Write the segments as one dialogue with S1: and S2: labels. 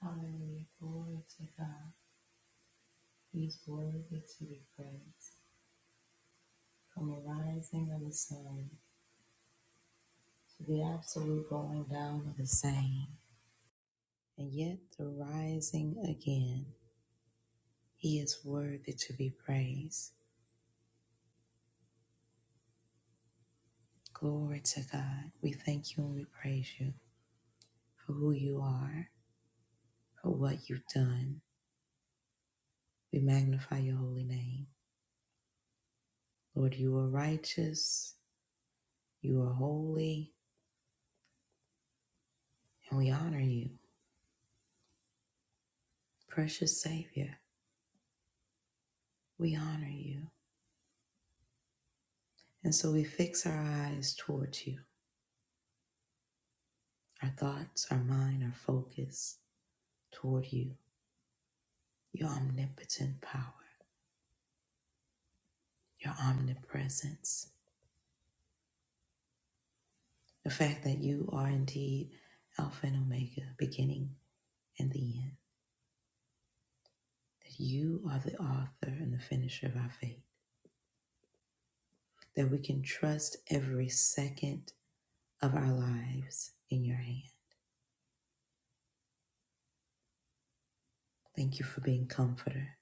S1: Hallelujah. Glory to God. He's worthy to be praised. From the rising of the sun to the absolute going down of the same, and yet the rising again, He is worthy to be praised. Glory to God. We thank you and we praise you for who you are, for what you've done. We magnify your holy name. Lord, you are righteous, you are holy, and we honor you. Precious Savior, we honor you. And so we fix our eyes towards you, our thoughts, our mind, our focus toward you, your omnipotent power, your omnipresence, the fact that you are indeed Alpha and Omega, beginning and the end, that you are the author and the finisher of our faith, that we can trust every second of our lives in your hand. Thank you for being comforter,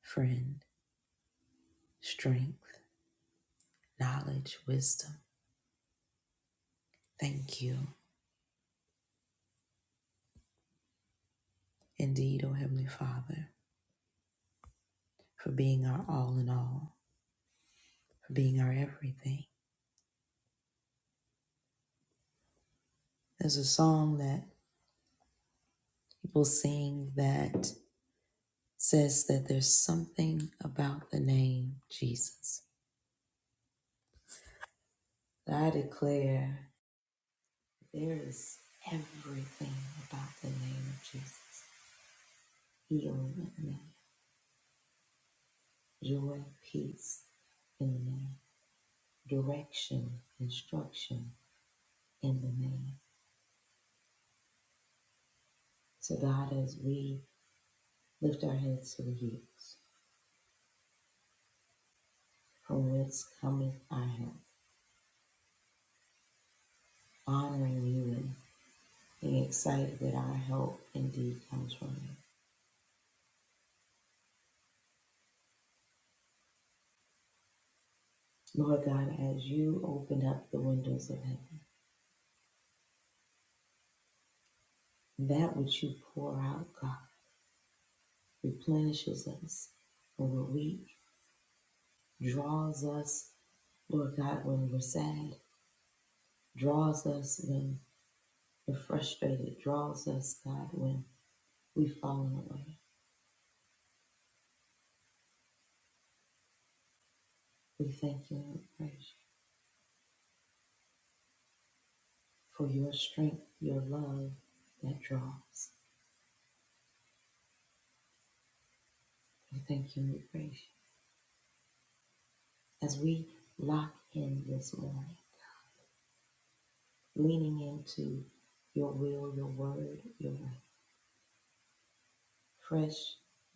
S1: friend, strength, knowledge, wisdom. Thank you. Indeed, O Heavenly Father, for being our all in all, for being our everything. There's a song that people sing that says that there's something about the name Jesus. But I declare there is everything about the name of Jesus healing in the name, joy, peace in the name, direction, instruction in the name. So, God, as we lift our heads to the hills, from whence cometh our help, honoring you and being excited that our help indeed comes from you. Lord God, as you open up the windows of heaven, that which you pour out, God, replenishes us when we're weak, draws us, Lord God, when we're sad, draws us when we're frustrated, draws us, God, when we've fallen away. We thank you and we praise you for your strength, your love that draws. We thank you and we praise you as we lock in this morning, leaning into your will, your word, your way. Fresh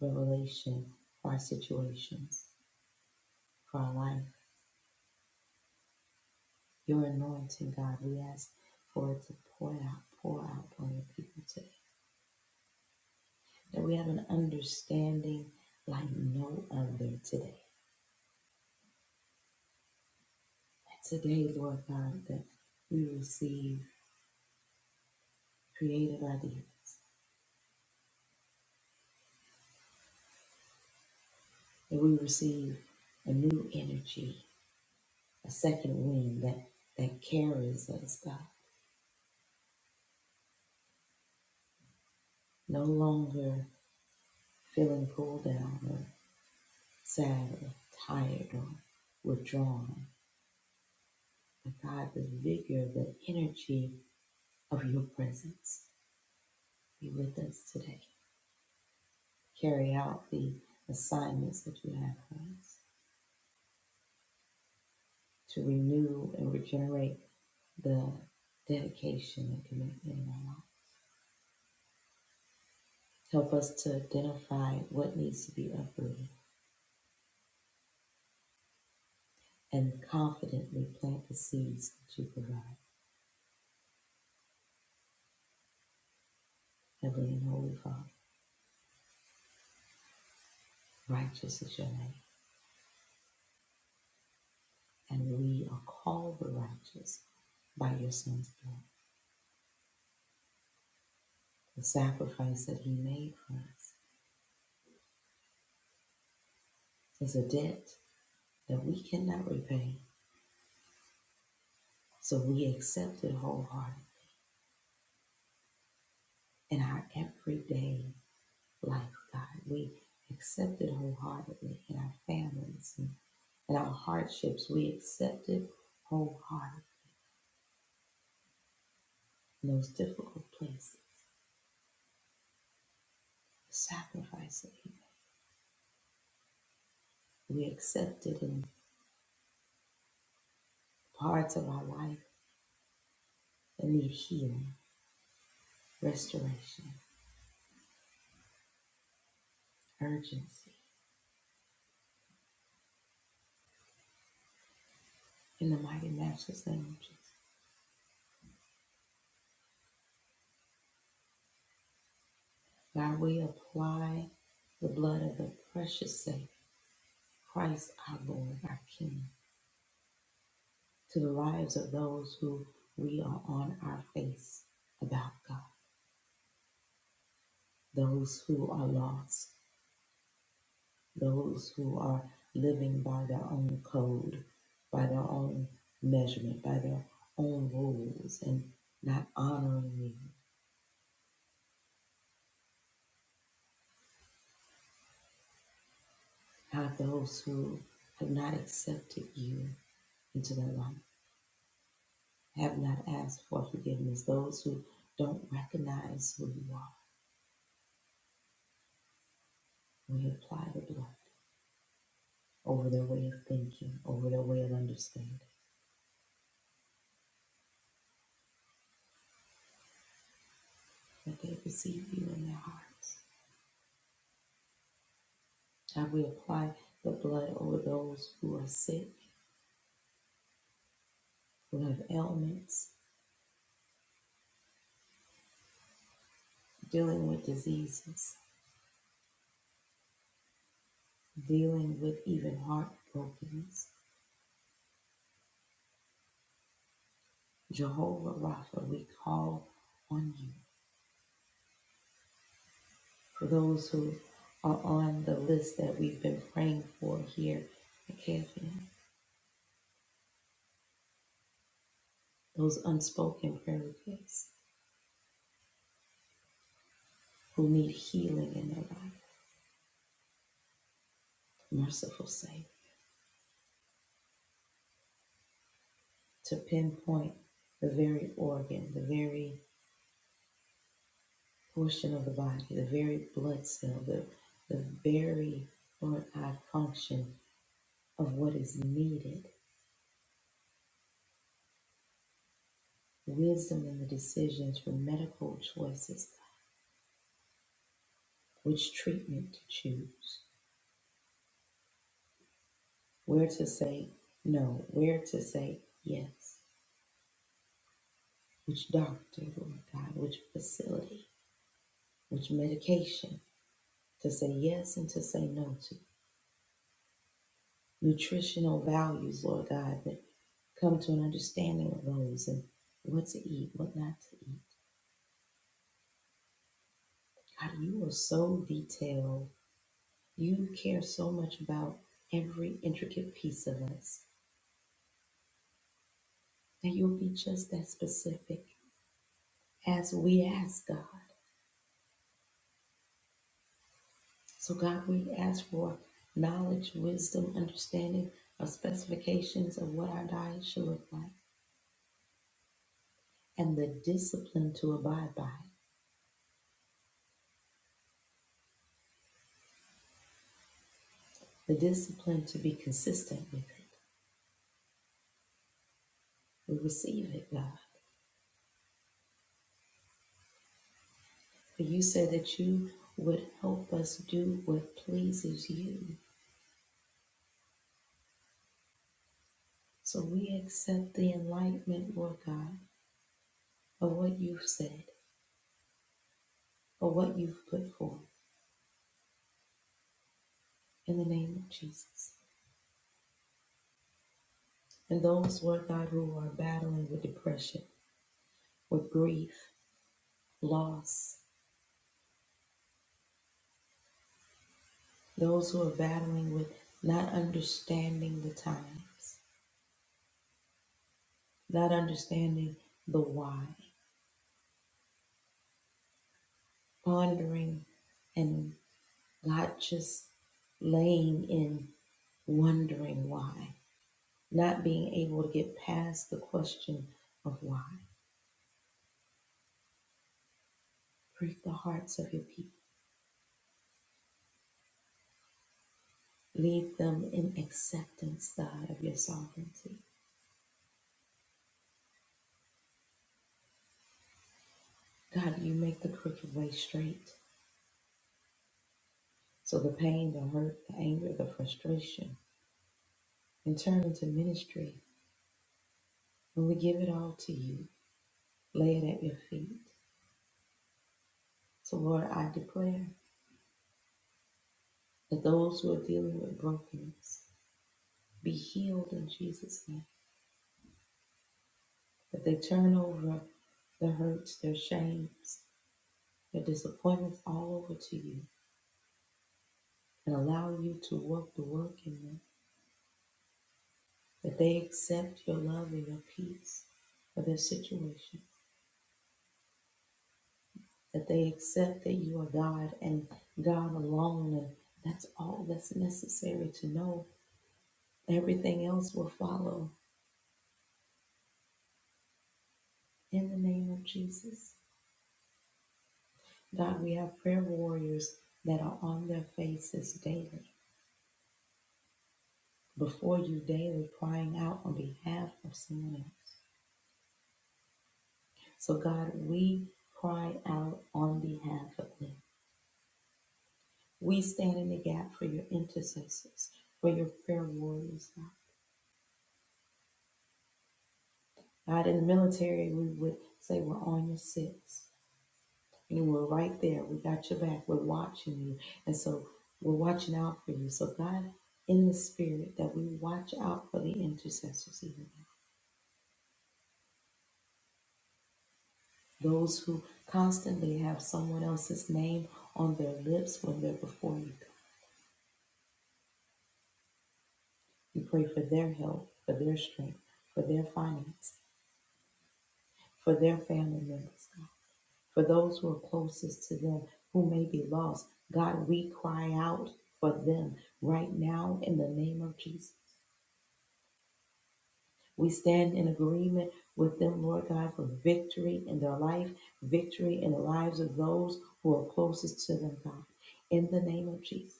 S1: revelation for our situations, for our life. Your anointing, God, we ask for it to pour out, pour out on your people today. That we have an understanding like no other today. That today, Lord God, that we receive creative ideas, that we receive a new energy a second wind that, that carries us, God. No longer feeling pulled down or sad or tired or withdrawn. But God, the vigor, the energy of your presence be with us today. Carry out the assignments that you have for us to renew and regenerate the dedication and commitment in our life. Help us to identify what needs to be uprooted and confidently plant the seeds that you provide. Heavenly and Holy Father, righteous is your name, and we are called the righteous by your Son's blood. The sacrifice that he made for us is a debt that we cannot repay, so we accept it wholeheartedly in our everyday life, God. We accept it wholeheartedly in our families and in our hardships. We accept it wholeheartedly in those difficult places. sacrifice that we accepted in parts of our life that need healing, restoration, urgency. In the mighty matchless name of Jesus, God, we apply the blood of the precious Savior, Christ our Lord, our King, to the lives of those who we are on our face about God, those who are lost those who are living by their own code, by their own measurement, by their own rules, and not honoring you. Have those who have not accepted you into their life, have not asked for forgiveness, those who don't recognize who you are. We apply the blood over their way of thinking, over their way of understanding, that they receive you in their hearts. Have we apply the blood over those who are sick? Who have ailments, dealing with diseases, dealing with even heartbrokenness. Jehovah Rapha, we call on you. For those who are on the list that we've been praying for here at KFN, those unspoken prayer requests who need healing in their life, merciful Savior, to pinpoint the very organ, the very portion of the body, the very blood cell, the, the very, Lord God, function of what is needed, wisdom in the decisions for medical choices, which treatment to choose, where to say no, where to say yes, which doctor, Lord God, which facility, which medication to say yes and to say no to, nutritional values, Lord God, that come to an understanding of those and what to eat, what not to eat. God, you are so detailed You care so much about every intricate piece of us that you'll be just that specific as we ask God. So, God, we ask for knowledge, wisdom, understanding of specifications of what our diet should look like and the discipline to abide by it, the discipline to be consistent with it. We receive it, God. For you said that you would help us do what pleases you. So we accept the enlightenment, Lord God of what you've said, of what you've put forth in the name of Jesus. And those, Lord God, who are battling with depression, with grief, loss, those who are battling with not understanding the times, not understanding the why, pondering and not just laying in wondering why, not being able to get past the question of why. Break the hearts of your people Lead them in acceptance, God, of your sovereignty. God, you make the crooked way straight. So the pain, the hurt, the anger, the frustration can turn into ministry when we give it all to you, lay it at your feet. So, Lord, I declare that those who are dealing with brokenness be healed in Jesus' name, that they turn over their hurts, their shames, their disappointments all over to you and allow you to work the work in them that they accept your love and your peace for their situation, that they accept that you are God and God alone, and that's all that's necessary to know. Everything else will follow in the name of Jesus. God, we have prayer warriors that are on their faces daily, before you daily, crying out on behalf of someone else. So, God, we cry out on behalf of them. We stand in the gap for your intercessors, for your prayer warriors, God. God, in the military, we would say we're on your six. And we're right there. We got your back. We're watching you. And so we're watching out for you. So, God, in the spirit, that we watch out for the intercessors, even those who constantly have someone else's name on their lips when they're before you. We pray for their health, for their strength, for their finance, for their family members. for those who are closest to them who may be lost. God, we cry out for them right now in the name of Jesus. We stand in agreement with them, Lord God, for victory in their life, victory in the lives of those who are closest to them, God, in the name of Jesus.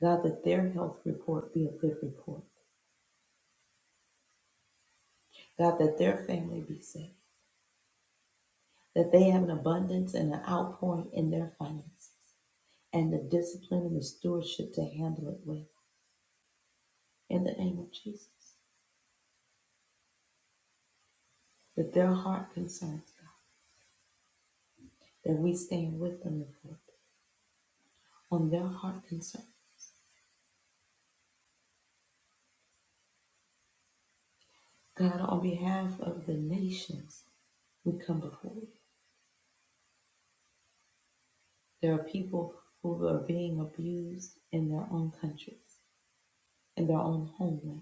S1: God, that their health report be a good report. God, that their family be safe, that they have an abundance and an outpouring in their finances and the discipline and the stewardship to handle it well. in the name of Jesus, that their heart concerns, God, that we stand with them and for on their heart concern. God, on behalf of the nations, we come before you. There are people who are being abused in their own countries, in their own homeland.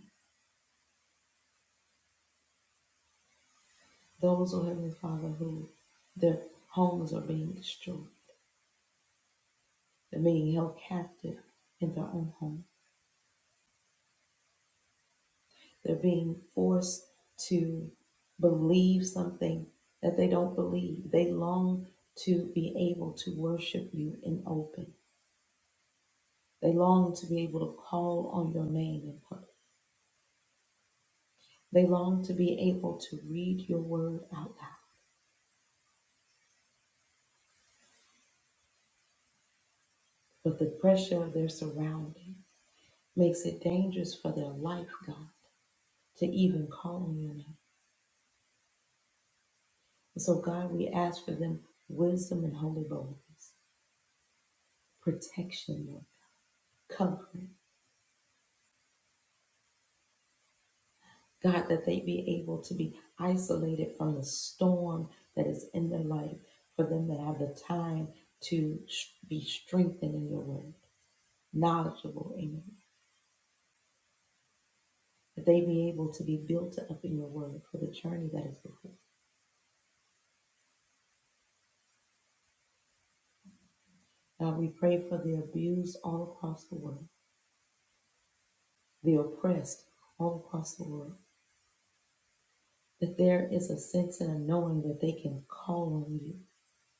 S1: Those, oh Heavenly Father, who their homes are being destroyed, they're being held captive in their own homeland They're being forced to believe something that they don't believe. They long to be able to worship you in open. They long to be able to call on your name in public. They long to be able to read your word out loud. But the pressure of their surroundings makes it dangerous for their life, God, to even call on your name. And so, God, we ask for them wisdom and holy boldness, protection, Lord, covering. God, that they be able to be isolated from the storm that is in their life, for them to have the time to sh- be strengthened in your word, knowledgeable in you, that they be able to be built up in your word for the journey that is before. God, we pray for the abused all across the world, the oppressed all across the world, that there is a sense and a knowing that they can call on you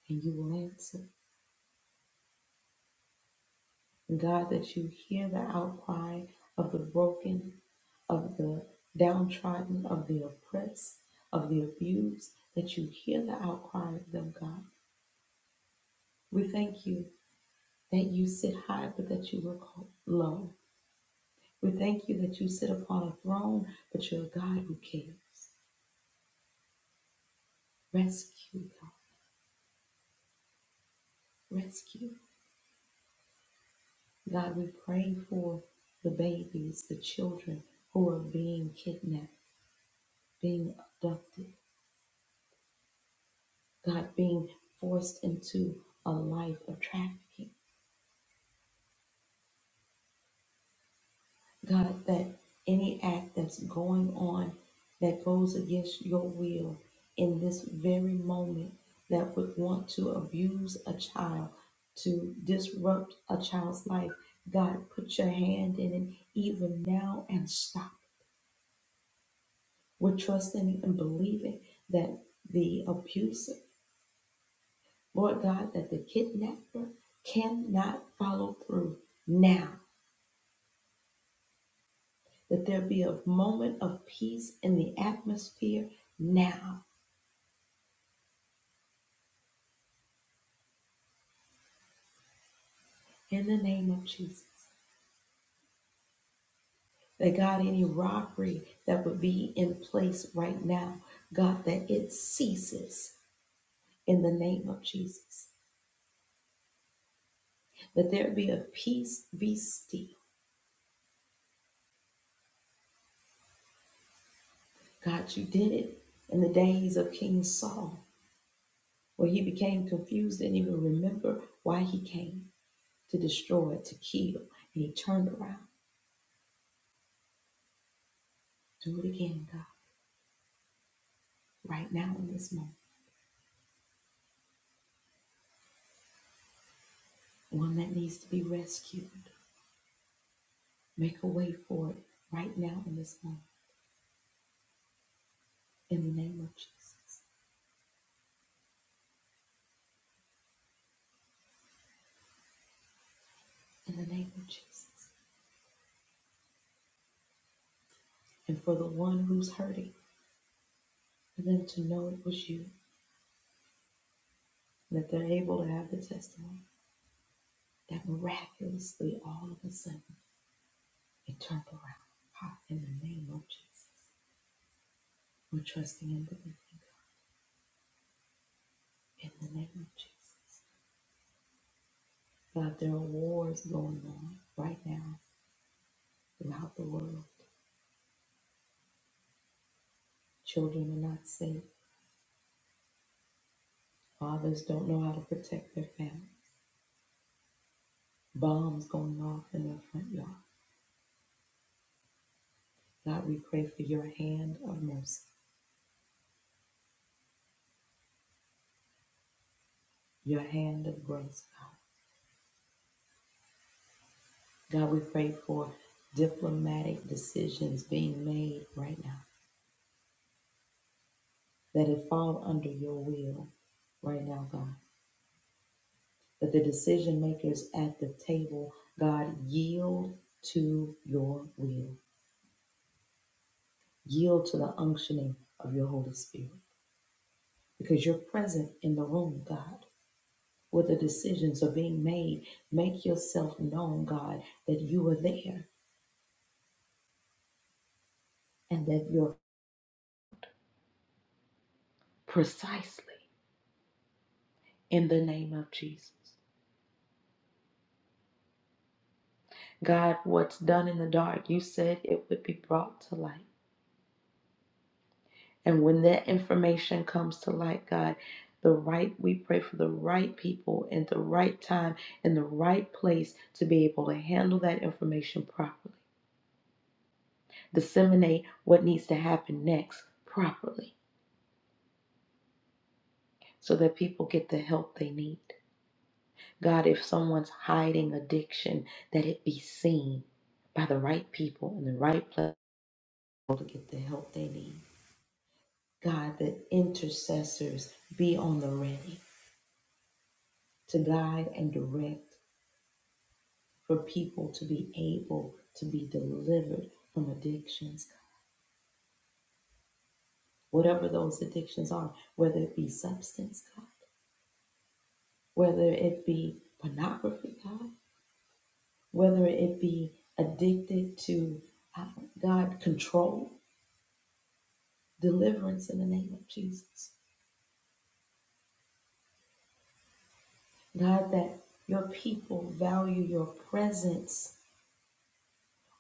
S1: and you will answer God, that you hear the outcry of the broken, of the downtrodden, of the oppressed, of the abused, that you hear the outcry of them, God. We thank you that you sit high, but that you look low. We thank you that you sit upon a throne, but you're a God who cares. Rescue, God. Rescue. God, we pray for the babies, the children who are being kidnapped, being abducted. God, being forced into a life of trafficking. God, that any act that's going on that goes against your will in this very moment that would want to abuse a child, to disrupt a child's life, God, put your hand in it even now and stop. We're trusting and believing that the abuser, Lord God, that the kidnapper cannot follow through now that there be a moment of peace in the atmosphere now in the name of Jesus. That God, any robbery that would be in place right now, God, that it ceases in the name of Jesus. That there be a peace, be still. God, you did it in the days of King Saul, where he became confused, and didn't even remember why he came to destroy, to kill, and he turned around. Do it again, God, right now in this moment. one that needs to be rescued. Make a way for it right now in this moment, in the name of Jesus. In the name of Jesus. And for the one who's hurting, for them to know it was you, that they're able to have the testimony that miraculously all of a sudden it turned around. Ha, in the name of Jesus. We're trusting and believing God. In the name of Jesus. God, there are wars going on right now throughout the world. Children are not safe. Fathers don't know how to protect their family. Bombs going off in their front yard. God, we pray for your hand of mercy, your hand of grace, God. God, we pray for diplomatic decisions being made right now that it fall under your will right now, God. That the decision makers at the table, God, yield to your will, yield to the unctioning of your Holy Spirit, because you're present in the room, God. where the decisions are being made. Make yourself known, God, that you are there and that you're precisely in the name of Jesus. God, what's done in the dark, you said it would be brought to light. And when that information comes to light, God, the right, we pray for the right people and the right time and the right place to be able to handle that information properly. Disseminate what needs to happen next properly so that people get the help they need. God, if someone's hiding addiction, that it be seen by the right people in the right place to get the help they need. God, that intercessors be on the ready to guide and direct for people to be able to be delivered from addictions, whatever those addictions are, whether it be substance, God, whether it be pornography, God, whether it be addicted to uh, God control deliverance in the name of Jesus. God, that your people value your presence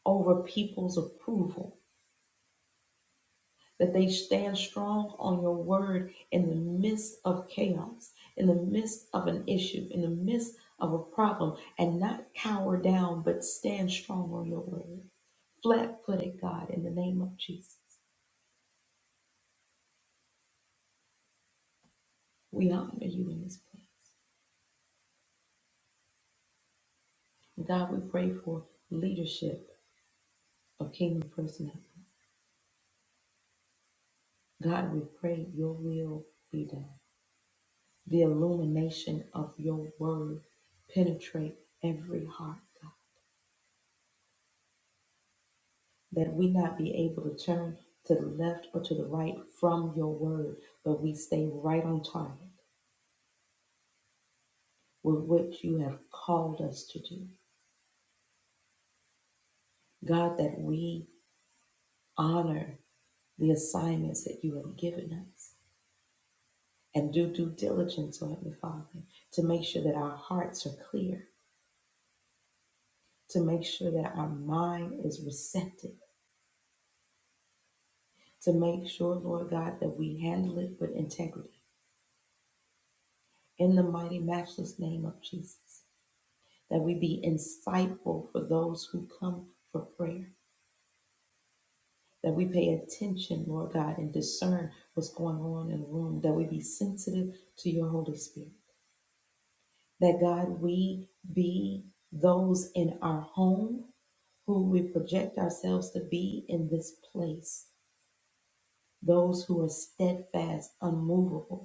S1: over people's approval, that they stand strong on your word in the midst of chaos, in the midst of an issue, in the midst of a problem, and not cower down, but stand strong on your word. Flat footed, God, in the name of Jesus, we honor you in this place. God, we pray for leadership of Kingdom First Network. God, we pray your will be done. The illumination of your word penetrate every heart, God, that we not be able to turn to the left or to the right from your word, but we stay right on target with what you have called us to do. God, that we honor the assignments that you have given us and do due diligence on it, Father, to make sure that our hearts are clear, to make sure that our mind is receptive to make sure, Lord God, that we handle it with integrity in the mighty, matchless name of Jesus. That we be insightful for those who come for prayer. That we pay attention, Lord God, and discern what's going on in the room. That we be sensitive to your Holy Spirit. That, God, we be those in our home who we project ourselves to be in this place. Those who are steadfast, unmovable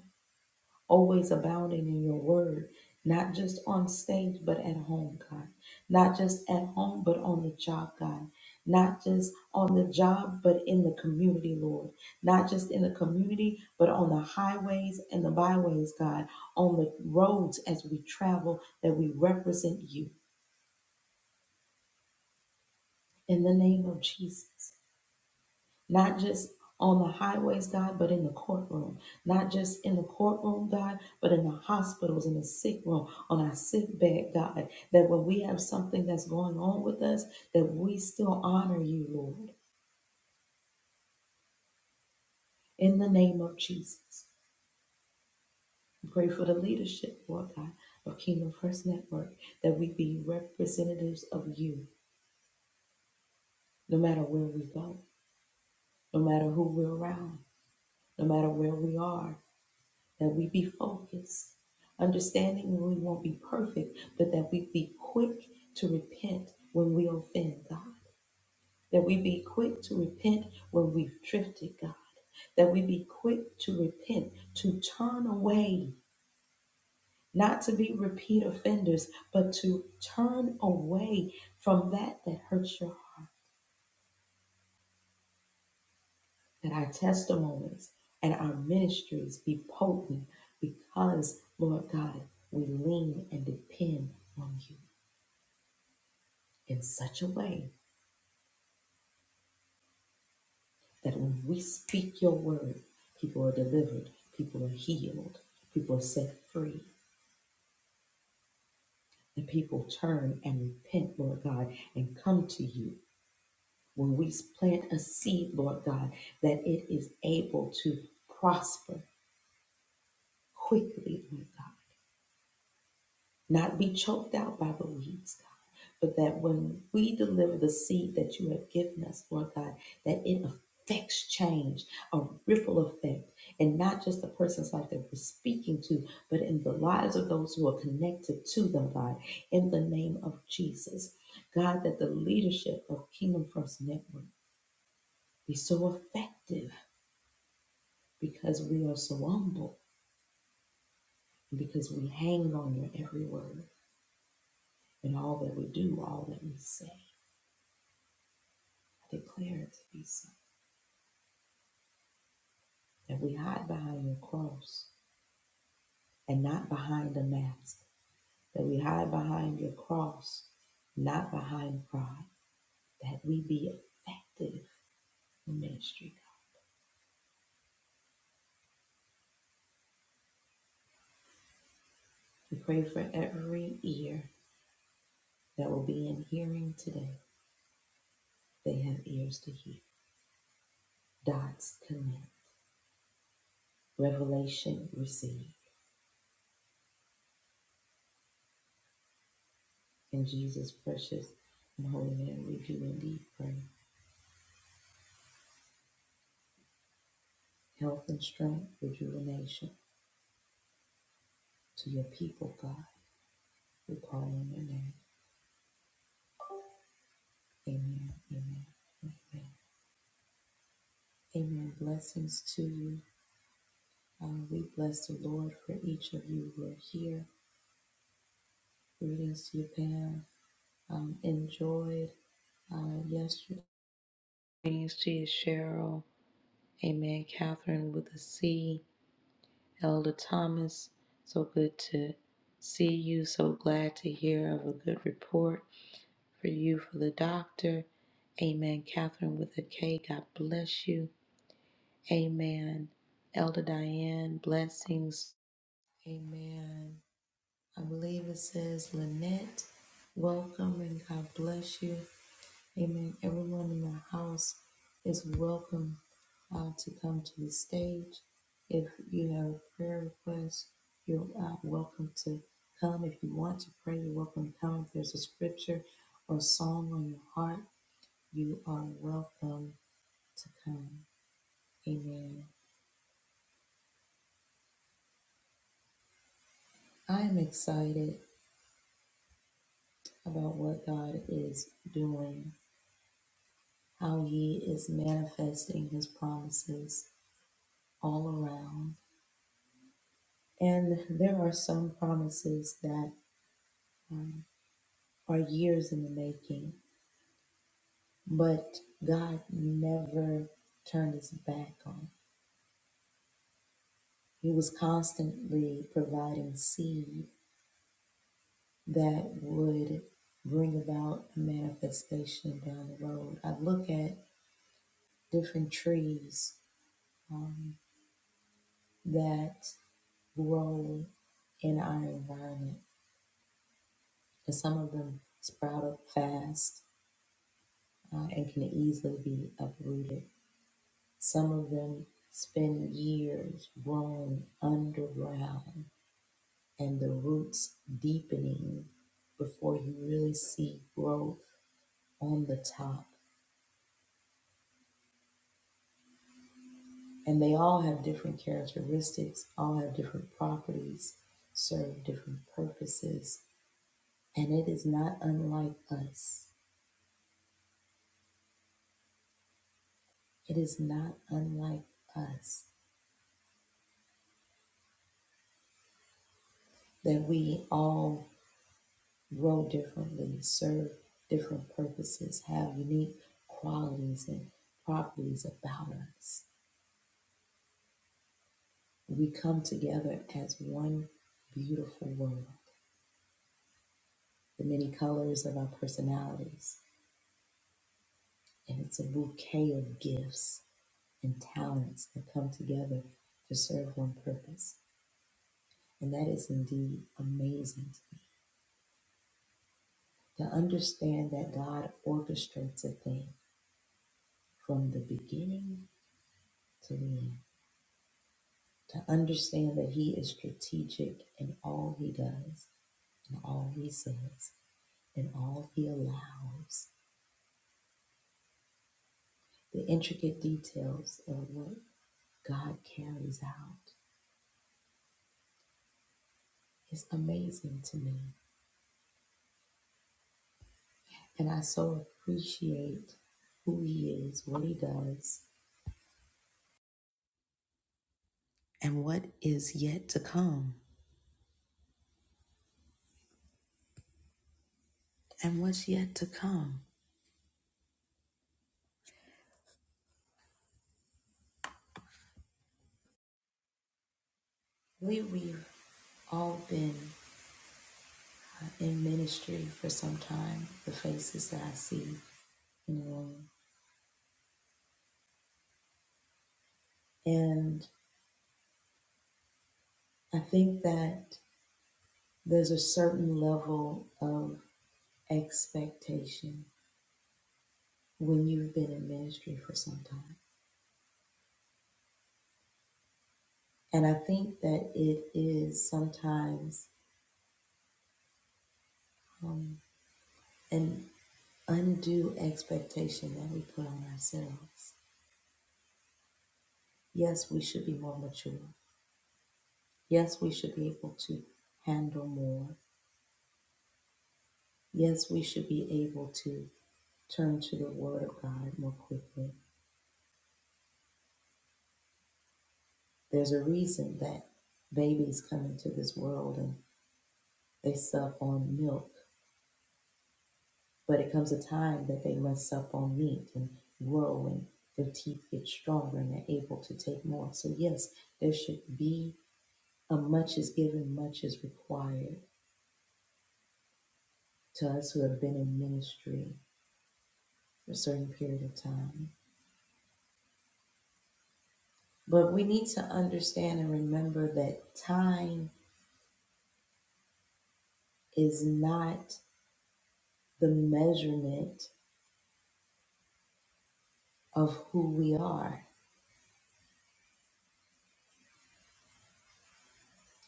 S1: always abounding in your word, not just on stage, but at home, God. Not just at home, but on the job, God. Not just on the job, but in the community, Lord. Not just in the community, but on the highways and the byways, God. On the roads as we travel, that we represent you in the name of Jesus. not just on the highways, God, but in the courtroom, not just in the courtroom, God, but in the hospitals, in the sick room, on our sick bed, God, that when we have something that's going on with us, that we still honor you, Lord, in the name of Jesus. We pray for the leadership, Lord God, of Kingdom First Network, that we be representatives of you, no matter where we go, no matter who we're around, no matter where we are, that we be focused, understanding that we won't be perfect, but that we be quick to repent when we offend God, that we be quick to repent when we've drifted, God, that we be quick to repent, to turn away, not to be repeat offenders, but to turn away from that that hurts your heart that our testimonies and our ministries be potent because, Lord God, we lean and depend on you in such a way that when we speak your word, people are delivered, people are healed, people are set free, and people turn and repent, Lord God, and come to you. When we plant a seed, Lord God, that it is able to prosper quickly, Lord God, not be choked out by the weeds but that when we deliver the seed that you have given us, Lord God, that it affects change, a ripple effect, and not just the person's life that we're speaking to, but in the lives of those who are connected to them, God, in the name of Jesus. God, that the leadership of Kingdom First Network be so effective because we are so humble and because we hang on your every word and all that we do, all that we say. I declare it to be so. that we hide behind your cross and not behind a mask, that we hide behind your cross, not behind pride, that we be effective in ministry. God. We pray for every ear that will be in hearing today. They have ears to hear. Dots connect. Revelation received In Jesus' precious and holy name, we do indeed pray. Health and strength, rejuvenation to your people, God. We call on your name. Amen. Amen. Amen. Amen. Blessings to you. Uh, we bless the Lord for each of you who are here. Greetings to you, Pam. Um, enjoyed uh, yesterday. Greetings to you, Cheryl. Amen. Catherine with a C. Elder Thomas. So good to see you. So glad to hear of a good report for you for the doctor. Amen. Catherine with a K. God bless you. Amen. Elder Diane, blessings. Amen. I believe it says Lynette, welcome and God bless you. Amen. Everyone in the house is welcome uh, to come to the stage. If you have a prayer request, you're uh, welcome to come. If you want to pray, you're welcome to come. If there's a scripture or song on your heart, you are welcome to come. Amen. I am excited about what God is doing, how He is manifesting His promises all around. And there are some promises that um, are years in the making, but God never turned His back on. He was constantly providing seed that would bring about a manifestation down the road. I look at different trees um, that grow in our environment. And some of them sprout up fast uh, and can easily be uprooted. Some of them spend years growing underground and the roots deepening before you really see growth on the top. And they all have different characteristics, all have different properties, serve different purposes. And it is not unlike us It is not unlike us that we all grow differently, serve different purposes, have unique qualities and properties about us. We come together as one beautiful world, the many colors of our personalities, and it's a bouquet of gifts and talents that come together to serve one purpose. And that is indeed amazing to me. To understand that God orchestrates a thing from the beginning to the end. To understand that He is strategic in all He does, in all He says, in all He allows. The intricate details of what God carries out is amazing to me. And I so appreciate who He is, what He does, and what is yet to come. And what's yet to come. We, we've all been uh, in ministry for some time, the faces that I see in the room. And I think that there's a certain level of expectation when you've been in ministry for some time. And I think that it is sometimes um, an undue expectation that we put on ourselves. Yes, we should be more mature. Yes, we should be able to handle more. Yes, we should be able to turn to the Word of God more quickly. There's a reason that babies come into this world and they suck on milk, but it comes a time that they must suck on meat and grow and their teeth get stronger and they're able to take more. So, yes, there should be a much is given, much is required to us who have been in ministry for a certain period of time. But we need to understand and remember that time is not the measurement of who we are.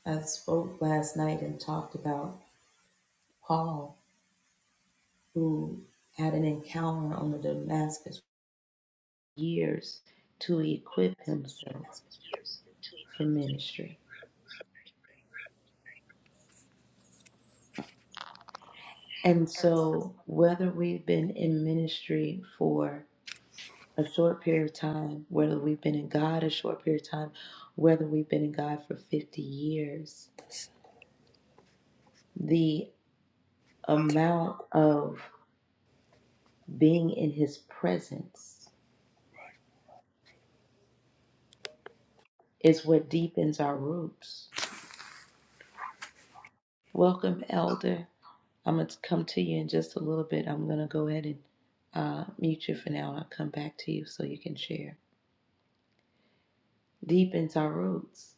S1: I spoke last night and talked about Paul, who had an encounter on the Damascus years to equip himself for ministry. And so, whether we've been in ministry for a short period of time, whether we've been in God a short period of time, whether we've been in God for 50 years, the amount of being in His presence is what deepens our roots Welcome, Elder. I'm going to come to you in just a little bit. I'm going to go ahead and uh, mute you for now, and I'll come back to you so you can share. Deepens our roots,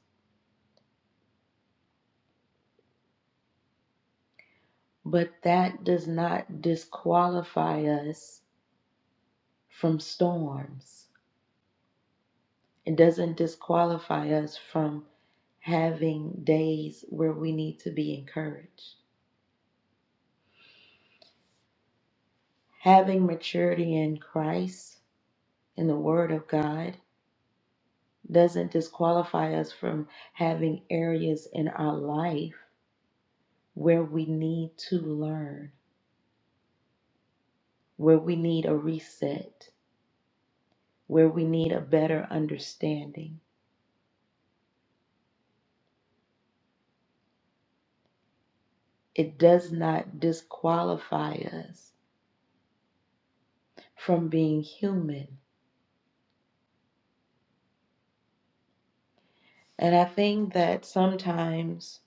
S1: but that does not disqualify us from storms. It doesn't disqualify us from having days where we need to be encouraged. Having maturity in Christ, in the Word of God, doesn't disqualify us from having areas in our life where we need to learn, where we need a reset, where we need a better understanding. It does not disqualify us from being human. And I think that sometimes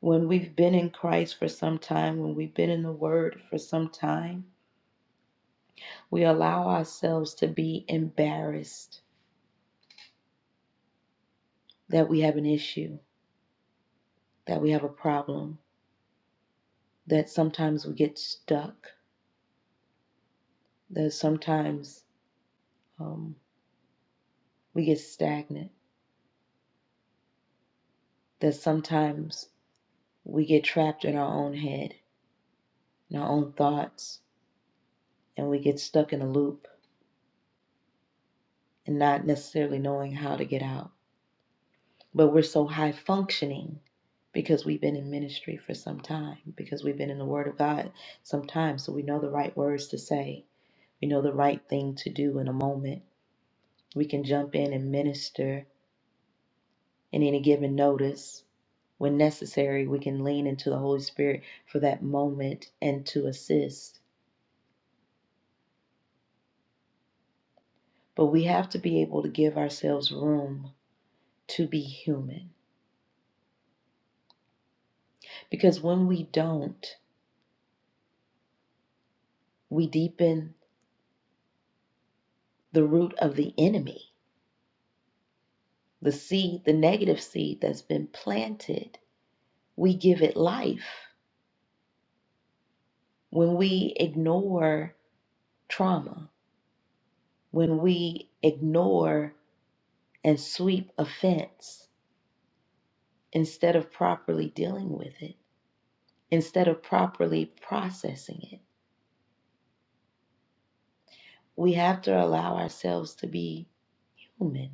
S1: when we've been in Christ for some time, when we've been in the Word for some time, we allow ourselves to be embarrassed that we have an issue, that we have a problem that sometimes we get stuck, that sometimes um, we get stagnant, that sometimes we get trapped in our own head, in our own thoughts, and we get stuck in a loop and not necessarily knowing how to get out. But we're so high functioning because we've been in ministry for some time, because we've been in the Word of God some time, so we know the right words to say, we know the right thing to do in a moment. We can jump in and minister in any given notice. When necessary, we can lean into the Holy Spirit for that moment and to assist. But we have to be able to give ourselves room to be human. Because when we don't, we deepen the root of the enemy, the seed, the negative seed that's been planted. We give it life. When we ignore trauma, when we ignore and sweep offense, instead of properly dealing with it, instead of properly processing it. We have to allow ourselves to be human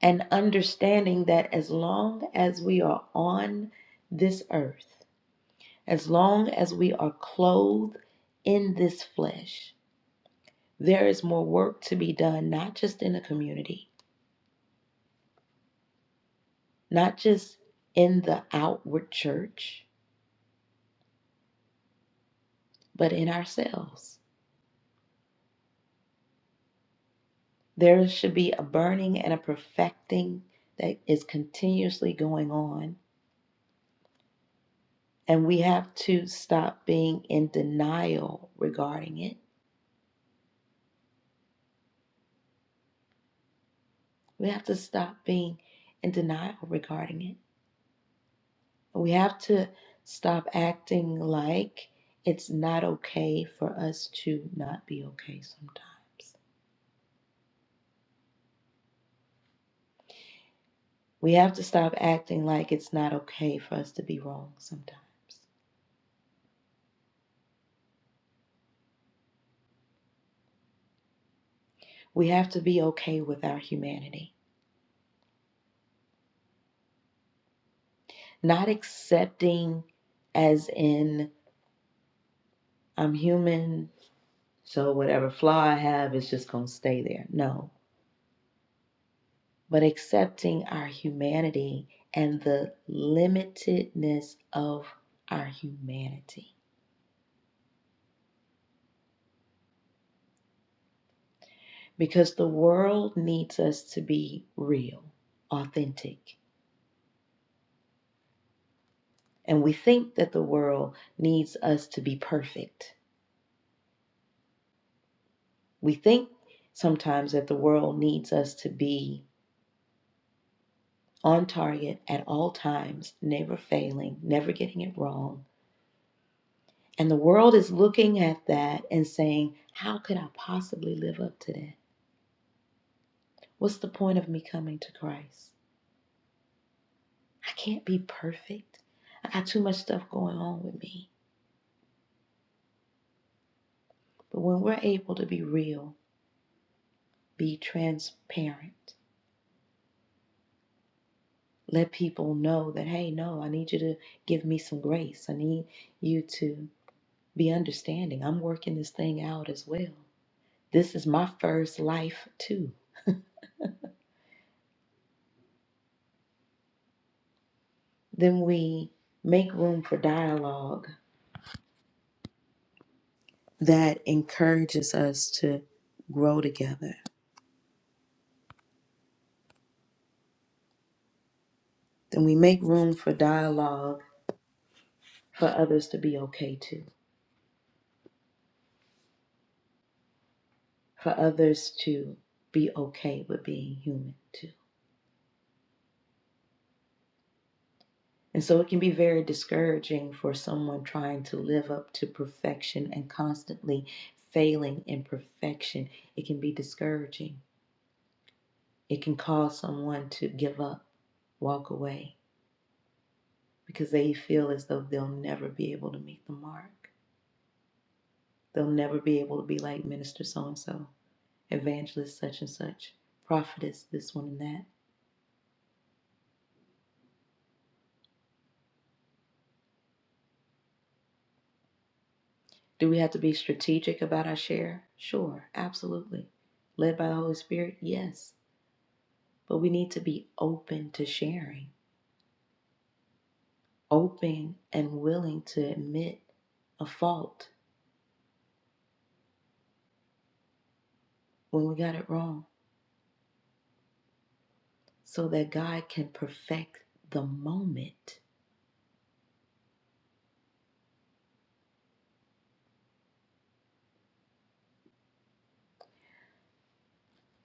S1: and understanding that as long as we are on this earth, as long as we are clothed in this flesh, there is more work to be done, not just in the community, not just in the outward church, but in ourselves There should be a burning and a perfecting that is continuously going on. And we have to stop being in denial regarding it. We have to stop being in denial regarding it. We have to stop acting like it's not okay for us to not be okay sometimes. We have to stop acting like it's not okay for us to be wrong sometimes. We have to be okay with our humanity. not accepting as in I'm human, so whatever flaw I have is just going to stay there. No, but accepting our humanity and the limitedness of our humanity. Because the world needs us to be real, authentic. And we think that the world needs us to be perfect. We think sometimes that the world needs us to be on target at all times, never failing, never getting it wrong. And the world is looking at that and saying, How could I possibly live up to that? What's the point of me coming to Christ? I can't be perfect. I got too much stuff going on with me. But when we're able to be real, be transparent, let people know that, hey, no, I need you to give me some grace. I need you to be understanding. I'm working this thing out as well. This is my first life, too. Then we make room for dialogue that encourages us to grow together. Then we make room for dialogue for others to be okay too, for others to be okay with being human too. And so it can be very discouraging for someone trying to live up to perfection and constantly failing in perfection. It can be discouraging. It can cause someone to give up, walk away because they feel as though they'll never be able to meet the mark. They'll never be able to be like minister so and so, evangelist such and such, prophetess this one and that. Do we have to be strategic about our share? Sure, absolutely. Led by the Holy Spirit? Yes. But we need to be open to sharing, open and willing to admit a fault when we got it wrong so that God can perfect the moment.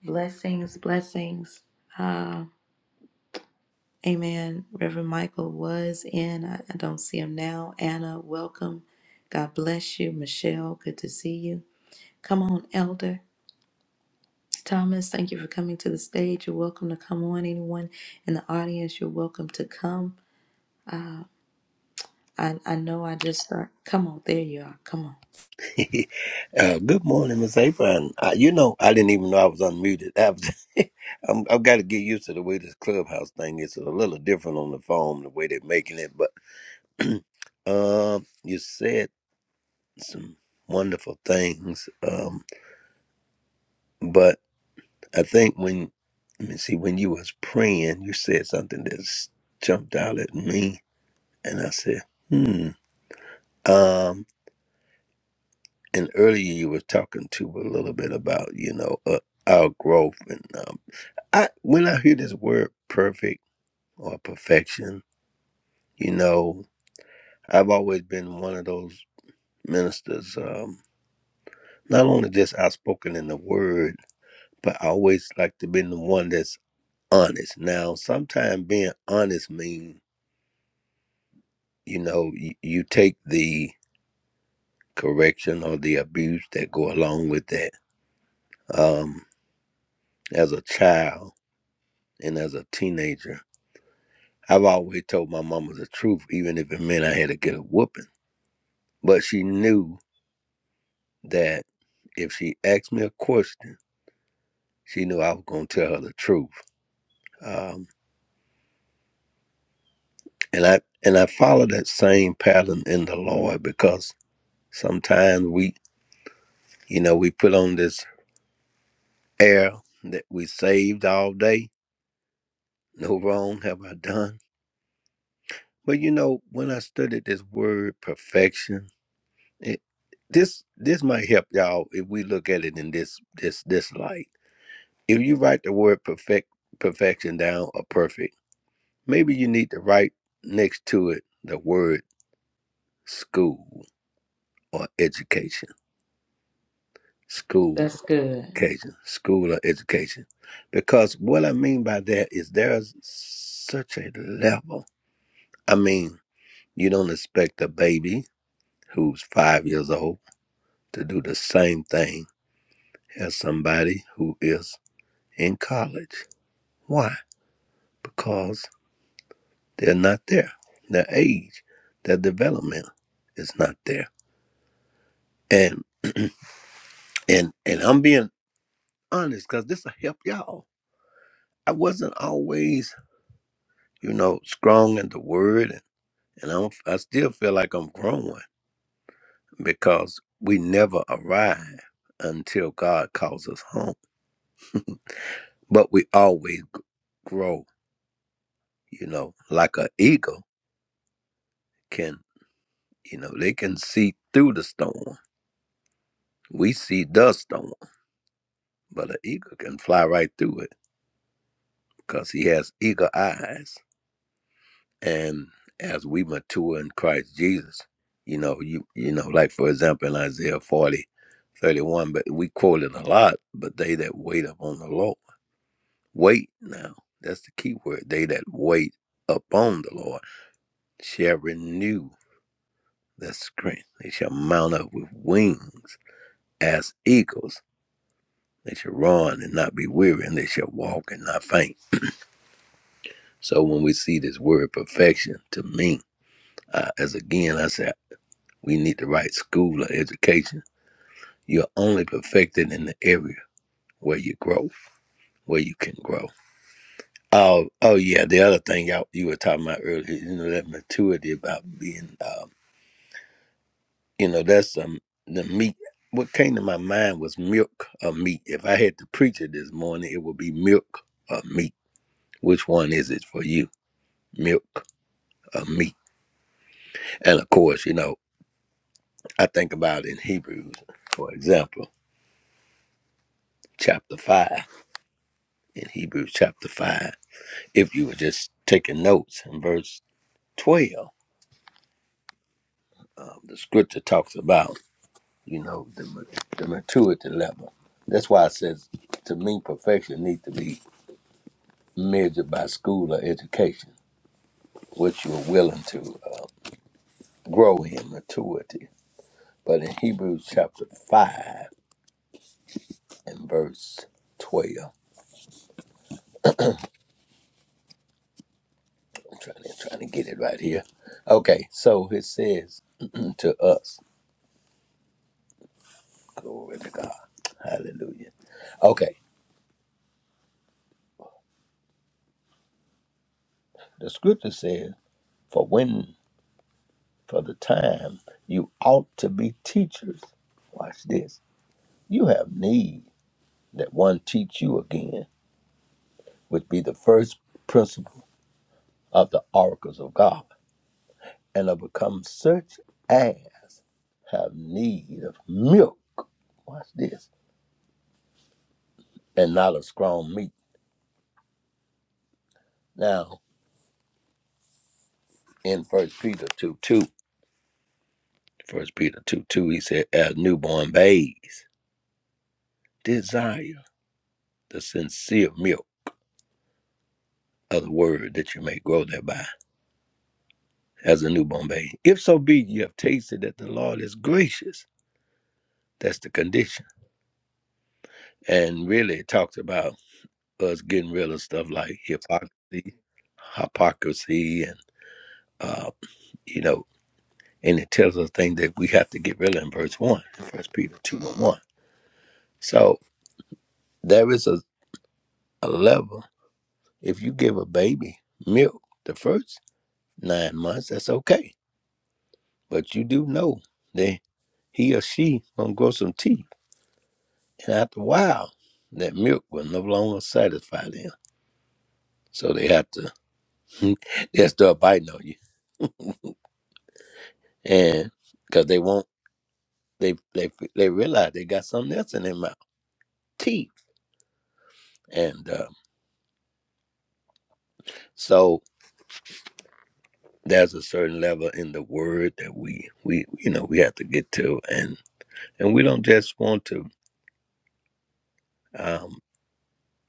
S1: Blessings, blessings. Uh. Amen. Reverend Michael was in. I, I don't see him now. Anna, welcome. God bless you. Michelle, good to see you. Come on, Elder. Thomas, thank you for coming to the stage. You're welcome to come on. Anyone in the audience, you're welcome to come. Uh, I, I know I just start. Come on, there you are. Come on.
S2: Uh, good morning, Miss April. Uh, you know, I didn't even know I was unmuted. I was, I'm, I've got to get used to the way this clubhouse thing is. It's a little different on the phone, the way they're making it. But um, you said some wonderful things. Um, but I think when let me see, when you was praying, you said something that s- jumped out at me, and I said, hmm. Um, and earlier you were talking to a little bit about you know uh, our growth, and. um, I when I hear this word perfect or perfection, you know, I've always been one of those ministers, um, not only just outspoken in the word, but I always like to be the one that's honest. Now, sometimes being honest means, you know, you, you take the correction or the abuse that go along with that. Um, as a child and as a teenager, I've always told my mama the truth, even if it meant I had to get a whooping but she knew that if she asked me a question, she knew I was going to tell her the truth. Um, and I and I follow that same pattern in the Lord because sometimes we, you know, we put on this air that we saved all day. No wrong have I done. But you know, when I studied this word perfection, it, this this might help y'all if we look at it in this this this light. If you write the word perfect perfection down or perfect Maybe you need to write next to it the word school or education. School or
S1: That's good.
S2: education. School or education. Because what I mean by that is there's such a level. I mean, you don't expect a baby who's five years old to do the same thing as somebody who is in college. Why? Because they're not there. Their age, their development is not there. And and and I'm being honest because this will help y'all. I wasn't always, you know, strong in the word, and, and I'm, I still feel like I'm growing because we never arrive until God calls us home. But we always grow, you know, like an eagle can, you know, they can see through the storm. We see the storm, but an eagle can fly right through it because he has eagle eyes. and as we mature in Christ Jesus, you know, you you know, like for example in Isaiah 40, 31. but we quote it a lot, but they that wait upon the Lord. Wait now. That's the key word. They that wait upon the Lord shall renew their strength. They shall mount up with wings as eagles. They shall run and not be weary, and they shall walk and not faint. So when we see this word perfection, to me, uh, as again I say. We need the right school or education. You're only perfected in the area where you grow, where you can grow. Oh, oh yeah. The other thing y'all you were talking about earlier, you know, that maturity about being, um, you know, that's um, the meat. What came to my mind was milk or meat. If I had to preach it this morning, it would be milk or meat. Which one is it for you? Milk or meat? And of course, you know, I think about in Hebrews, for example, chapter five. In Hebrews chapter five. If you were just taking notes in verse 12, um, the scripture talks about, you know, the, ma- the maturity level. That's why it says, to me, perfection needs to be measured by school or education, which you're willing to uh, grow in maturity. But in Hebrews chapter 5 and verse 12, I'm trying to, trying to get it right here. Okay, so it says to us, glory to God, hallelujah. Okay, the scripture says, for when for the time you ought to be teachers watch this you have need that one teach you again which be the first principle of the oracles of god and are become such as have need of milk watch this and not of strong meat now in first peter 2 2, First peter 2 2 he said as newborn babes desire the sincere milk of the word that you may grow thereby as a new Bombay. If so be you have tasted that the Lord is gracious, that's the condition. And really, it talks about us getting rid of stuff like hypocrisy, hypocrisy, and uh, you know, and it tells us things that we have to get rid of in verse one, in First Peter two and one. So there is a, a level. If you give a baby milk the first nine months, that's okay, but you do know that he or she gonna grow some teeth And after a while, that milk will no longer satisfy them. So they have to they'll start biting on you. And because they won't they they they realize they got something else in their mouth. Teeth. And uh, so there's a certain level in the word that we we you know we have to get to and and we don't just want to um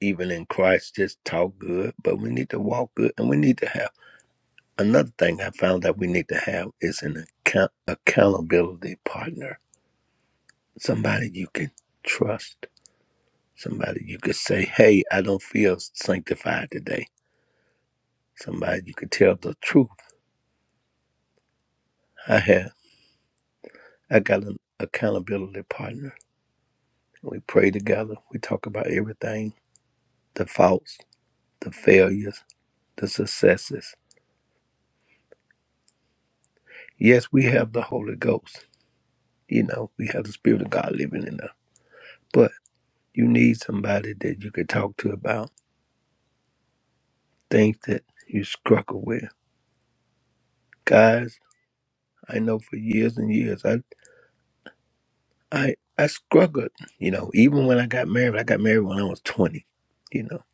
S2: even in Christ just talk good, but we need to walk good and we need to have another thing I found that we need to have is an account accountability partner somebody you can trust, somebody you could say, "Hey, I don't feel sanctified today." Somebody you could tell the truth. I have. I got an accountability partner. We pray together. We talk about everything: the faults, the failures, the successes. Yes, we have the Holy Ghost. You know, we have the Spirit of God living in us. But you need somebody that you could talk to about things that you struggle with, guys. I know for years and years. I I struggled, you know, even when I got married, I got married when I was 20, you know.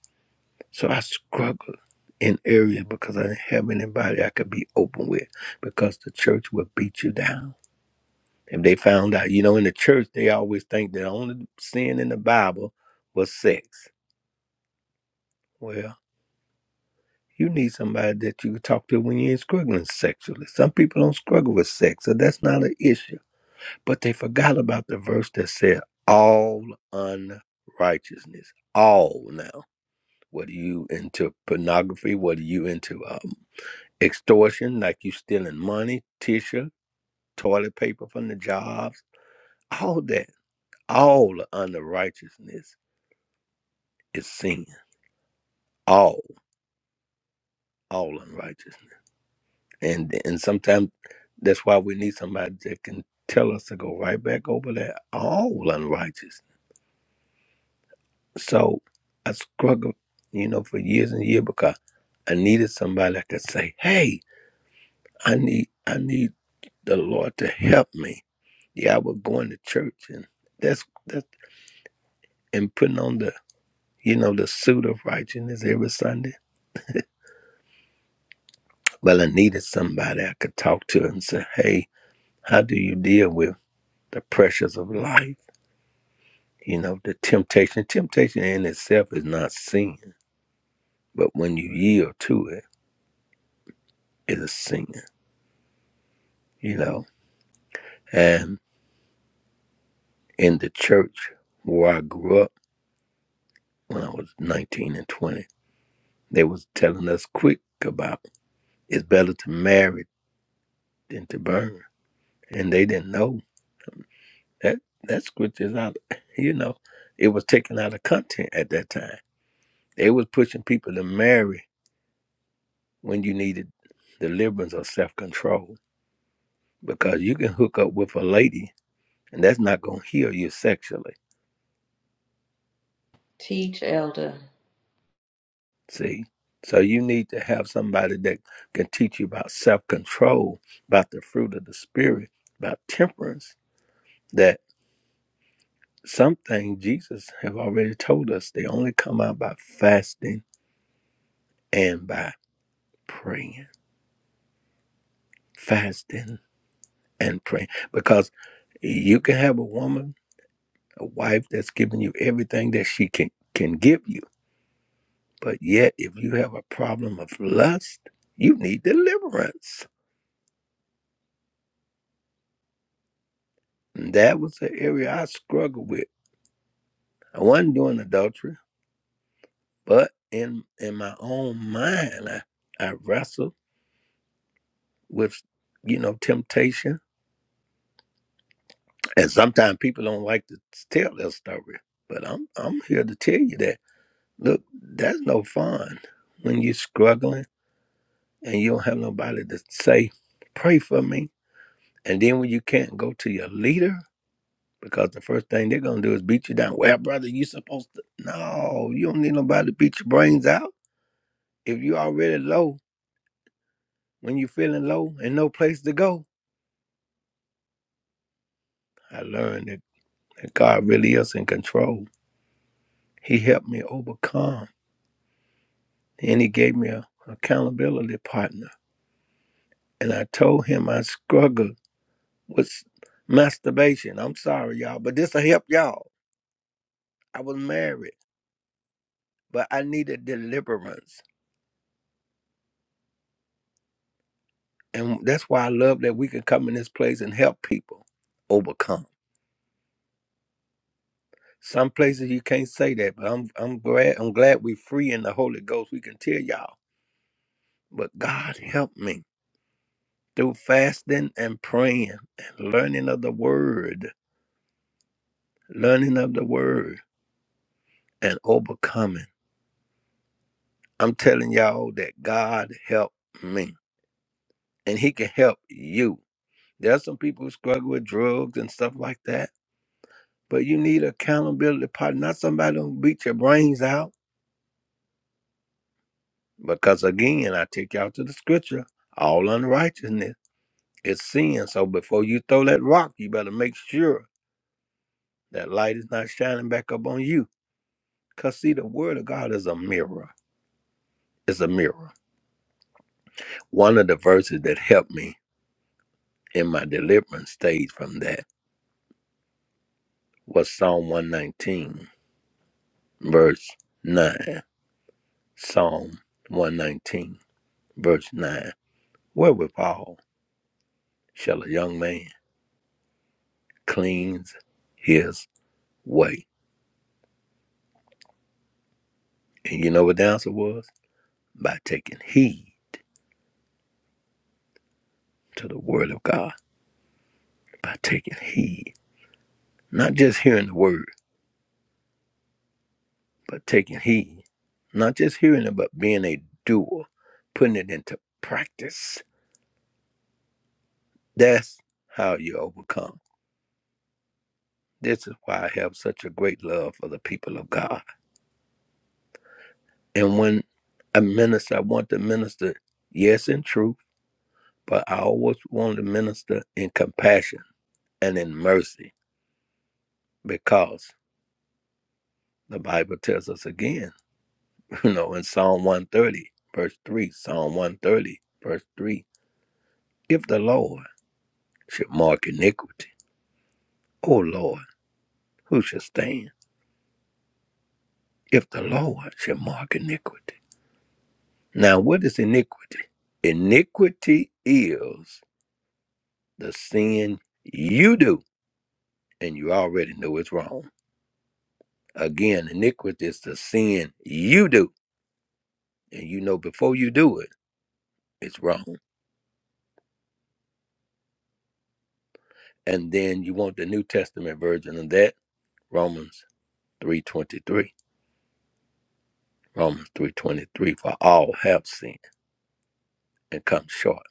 S2: So I struggled in areas because I didn't have anybody I could be open with because the church would beat you down. If they found out, you know, in the church, they always think that the only sin in the Bible was sex. Well, you need somebody that you can talk to when you ain't struggling sexually. Some people don't struggle with sex, so that's not an issue But they forgot about the verse that said, All unrighteousness, all now. What are you into pornography? What are you into um, extortion, like you stealing money, tissue, toilet paper from the jobs? All that, all unrighteousness is sin. All, all unrighteousness. And, and sometimes that's why we need somebody that can tell us to go right back over that all unrighteousness So I struggled, you know, for years and years because I needed somebody that could say, Hey, I need I need the Lord to help me. Yeah, I was going to church and that's that, and putting on the you know, the suit of righteousness every Sunday. Well I needed somebody I could talk to and say, Hey, how do you deal with the pressures of life? You know, the temptation. Temptation in itself is not sin, but when you yield to it, it is sin, you know. and in the church where I grew up when I was 19 and 20. They was telling us quick about it's better to marry than to burn. And they didn't know that that scripture is out, you know, it was taken out of content at that time. They was pushing people to marry when you needed deliverance or self-control because you can hook up with a lady and that's not going to heal you sexually
S1: Teach, elder.
S2: See? So you need to have somebody that can teach you about self control, about the fruit of the spirit, about temperance, that some things Jesus have already told us they only come out by fasting and by praying. Fasting and praying. Because you can have a woman, a wife that's giving you everything that she can can give you. But yet if you have a problem of lust, you need deliverance. And that was the area I struggled with I wasn't doing adultery, but in in my own mind, I, I wrestled with you know temptation, and sometimes people don't like to tell their story. But I'm I'm here to tell you that look, that's no fun when you're struggling and you don't have nobody to say, pray for me, and then when you can't go to your leader. Because the first thing they're gonna do is beat you down. Well, brother, you supposed to no, you don't need nobody to beat your brains out. If you already low, when you're feeling low and no place to go, I learned that, that God really is in control. He helped me overcome, and He gave me a accountability partner. And I told him I struggled with masturbation. I'm sorry, y'all, but this will help y'all. I was married, but I needed deliverance. And that's why I love that we can come in this place and help people overcome. Some places you can't say that, but I'm I'm glad I'm glad we're free in the Holy Ghost. We can tell y'all. But God helped me. through fasting and praying and learning of the word, learning of the word and overcoming. I'm telling y'all that God helped me and He can help you. There are some people who struggle with drugs and stuff like that, but you need accountability partner, not somebody who beat your brains out. Because again, I take y'all to the scripture all unrighteousness is sin. So before you throw that rock, you better make sure that light is not shining back up on you Because, see, the word of God is a mirror. It's a mirror. One of the verses that helped me in my deliverance stage from that was Psalm 119, verse 9. Psalm 119, verse 9. Wherewithal shall a young man cleanse his way? And you know what the answer was? By taking heed to the word of God. By taking heed. Not just hearing the word. but taking heed, not just hearing it, but being a doer, putting it into practice. That's how you overcome. This is why I have such a great love for the people of God. And when I minister, I want to minister, yes, in truth, but I always want to minister in compassion and in mercy because the Bible tells us again, you know, in Psalm 130, verse 3, Psalm 130, verse 3, if the Lord should mark iniquity, O Lord, who shall stand if the Lord shall mark iniquity? Now, what is iniquity? Iniquity is the sin you do, and you already know it's wrong. Again, iniquity is the sin you do, and you know before you do it, it's wrong. And then you want the New Testament version of that, Romans 3.23. Romans 3.23, for all have sinned and come short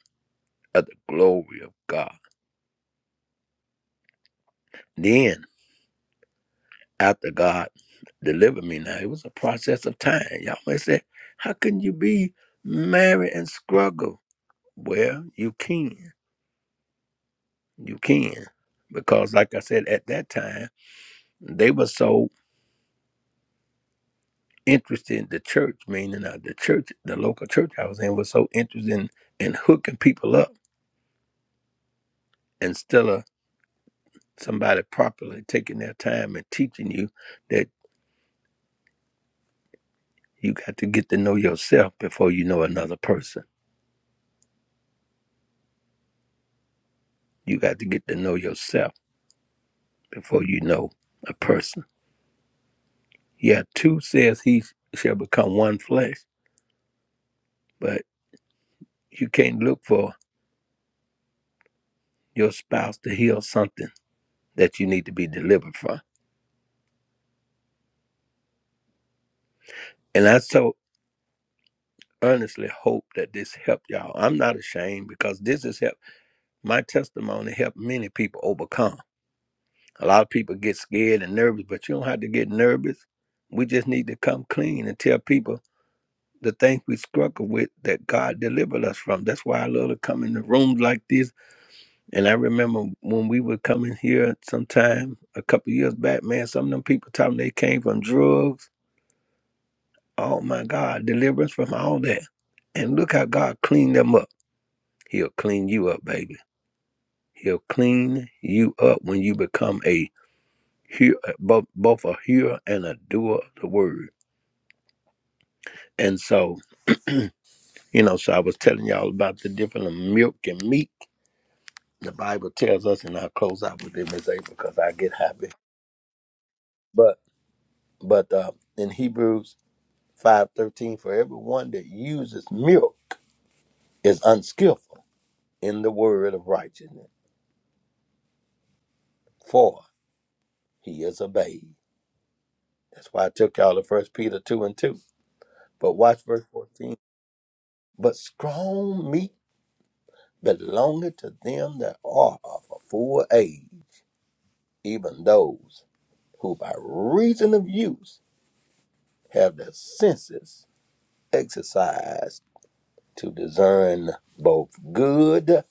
S2: of the glory of God. Then. after God delivered me. Now it was a process of time. Y'all may say, how can you be married and struggle? Well, you can. You can. Because like I said, at that time, they were so interested in the church, meaning uh, the church, the local church I was in was so interested in, in hooking people up instead of somebody properly taking their time and teaching you that you got to get to know yourself before you know another person. You got to get to know yourself before you know a person. Yeah, two says he shall become one flesh, but you can't look for your spouse to heal something that you need to be delivered from. And I so earnestly hope that this helped y'all. I'm not ashamed because this has helped my testimony helped many people overcome. A lot of people get scared and nervous, but you don't have to get nervous. We just need to come clean and tell people the things we struggle with that God delivered us from. That's why I love to come into rooms like this And I remember when we were coming here sometime a couple years back, man, some of them people telling they came from drugs. Oh my God, deliverance from all that. And look how God cleaned them up. He'll clean you up, baby. He'll clean you up when you become a hear, uh, both, both a hearer and a doer of the word. And so, you know, so I was telling y'all about the difference of milk and meat. The Bible tells us, and I'll close out with it, Miss April, because I get happy. But, but uh, in Hebrews 5.13 For everyone that uses milk is unskillful in the word of righteousness, for he is a babe. That's why I took y'all to First Peter 2 and 2. But watch verse 14. But strong meat belongeth to them that are of a full age, even those who by reason of use have their senses exercised to discern both good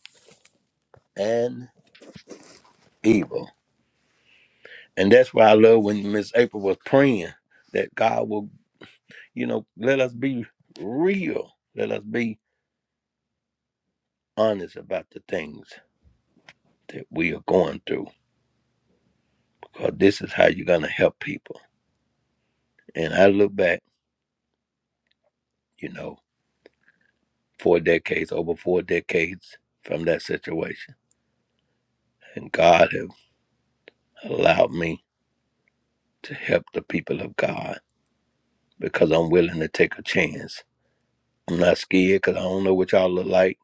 S2: and evil. And that's why I love when Miss April was praying that God will, you know, let us be real. Let us be honest about the things that we are going through. Because this is how you're going to help people. And I look back, you know, four decades, over four decades from that situation. And God have allowed me to help the people of God because I'm willing to take a chance. I'm not scared because I don't know what y'all look like.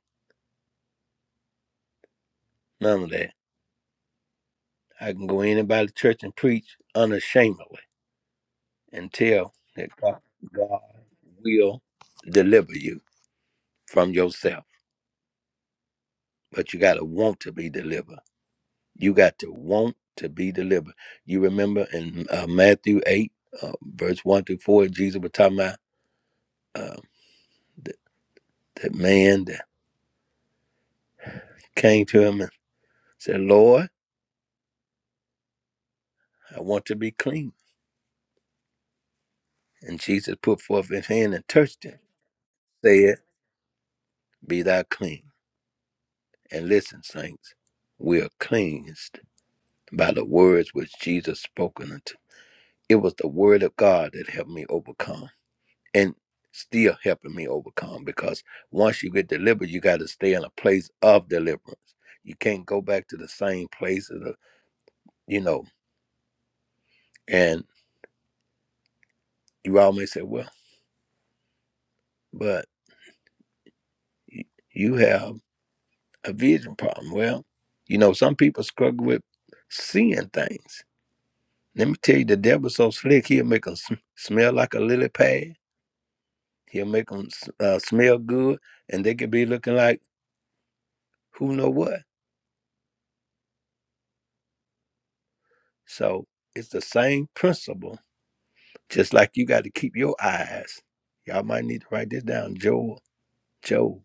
S2: None of that. I can go anybody to church and preach unashamedly until that God, God will deliver you from yourself. But you got to want to be delivered. You got to want to be delivered. You remember in uh, Matthew 8, uh, verse 1 through 4, Jesus was talking about uh, th- that man that came to him and said, Lord, I want to be clean. And Jesus put forth his hand and touched him, said, Be thou clean. And listen, saints, we are cleansed by the words which Jesus spoken unto It was the word of God that helped me overcome and still helping me overcome because once you get delivered, you got to stay in a place of deliverance. You can't go back to the same place, of the, you know, and you always say, well, but y- you have a vision problem. Well, you know, some people struggle with seeing things. Let me tell you, the devil's so slick, he'll make them sm- smell like a lily pad. He'll make them uh, smell good, and they could be looking like who know what. So it's the same principle, just like you got to keep your eyes. Y'all might need to write this down. Job, Job,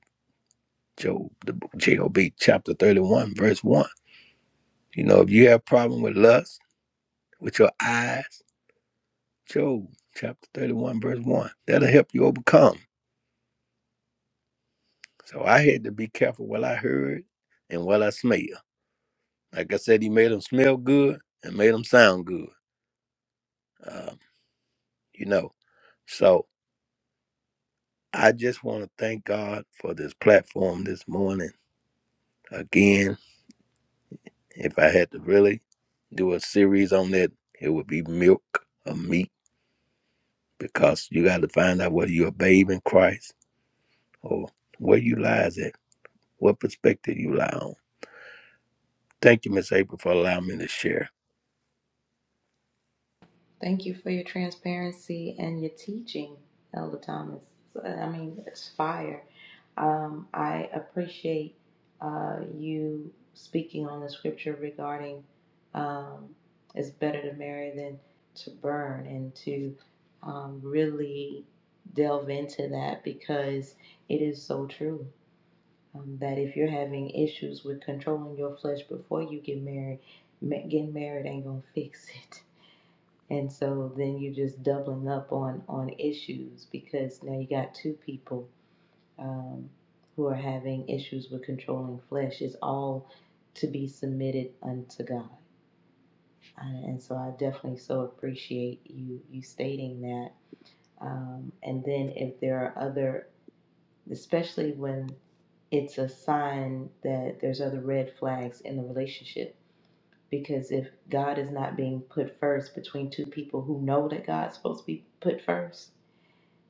S2: Job, the book Job, chapter 31, verse 1. You know, if you have problem with lust, with your eyes, Job, chapter 31, verse 1. That'll help you overcome. So I had to be careful what I heard and what I smell. Like I said, he made them smell good and made them sound good. Um, you know, so I just want to thank God for this platform this morning Again, if I had to really do a series on that, it would be milk or meat because you got to find out whether you're a babe in Christ or where you lies at, what perspective you lie on. Thank you, Miss April, for allowing me to share.
S1: Thank you for your transparency and your teaching, Elder Thomas. So, I mean, it's fire. Um, I appreciate uh, you speaking on the scripture regarding um, it's better to marry than to burn and to um, really delve into that because it is so true um, that if you're having issues with controlling your flesh before you get married, ma- getting married ain't gonna fix it and so then you're just doubling up on on issues because now you got two people um, who are having issues with controlling flesh. It's all to be submitted unto God, and and so I definitely so appreciate you you stating that. Um, and then if there are other, especially when it's a sign that there's other red flags in the relationship. Because if God is not being put first between two people who know that God's supposed to be put first,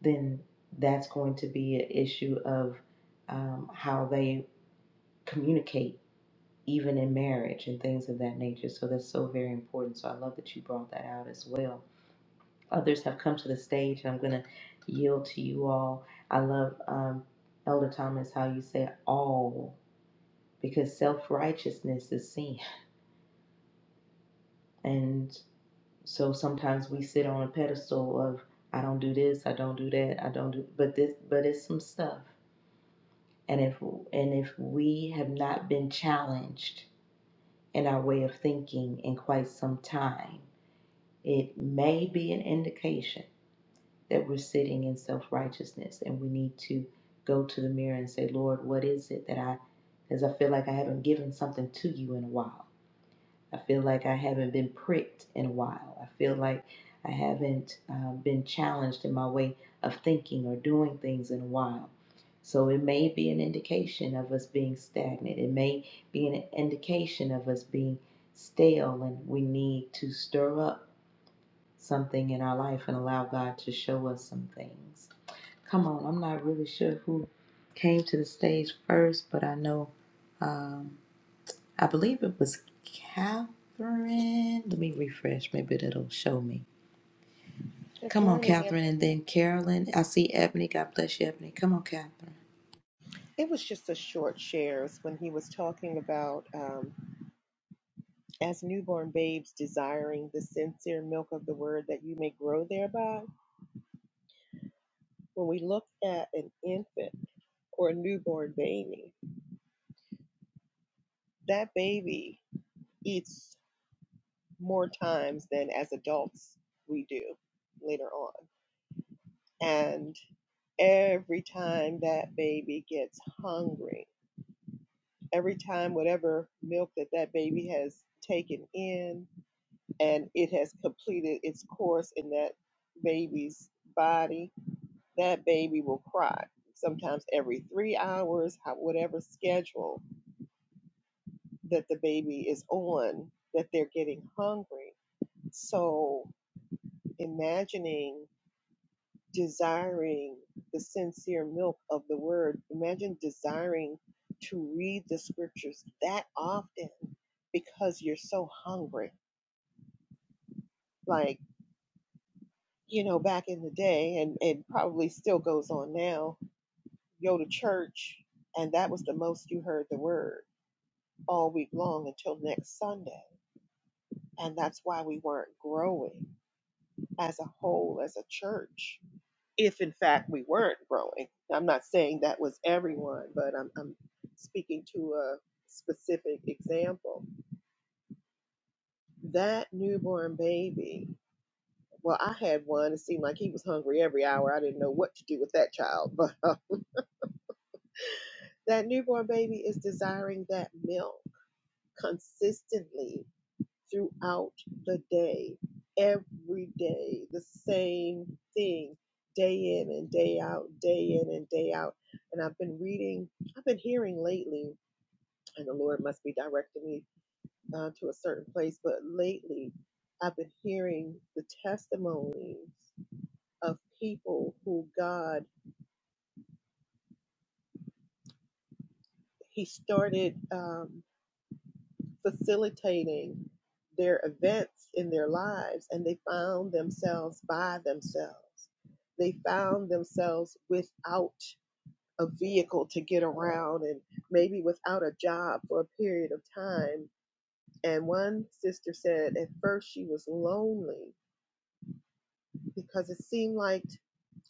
S1: then that's going to be an issue of um, how they communicate, even in marriage and things of that nature. So that's so very important. So I love that you brought that out as well. Others have come to the stage, and I'm going to yield to you all. I love um, Elder Thomas how you say all because self righteousness is sin, and so sometimes we sit on a pedestal of I don't do this, I don't do that, I don't do, but this, but it's some stuff And if and if we have not been challenged in our way of thinking in quite some time, it may be an indication that we're sitting in self-righteousness and we need to go to the mirror and say, Lord, what is it that I because I feel like I haven't given something to you in a while I feel like I haven't been pricked in a while. I feel like I haven't uh, been challenged in my way of thinking or doing things in a while. So it may be an indication of us being stagnant. It may be an indication of us being stale and we need to stir up something in our life and allow God to show us some things. Come on, I'm not really sure who came to the stage first, but I know. um, I believe it was Catherine. Let me refresh. Maybe that'll show me.
S3: Good
S1: Come on,
S3: morning. It,
S1: Catherine, and then Carolyn. I see Ebony. God bless you, Ebony. Come on, Catherine.
S3: it was just a short shares when he was talking about um, as newborn babes desiring the sincere milk of the word that you may grow thereby. When we look at an infant or a newborn baby, that baby eats more times than as adults we do later on. And every time that baby gets hungry, every time whatever milk that that baby has taken in, and it has completed its course in that baby's body, that baby will cry. Sometimes every three hours, how- whatever schedule that the baby is on, that they're getting hungry. So imagining desiring the sincere milk of the word, imagine desiring to read the scriptures that often because you're so hungry. Like. you know, back in the day, and it probably still goes on now, go to church, and that was the most you heard the word all week long until next Sunday. And that's why we weren't growing as a whole, as a church, if in fact we weren't growing. I'm not saying that was everyone, but I'm, I'm speaking to a specific example. That newborn baby, well, I had one. It seemed like he was hungry every hour. I didn't know what to do with that child, but That newborn baby is desiring that milk consistently throughout the day, every day, the same thing, day in and day out, day in and day out. And I've been reading, I've been hearing lately, and the Lord must be directing me uh, to a certain place, but lately I've been hearing the testimonies of people who God, He started. Um, facilitating their events in their lives and they found themselves by themselves. They found themselves without a vehicle to get around and maybe without a job for a period of time. And one sister said at first she was lonely because it seemed like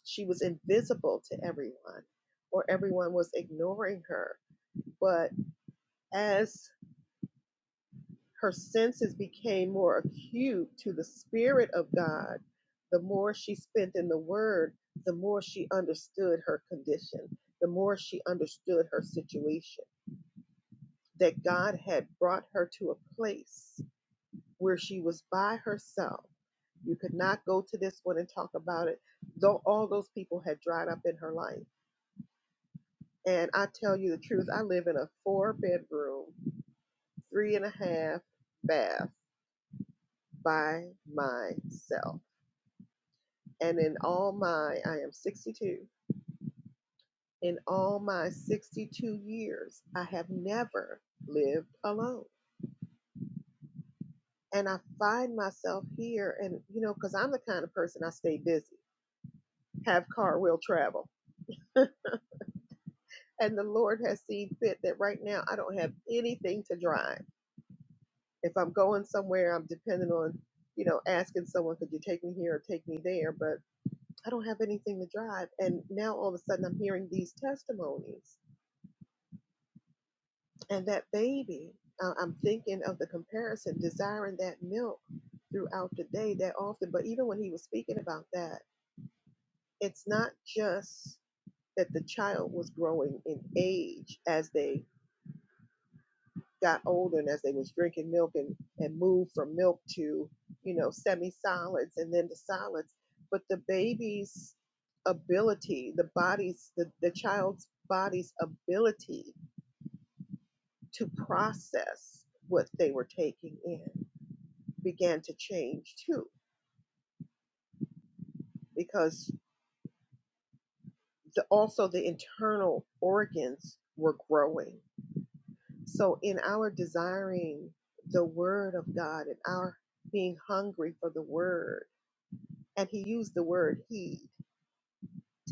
S3: she was invisible to everyone or everyone was ignoring her. But as her senses became more acute to the Spirit of God. The more she spent in the Word, the more she understood her condition, the more she understood her situation. That God had brought her to a place where she was by herself. You could not go to this one and talk about it, though all those people had dried up in her life. And I tell you the truth, I live in a four bedroom, three and a half bath by myself And in all my, I am 62, in all my 62 years, I have never lived alone. And I find myself here, and you know, because I'm the kind of person I stay busy, have car, will travel. And the Lord has seen fit that right now I don't have anything to drive. If I'm going somewhere, I'm dependent on, you know, asking someone, could you take me here or take me there? But I don't have anything to drive. And now all of a sudden I'm hearing these testimonies And that baby, uh, I'm thinking of the comparison, desiring that milk throughout the day that often. But even when he was speaking about that, it's not just that the child was growing in age as they got older and as they was drinking milk and, and moved from milk to, you know, semi-solids and then to solids, but the baby's ability, the body's, the, the child's body's ability to process what they were taking in began to change too, because the, also the internal organs were growing. So, in our desiring the Word of God and our being hungry for the Word, and He used the word heed,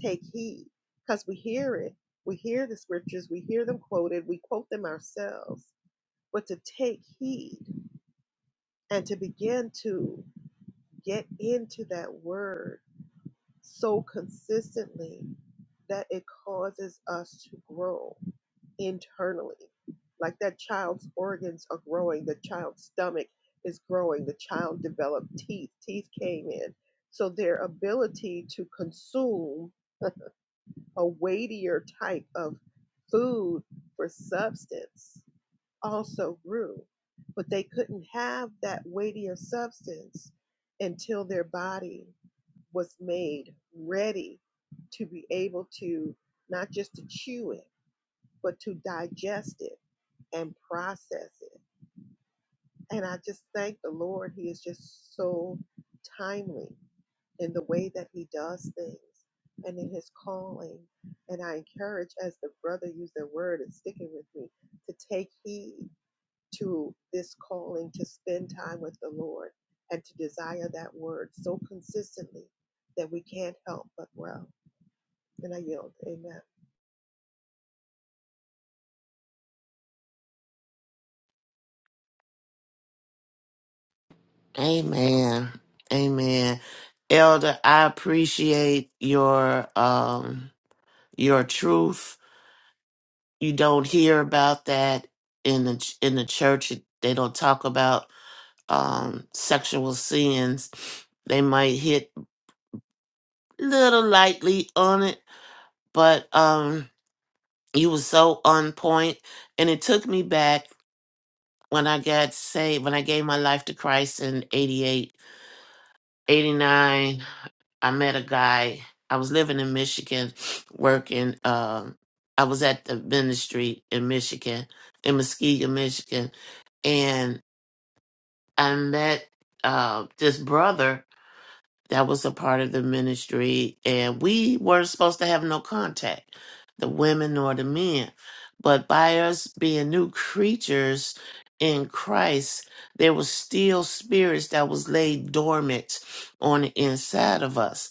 S3: take heed, because we hear it, we hear the scriptures, we hear them quoted, we quote them ourselves, but to take heed and to begin to get into that Word so consistently that it causes us to grow internally. Like that child's organs are growing, the child's stomach is growing, the child developed teeth, teeth came in. So their ability to consume a weightier type of food for substance also grew. But they couldn't have that weightier substance until their body was made ready to be able to not just to chew it, but to digest it and process it. And I just thank the Lord. He is just so timely in the way that He does things and in His calling. And I encourage, as the brother used the word, it's sticking with me, to take heed to this calling to spend time with the Lord and to desire that word so consistently that we can't help but grow. And I yield. Amen.
S4: Amen. Amen. Elder, I appreciate your um your truth. You don't hear about that in the ch- in the church. They don't talk about um sexual sins. They might hit little lightly on it, but um you were so on point and it took me back when I got saved, when I gave my life to Christ in 88, 89. I met a guy. I was living in Michigan, working. Um, I was at the ministry in Michigan, in Muskegon, Michigan, and I met uh, this brother that was a part of the ministry, and we weren't supposed to have no contact, the women nor the men. But by us being new creatures in Christ, there was still spirits that was laid dormant on the inside of us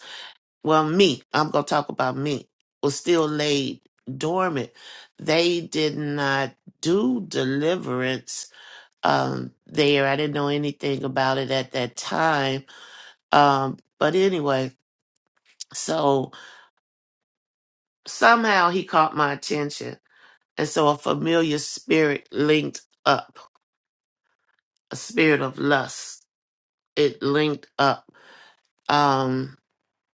S4: well, me, I'm going to talk about me, was still laid dormant. They did not do deliverance um, there. I didn't know anything about it at that time. Um, but anyway, so somehow he caught my attention. And so a familiar spirit linked up, a spirit of lust. It linked up. Um,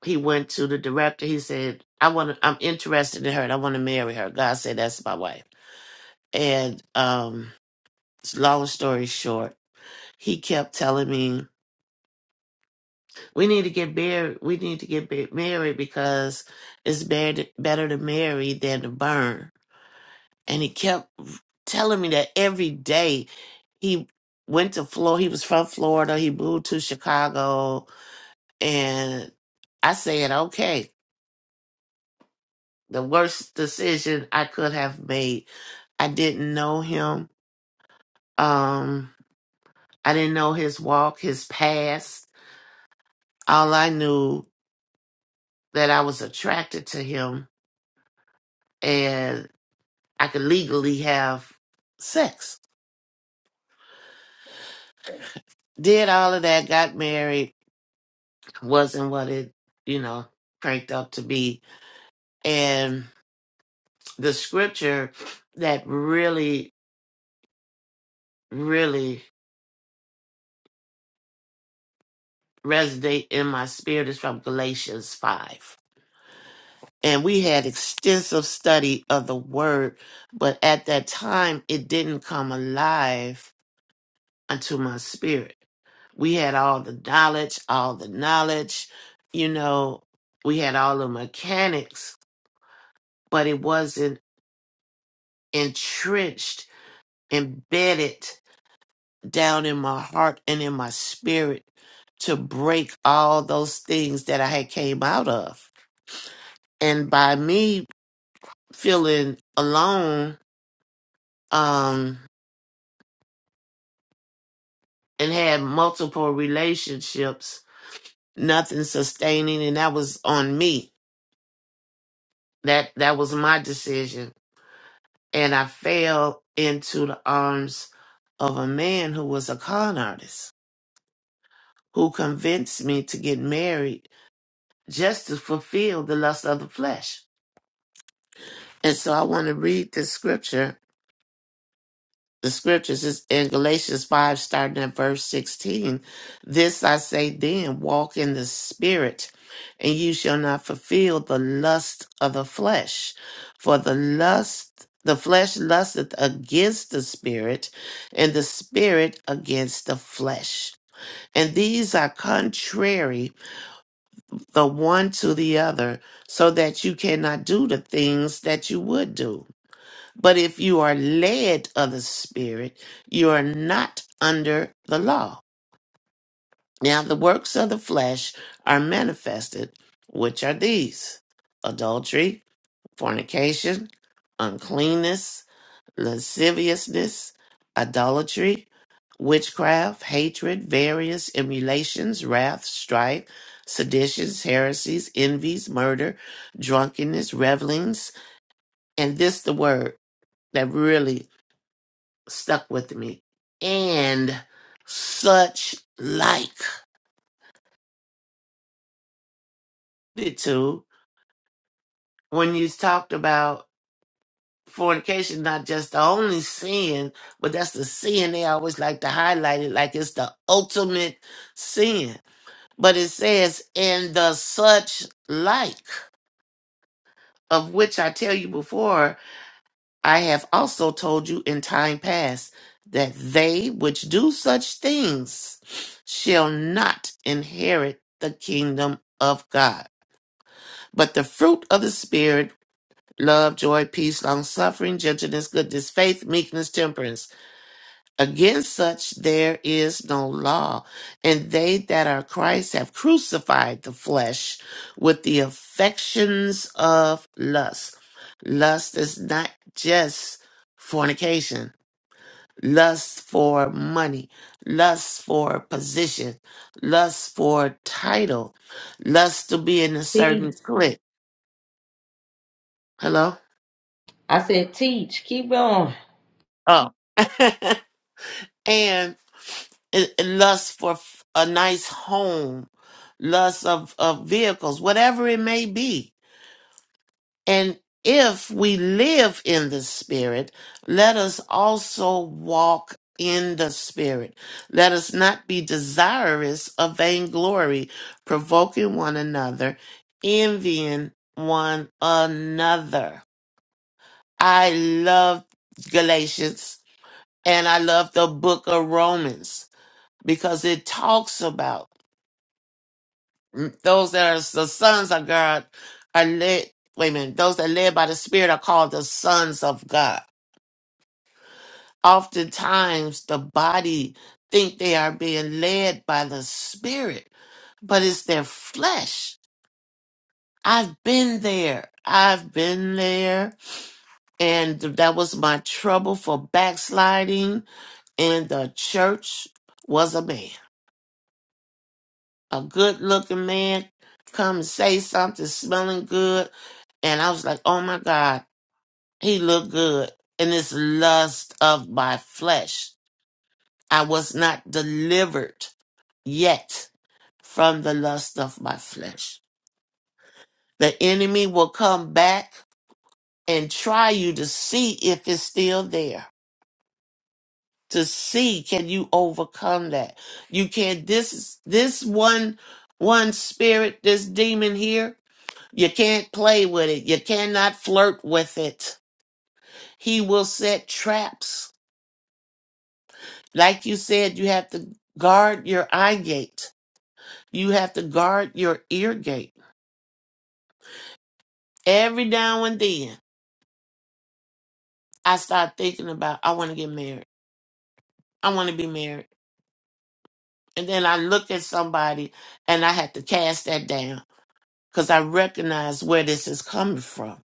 S4: he went to the director. He said, I want to, I'm interested in her and I want to marry her. God said, that's my wife. And um, long story short, he kept telling me, "We need to get married. We need to get ba- married because it's better better to marry than to burn." And he kept telling me that every day. He went to Florida. He was from Florida. He moved to Chicago, and I said, "Okay." The worst decision I could have made. I didn't know him. Um, I didn't know his walk, his past All I knew that I was attracted to him and I could legally have sex. Did all of that, got married, wasn't what it, you know, cranked up to be. And the scripture that really, really resonate in my spirit is from Galatians 5. And we had extensive study of the word, but at that time it didn't come alive unto my spirit we had all the knowledge, all the knowledge, you know, we had all the mechanics, but it wasn't entrenched, embedded down in my heart and in my spirit to break all those things that I had came out of. And by me feeling alone, um, and had multiple relationships, nothing sustaining, and that was on me. That that was my decision and I fell into the arms of a man who was a con artist, who convinced me to get married just to fulfill the lust of the flesh. And so I want to read this scripture the scriptures is in Galatians 5, starting at verse 16. This I say then, walk in the spirit, and you shall not fulfill the lust of the flesh. For the lust, the flesh lusteth against the spirit, and the spirit against the flesh. And these are contrary the one to the other, so that you cannot do the things that you would do. But if you are led of the Spirit, you are not under the law. Now, the works of the flesh are manifested, which are these adultery, fornication, uncleanness, lasciviousness, idolatry, witchcraft, hatred, various emulations, wrath, strife, seditions, heresies, envies, murder, drunkenness, revelings, and this the word that really stuck with me and such like the two when you talked about fornication not just the only sin but that's the sin they always like to highlight it like it's the ultimate sin but it says and the such like of which i tell you before I have also told you in time past that they which do such things shall not inherit the kingdom of God. But the fruit of the Spirit, love, joy, peace, long suffering, gentleness, goodness, faith, meekness, temperance. Against such there is no law. And they that are Christ have crucified the flesh with the affections of lust. Lust is not just fornication lust for money, lust for position, lust for title, lust to be in a certain
S1: Teach.
S4: clique. Hello?
S1: I said, teach. Keep going.
S4: Oh. and it- it lust for f- a nice home, lust of, of vehicles, whatever it may be. And if we live in the Spirit, let us also walk in the Spirit. Let us not be desirous of vainglory, provoking one another, envying one another. I love Galatians and I love the book of Romans because it talks about mm, those that are the sons of God are led. Wait a minute. Those that are led by the Spirit are called the sons of God. oftentimes the body think they are being led by the spirit but it's their flesh i've been there i've been there and that was my trouble for backsliding and the church was a man a good looking man come and say something smelling good and i was like oh my god he looked good and this lust of my flesh i was not delivered yet from the lust of my flesh. The enemy will come back and try you to see if it's still there. To see can you overcome that? You can't this is this one one spirit, this demon here, you can't play with it. You cannot flirt with it. He will set traps. Like you said, you have to guard your eye gate. You have to guard your ear gate. Every now and then I start thinking about I want to get married. I want to be married. And then I looked at somebody and I had to cast that down because I recognize where this is coming from.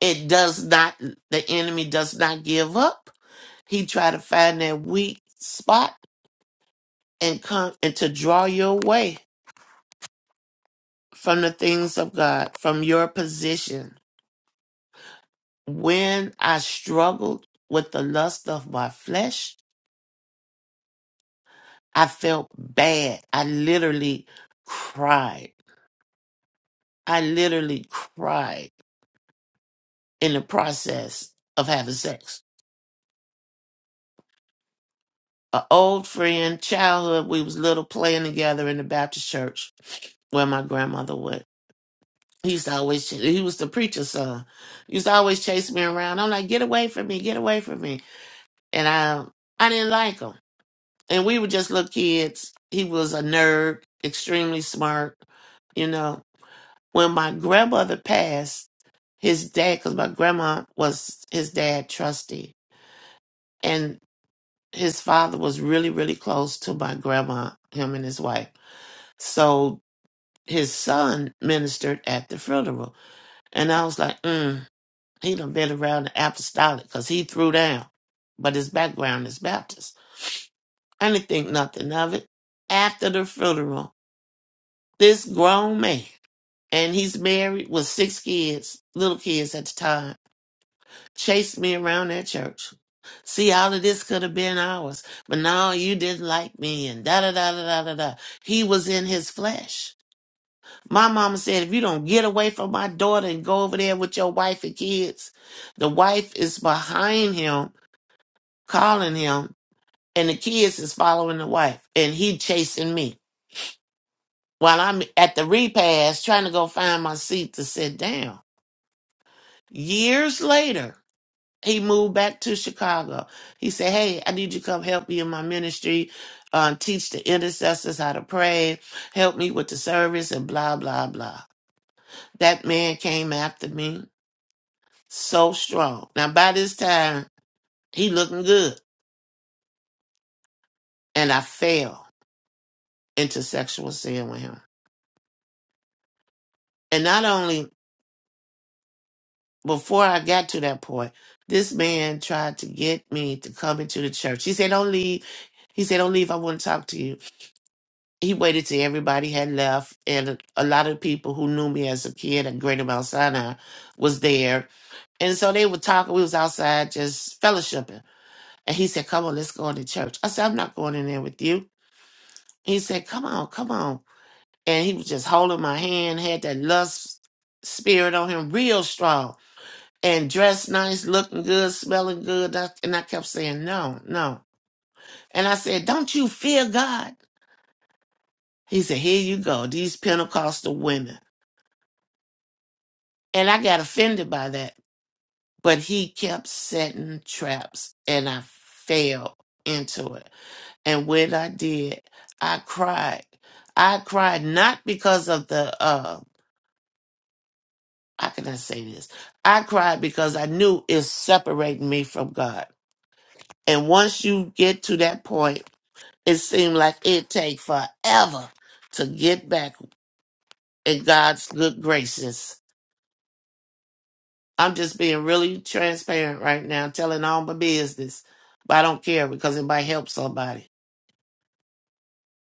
S4: It does not, the enemy does not give up. He try to find that weak spot and come and to draw you away from the things of God, from your position. When I struggled with the lust of my flesh, I felt bad. I literally cried. I literally cried in the process of having sex. An old friend, childhood, we was little playing together in the Baptist church where my grandmother would. He used to always, ch- he was the preacher's son. He used to always chase me around. I'm like, get away from me, get away from me. And I, I didn't like him. And we were just little kids. He was a nerd, extremely smart, you know. When my grandmother passed, his dad, because my grandma was his dad trustee, his father was really really close to my grandma him and his wife so his son ministered at the funeral and i was like mm, he done been around the apostolic because he threw down but his background is baptist i didn't think nothing of it after the funeral this grown man and he's married with six kids little kids at the time chased me around that church. See, all of this could have been ours, but no, you didn't like me, and da da da da da da da. He was in his flesh. My mama said, if you don't get away from my daughter and go over there with your wife and kids, the wife is behind him, calling him, and the kids is following the wife, and he chasing me while I'm at the repast trying to go find my seat to sit down. Years later, he moved back to Chicago. He said, Hey, I need you to come help me in my ministry, um, teach the intercessors how to pray, help me with the service, and blah, blah, blah. That man came after me so strong. Now, by this time, he looking good, and I fell into sexual sin with him. And not only before I got to that point, this man tried to get me to come into the church. He said, Don't leave. He said, Don't leave. I want to talk to you. he waited till everybody had left and a a lot of people who knew me as a kid at Greater Mount Sinai was there. And so they were talking, we was outside just fellowshipping. And he said, Come on, let's go into church. I said, I'm not going in there with you. He said, Come on, come on. And he was just holding my hand, had that lust spirit on him real strong. And dressed nice, looking good, smelling good. I- And I kept saying, No, no. And I said, Don't you fear God? He said, Here you go, these Pentecostal women. And I got offended by that. But he kept setting traps and I fell into it. And when I did, I cried. I cried not because of the uh how can I say this? I cried because I knew it's separating me from God. And once you get to that point, it seemed like it take forever to get back in God's good graces I'm just being really transparent right now, telling all my business, but I don't care because it might help somebody.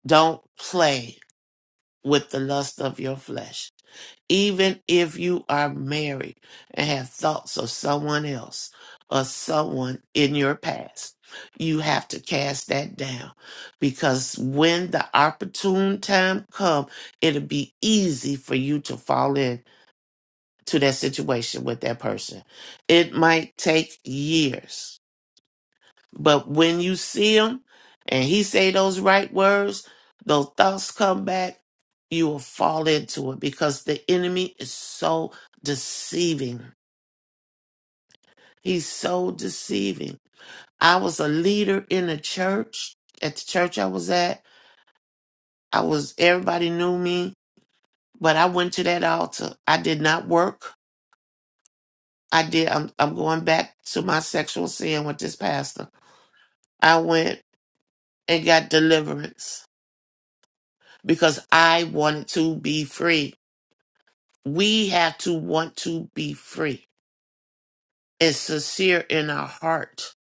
S4: Don't play with the lust of your flesh. Even if you are married and have thoughts of someone else or someone in your past, you have to cast that down because when the opportune time comes, it'll be easy for you to fall in to that situation with that person. It might take years, but when you see him and he say those right words, those thoughts come back, you will fall into it because the enemy is so deceiving. He's so deceiving. I was a leader in the church. At the church I was at, I was everybody knew me, but I went to that altar. I did not work. I did I'm I'm going back to my sexual sin with this pastor. I went and got deliverance because I wanted to be free. We have to want to be free. It's sincere in our heart.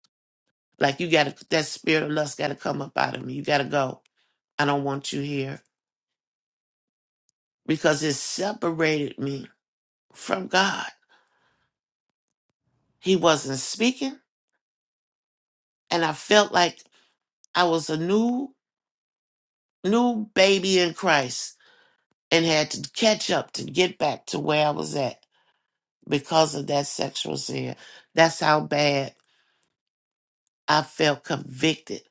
S4: Like you gotta that spirit of lust gotta come up out of me. You gotta go. I don't want you here. Because it separated me from God. He wasn't speaking, and I felt like I was a new new baby in Christ and had to catch up to get back to where I was at. because of that sexual sin. That's how bad I felt convicted.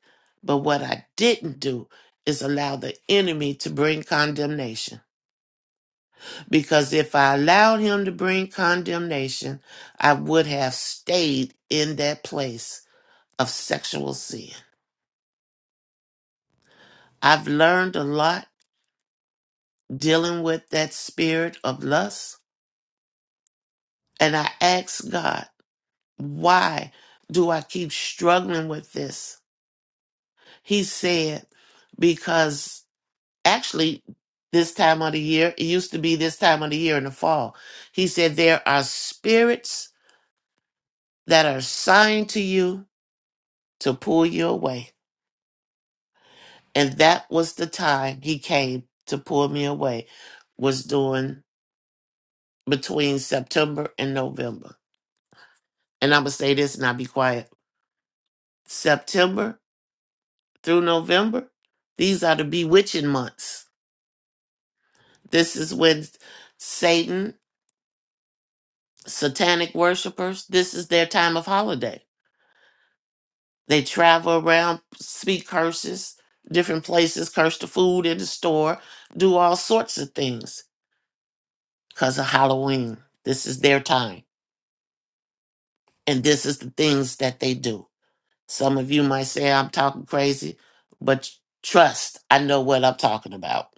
S4: But what I didn't do is allow the enemy to bring condemnation. Because if I allowed him to bring condemnation, I would have stayed in that place of sexual sin. I've learned a lot dealing with that spirit of lust. And I ask God, why do I keep struggling with this? He said, because actually this time of the year. It used to be this time of the year in the fall. He said, There are spirits that are assigned to you to pull you away. And that was the time he came to pull me away, was doing between September and November. And I'm going to say this and I'll be quiet. September through November, these are the bewitching months. This is when Satan, satanic worshipers, this is their time of holiday They travel around, speak curses, different places, curse the food in the store, do all sorts of things because of Halloween. This is their time. And this is the things that they do. Some of you might say I'm talking crazy, but trust, I know what I'm talking about.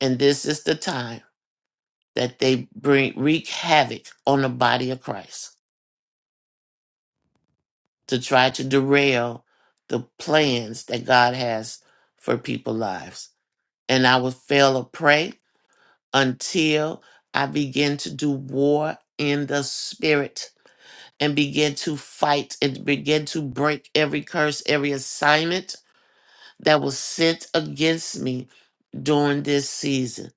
S4: And this is the time that they bring wreak havoc on the body of Christ to try to derail the plans that God has for people's lives. And I would fail to pray until I begin to do war in the spirit and begin to fight and begin to break every curse, every assignment that was sent against me during this season.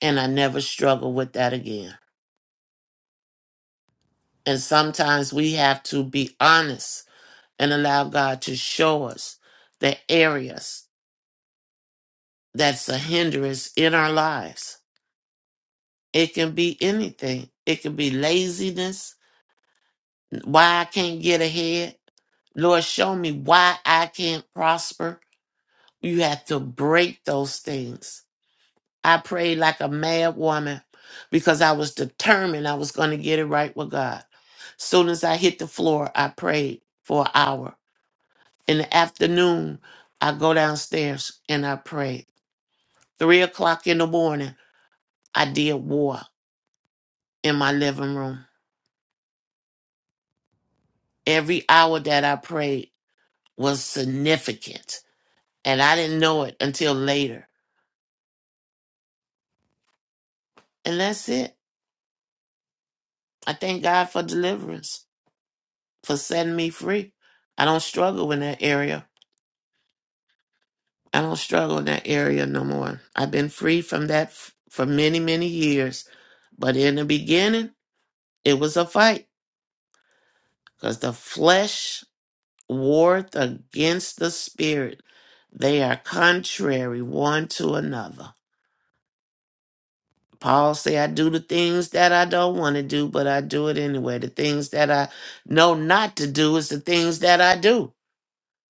S4: And I never struggle with that again. And sometimes we have to be honest and allow God to show us the areas that's a hindrance in our lives. It can be anything. It can be laziness, why I can't get ahead Lord, show me why I can't prosper. You have to break those things. I prayed like a mad woman because I was determined I was going to get it right with God. Soon as I hit the floor, I prayed for an hour. In the afternoon, I go downstairs and I prayed. Three o'clock in the morning, I did war in my living room. Every hour that I prayed was significant, and I didn't know it until later. And that's it. I thank God for deliverance, for setting me free. I don't struggle in that area. I don't struggle in that area no more. I've been free from that f- for many, many years. But in the beginning, it was a fight because the flesh warred against the spirit. They are contrary one to another. Paul say, I do the things that I don't want to do, but I do it anyway. The things that I know not to do is the things that I do.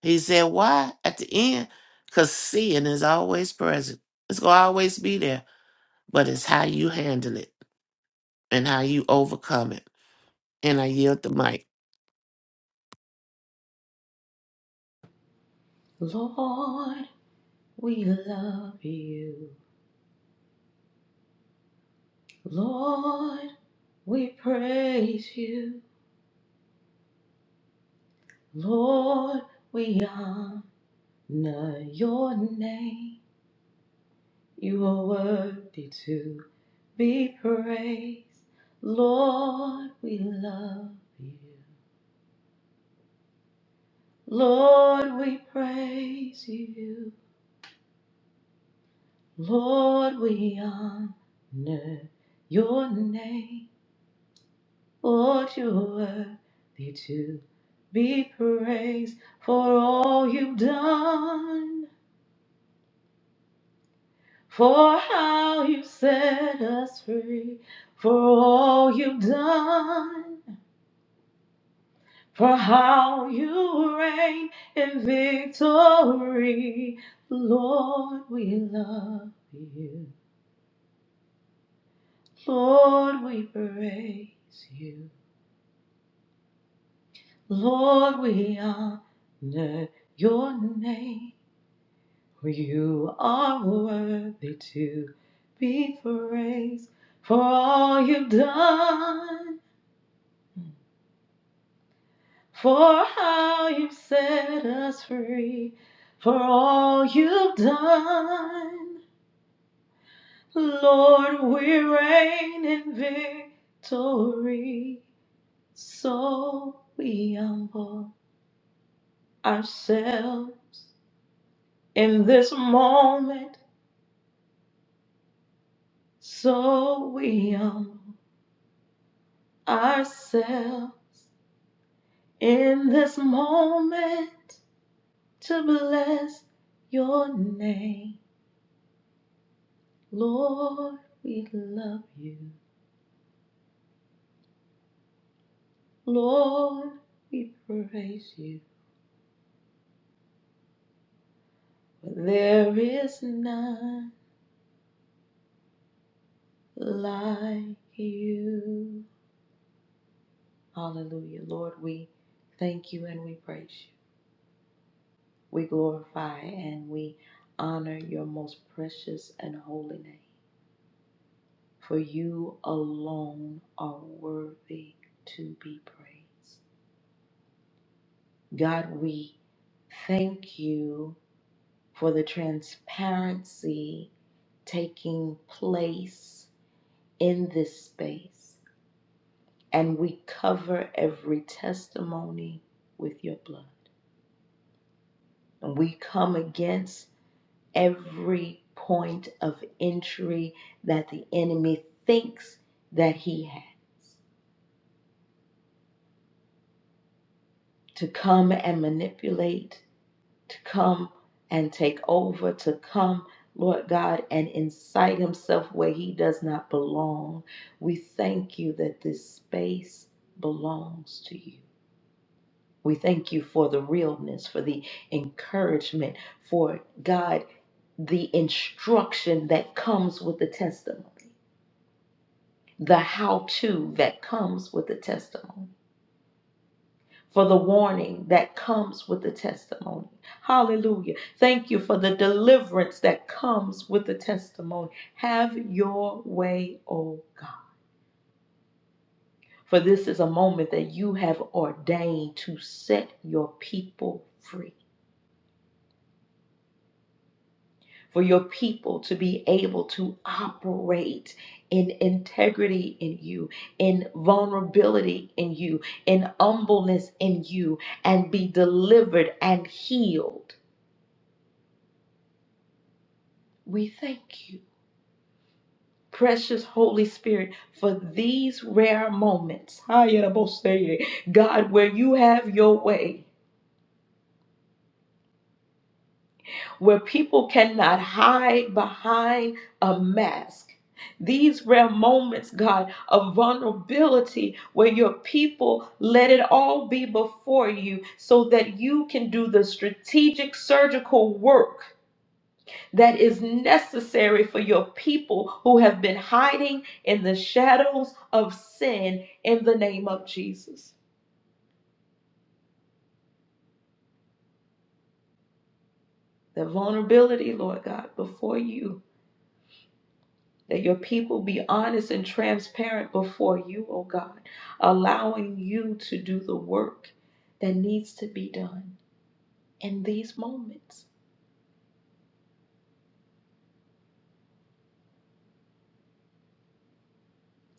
S4: He said, Why? At the end, because sin is always present. It's going to always be there, but it's how you handle it and how you overcome it. And I yield the mic.
S1: Lord, we love you. Lord, we praise you. Lord, we honor your name. You are worthy too. be praised. Lord, we love you. Lord, we praise you. Lord, we honor your name. Lord, you're worthy to be praised for all you've done, for how you set us free, for all you've done. For how you reign in victory, Lord, we love you. Lord, we praise you. Lord, we honor your name. For you are worthy to be praised for all you've done, for how you've set us free, for all you've done. Lord, we reign in victory, so we humble ourselves in this moment, so we humble ourselves in this moment to bless your name. Lord, we love you. Lord, we praise you. there is none. like you. Hallelujah. Lord, we thank you and we praise you. We glorify and we honor your most precious and holy name. For you alone are worthy to be praised. God, we thank you for the transparency taking place in this space. And we cover every testimony with your blood. We come against every point of entry that the enemy thinks that he had to come and manipulate, to come and take over, to come, Lord God, and incite himself where he does not belong. We thank you that this space belongs to you. We thank you for the realness, for the encouragement, for God, the instruction that comes with the testimony, the how to that comes with the testimony, for the warning that comes with the testimony. Hallelujah. Thank you for the deliverance that comes with the testimony. Have your way, O God. For this is a moment that you have ordained to set your people free. for your people to be able to operate in integrity in you, in vulnerability in you, in humbleness in you, and be delivered and healed. We thank you. Precious Holy Spirit, for these rare moments, God, where you have your way, where people cannot hide behind a mask. These rare moments, God, of vulnerability where your people let it all be before you so that you can do the strategic surgical work that is necessary for your people who have been hiding in the shadows of sin in the name of Jesus. The vulnerability, Lord God, before you That your people be honest and transparent before you, O God, allowing you to do the work that needs to be done. In these moments,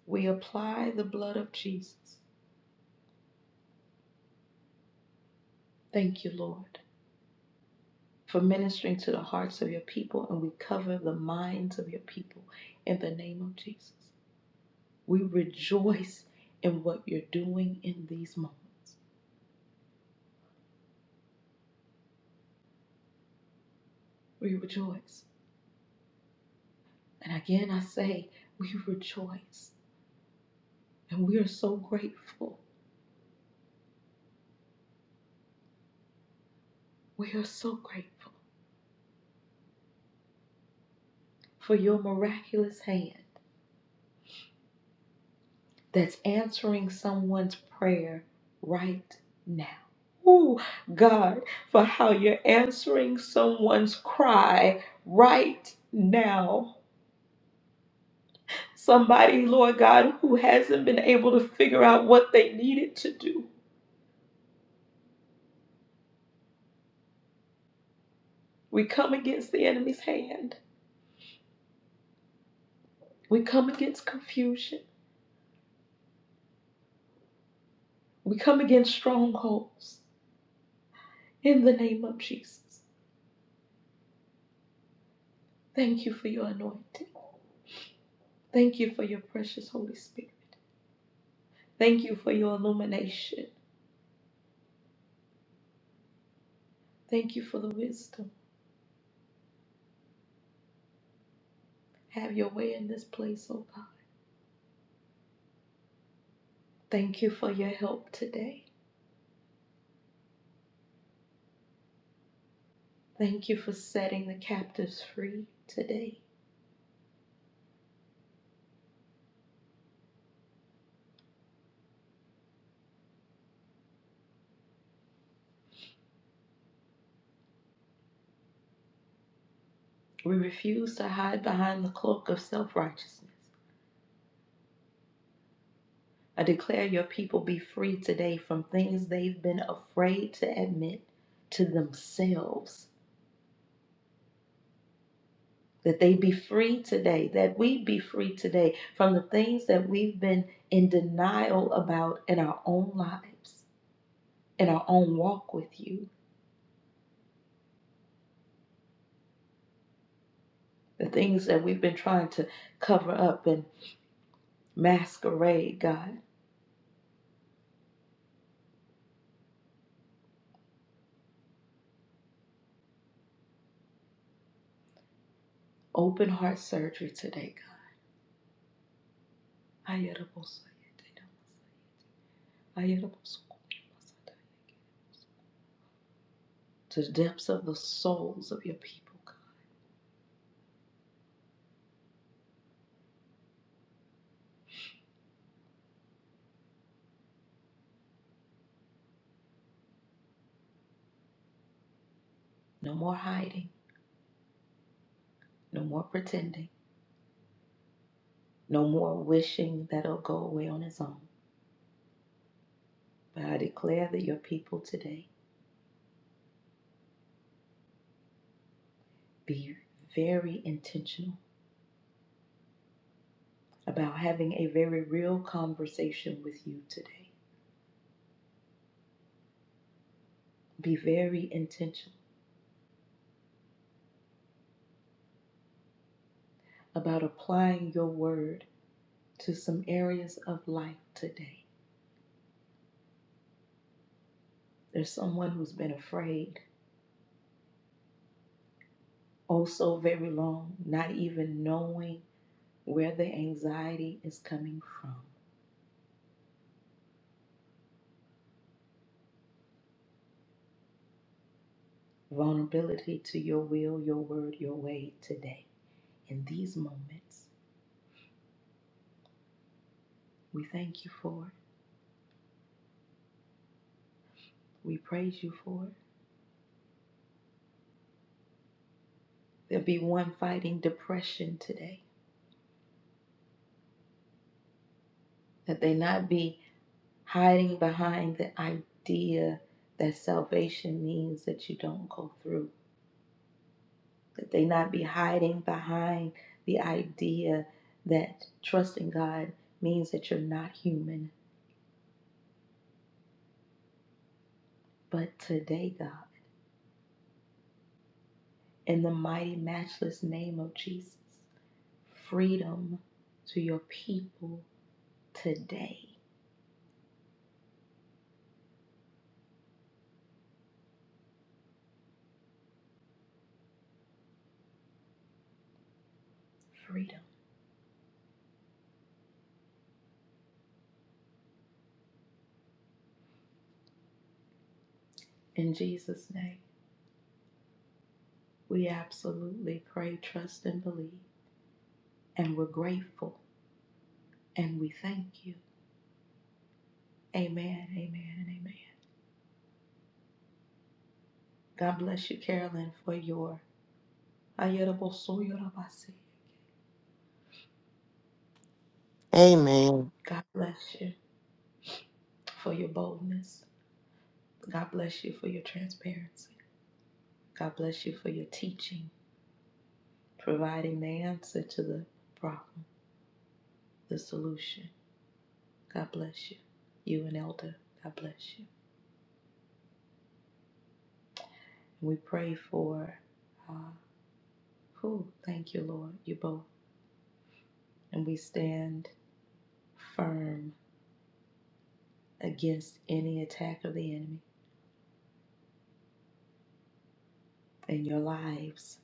S1: we apply the blood of Jesus. Thank you, Lord, for ministering to the hearts of your people, and we cover the minds of your people in the name of Jesus. We rejoice in what you're doing in these moments. We rejoice. And again, I say, we rejoice. And we are so grateful We are so grateful for your miraculous hand that's answering someone's prayer right now. Oh, God, for how you're answering someone's cry right now. Somebody, Lord God, who hasn't been able to figure out what they needed to do. We come against the enemy's hand. We come against confusion. We come against strongholds in the name of Jesus. Thank you for your anointing. Thank you for your precious Holy Spirit. Thank you for your illumination. Thank you for the wisdom. Have your way in this place, oh God. Thank you for your help today. Thank you for setting the captives free today. We refuse to hide behind the cloak of self righteousness. I declare your people be free today from things they've been afraid to admit to themselves that they be free today, that we be free today from the things that we've been in denial about in our own lives, in our own walk with you, the things that we've been trying to cover up and masquerade, God. Open heart surgery today, God. To the depths of the souls of your people, God. No more hiding, no more pretending, no more wishing that it'll go away on its own. But I declare that your people today be very intentional about having a very real conversation with you today. Be very intentional about applying your word to some areas of life today. There's someone who's been afraid oh so very long, not even knowing where the anxiety is coming from. Vulnerability to your will, your word, your way today. In these moments, we thank you for it. We praise you for it. There'll be one fighting depression today. That they not be hiding behind the idea that salvation means that you don't go through. That they not be hiding behind the idea that trusting God means that you're not human. But today, God, in the mighty, matchless name of Jesus, freedom to your people today. Freedom. In Jesus' name, we absolutely pray, trust, and believe. and we're grateful and we thank you. Amen, amen, and amen. God bless you, Carolyn, for your Ayerabosoyorabasi.
S4: Amen.
S1: God bless you for your boldness. God bless you for your transparency. God bless you for your teaching, providing the answer to the problem, the solution. God bless you. You and Elder, God bless you. And we pray for uh, who? Thank you, Lord, you both. And we stand firm against any attack of the enemy in your lives,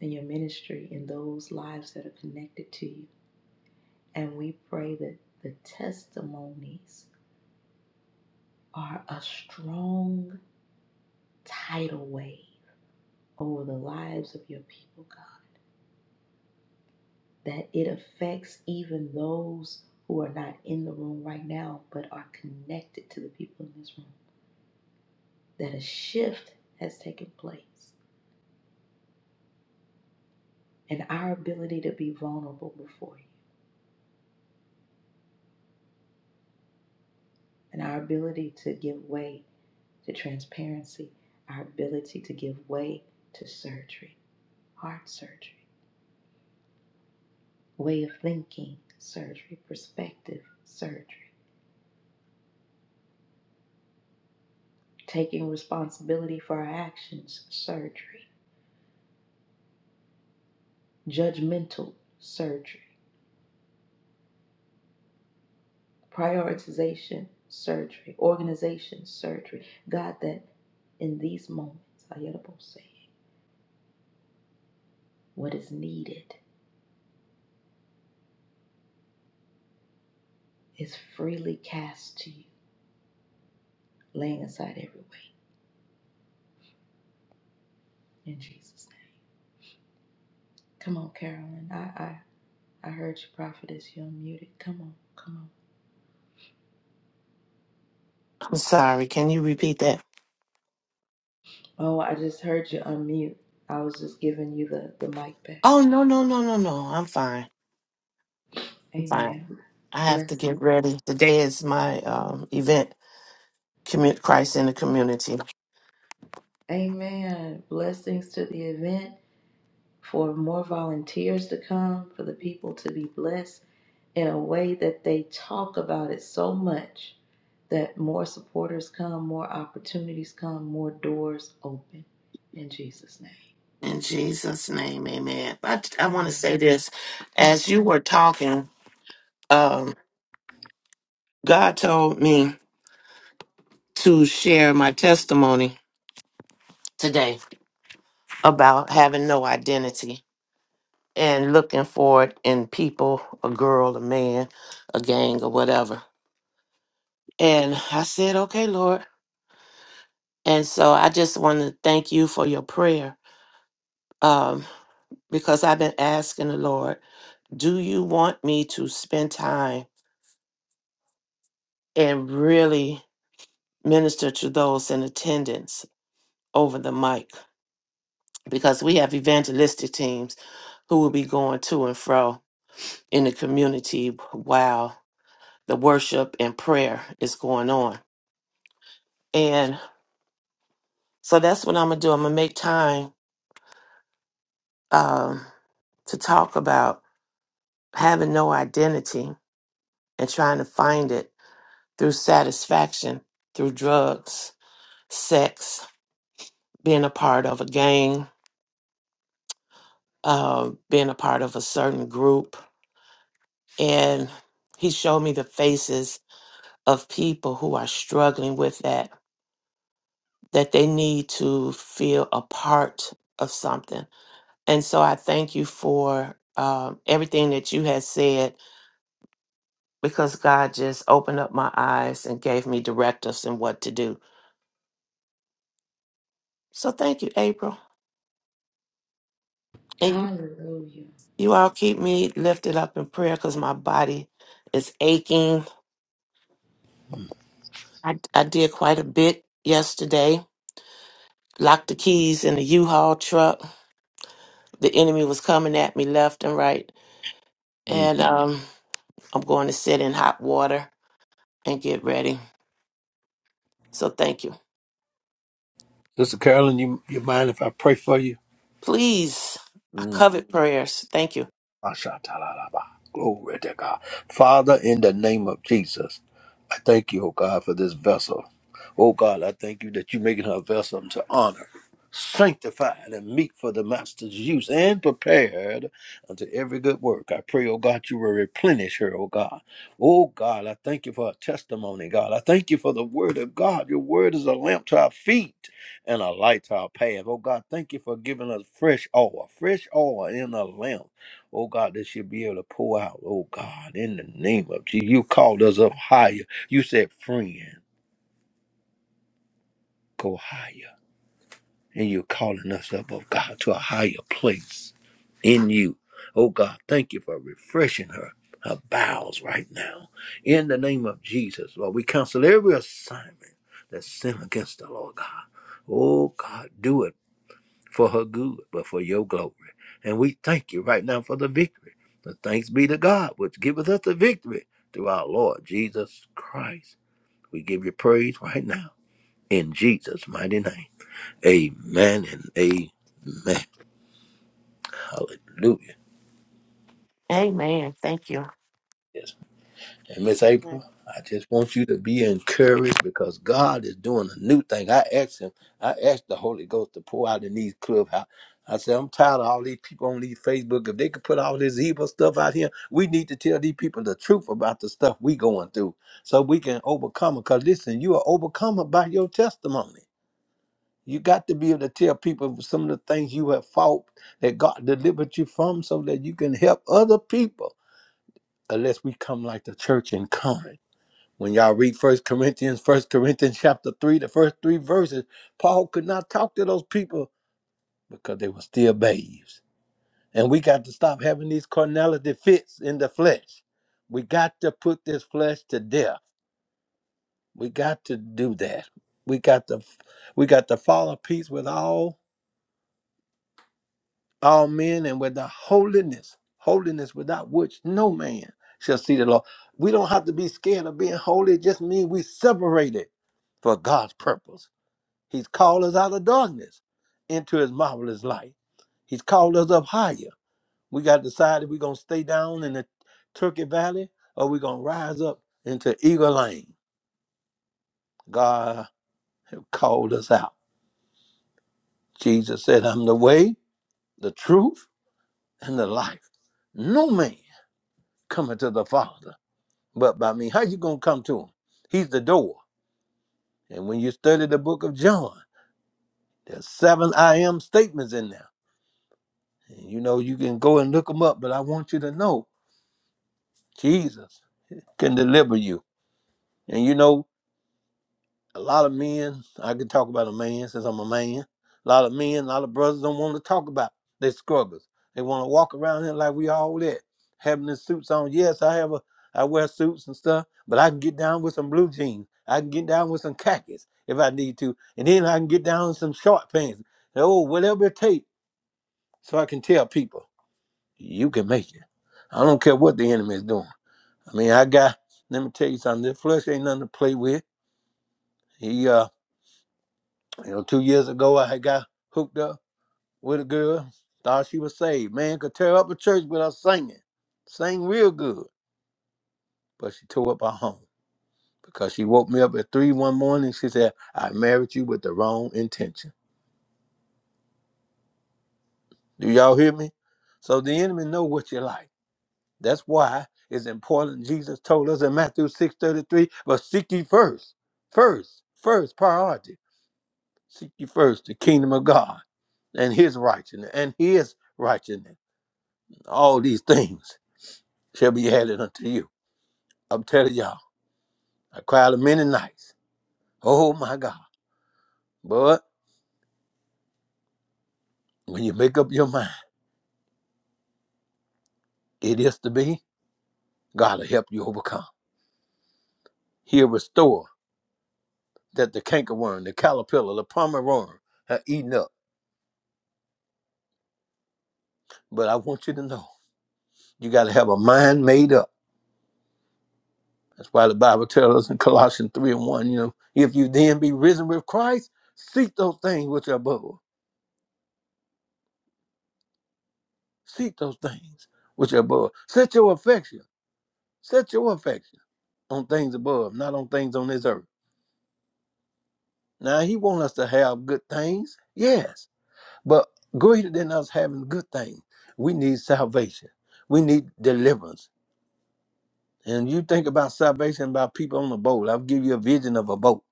S1: in your ministry, in those lives that are connected to you. And we pray that the testimonies are a strong tidal wave over the lives of your people, God, that it affects even those who are not in the room right now but are connected to the people in this room, that a shift has taken place. And our ability to be vulnerable before you, and our ability to give way to transparency, our ability to give way to surgery, heart surgery, way of thinking surgery, perspective surgery, taking responsibility for our actions surgery, judgmental surgery, prioritization surgery, organization surgery. God, that in these moments, Ayadabo saying, what is needed is freely cast to you, laying aside every weight in Jesus' name. Come on, Carolyn. I I. I heard you, prophetess. You unmuted. Come on, come on.
S4: I'm sorry. Can you repeat that?
S1: Oh, I just heard you unmute. I was just giving you the, the mic back.
S4: Oh no no no no no. I'm fine. I'm fine.
S1: Amen.
S4: I have to
S1: Blessings.
S4: get ready. Today is my um, event. Commit Christ in the community.
S1: Amen. Blessings to the event for more volunteers to come, for the people to be blessed in a way that they talk about it so much that more supporters come, more opportunities come, more doors open. In Jesus' name.
S4: In Jesus' name, Amen. But I want to
S1: Amen.
S4: say this:
S1: Come on.
S4: as you were talking, um, God told me. to share my testimony today about having no identity and looking for it in people, a girl, a man, a gang, or whatever. And I said, okay, Lord. And so I just want to thank you for your prayer um, because I've been asking the Lord, do you want me to spend time and really minister to those in attendance over the mic? Because we have evangelistic teams who will be going to and fro in the community while the worship and prayer is going on. And so that's what I'm gonna do. I'm gonna make time um, to talk about having no identity and trying to find it through satisfaction, through drugs, sex, being a part of a gang, uh, being a part of a certain group. And he showed me the faces of people who are struggling with that that they need to feel a part of something. And so I thank you for um, everything that you had said because God just opened up my eyes and gave me directives and what to do. So thank you, April. And you,
S1: Hallelujah.
S4: you all keep me lifted up in prayer because my body is aching. I, I did quite a bit yesterday, locked the keys in the U-Haul truck. The enemy was coming at me left and right.
S2: Mm.
S4: And um, I'm going to sit in hot water and get ready. So thank you.
S2: Sister Carolyn, you you mind if I pray for you?
S4: Please, I
S2: Mm.
S4: covet prayers. Thank you.
S2: Asha-ta-la-la-ba. Glory to God. Father, in the name of Jesus, I thank you, oh God, for this vessel. Oh God, I thank you that you're making her a vessel to honor, sanctified, and meet for the master's use and prepared unto every good work. I pray, oh God, you will replenish her, oh God. Oh God, I thank you for her testimony, God. I thank you for the word of God. Your word is a lamp to our feet and a light to our path. Oh God, thank you for giving us fresh oil, fresh oil in a lamp. Oh God, that she'll be able to pour out. Oh God, in the name of Jesus, you called us up higher. You said, friend, go higher. And you're calling us up, oh God, to a higher place in you. Oh God, thank you for refreshing her, her bowels right now. In the name of Jesus, Lord, we cancel every assignment that's sin against the Lord God. Oh God, do it. for her good, but for your glory. And we thank you right now for the victory. The thanks be to God, which giveth us the victory through our Lord Jesus Christ. We give you praise right now in Jesus' mighty name. Amen and amen. Hallelujah.
S4: Amen. Thank you.
S2: Yes. And Miss April, I just want you to be encouraged because God is doing a new thing. I asked him, I asked the Holy Ghost to pour out in these clubhouse. I said, I'm tired of all these people on these Facebook. If they could put all this evil stuff out here, we need to tell these people the truth about the stuff we going through so we can overcome it. Because listen, you are overcome by your testimony. You got to be able to tell people some of the things you have fought that God delivered you from so that you can help other people unless we come like the church in common. When y'all read First Corinthians, First Corinthians chapter 3, the first three verses, Paul could not talk to those people because they were still babes. And we got to stop having these carnality fits in the flesh. We got to put this flesh to death. We got to do that. We got to we got to follow peace with all all men and with the holiness. Holiness without which no man shall see the Lord. We don't have to be scared of being holy. It just means we separated for God's purpose He's called us out of darkness into his marvelous light. He's called us up higher. We got to decide if we're going to stay down in the Turkey Valley or we're going to rise up into Eagle Lane. God called us out. Jesus said, I'm the way, the truth, and the life. No man coming to the Father but by me. How you going to come to him? He's the door. And when you study the book of John, there's seven I am statements in there. And you know, you can go and look them up, but I want you to know Jesus can deliver you. And you know, a lot of men, I can talk about a man since I'm a man. A lot of men, a lot of brothers don't want to talk about their struggles. They want to walk around here like we all that, having the suits on. Yes, I have a I wear suits and stuff, but I can get down with some blue jeans. I can get down with some khakis if I need to. And then I can get down with some short pants. Oh, whatever it takes. So I can tell people, you can make it. I don't care what the enemy is doing. I mean, I got. Let me tell you something. This flesh ain't nothing to play with. He, uh, you know, two years ago, I had got hooked up with a girl. Thought she was saved. Man could tear up a church without singing, sang real good. But she tore up our home because she woke me up at three one morning. She said, "I married you with the wrong intention." Do y'all hear me? So the enemy know what you like. That's why it's important. Jesus told us in Matthew six thirty three, "But seek ye first, first, first priority." Seek ye first the kingdom of God and his righteousness and his righteousness. All these things shall be added unto you. I'm telling y'all, I cried a many nights. Oh my God. But when you make up your mind, it is to be, God will help you overcome. He'll restore that the cankerworm, the caterpillar, the plumber worm have eaten up. But I want you to know, you got to have a mind made up That's why the Bible tells us in Colossians 3 and 1, you know, if you then be risen with Christ, seek those things which are above. Seek those things which are above. Set your affection, set your affection on things above, not on things on this earth. Now, he wants us to have good things, yes, but greater than us having good things, we need salvation. We need deliverance. And you think about salvation by people on a boat. I'll give you a vision of a boat.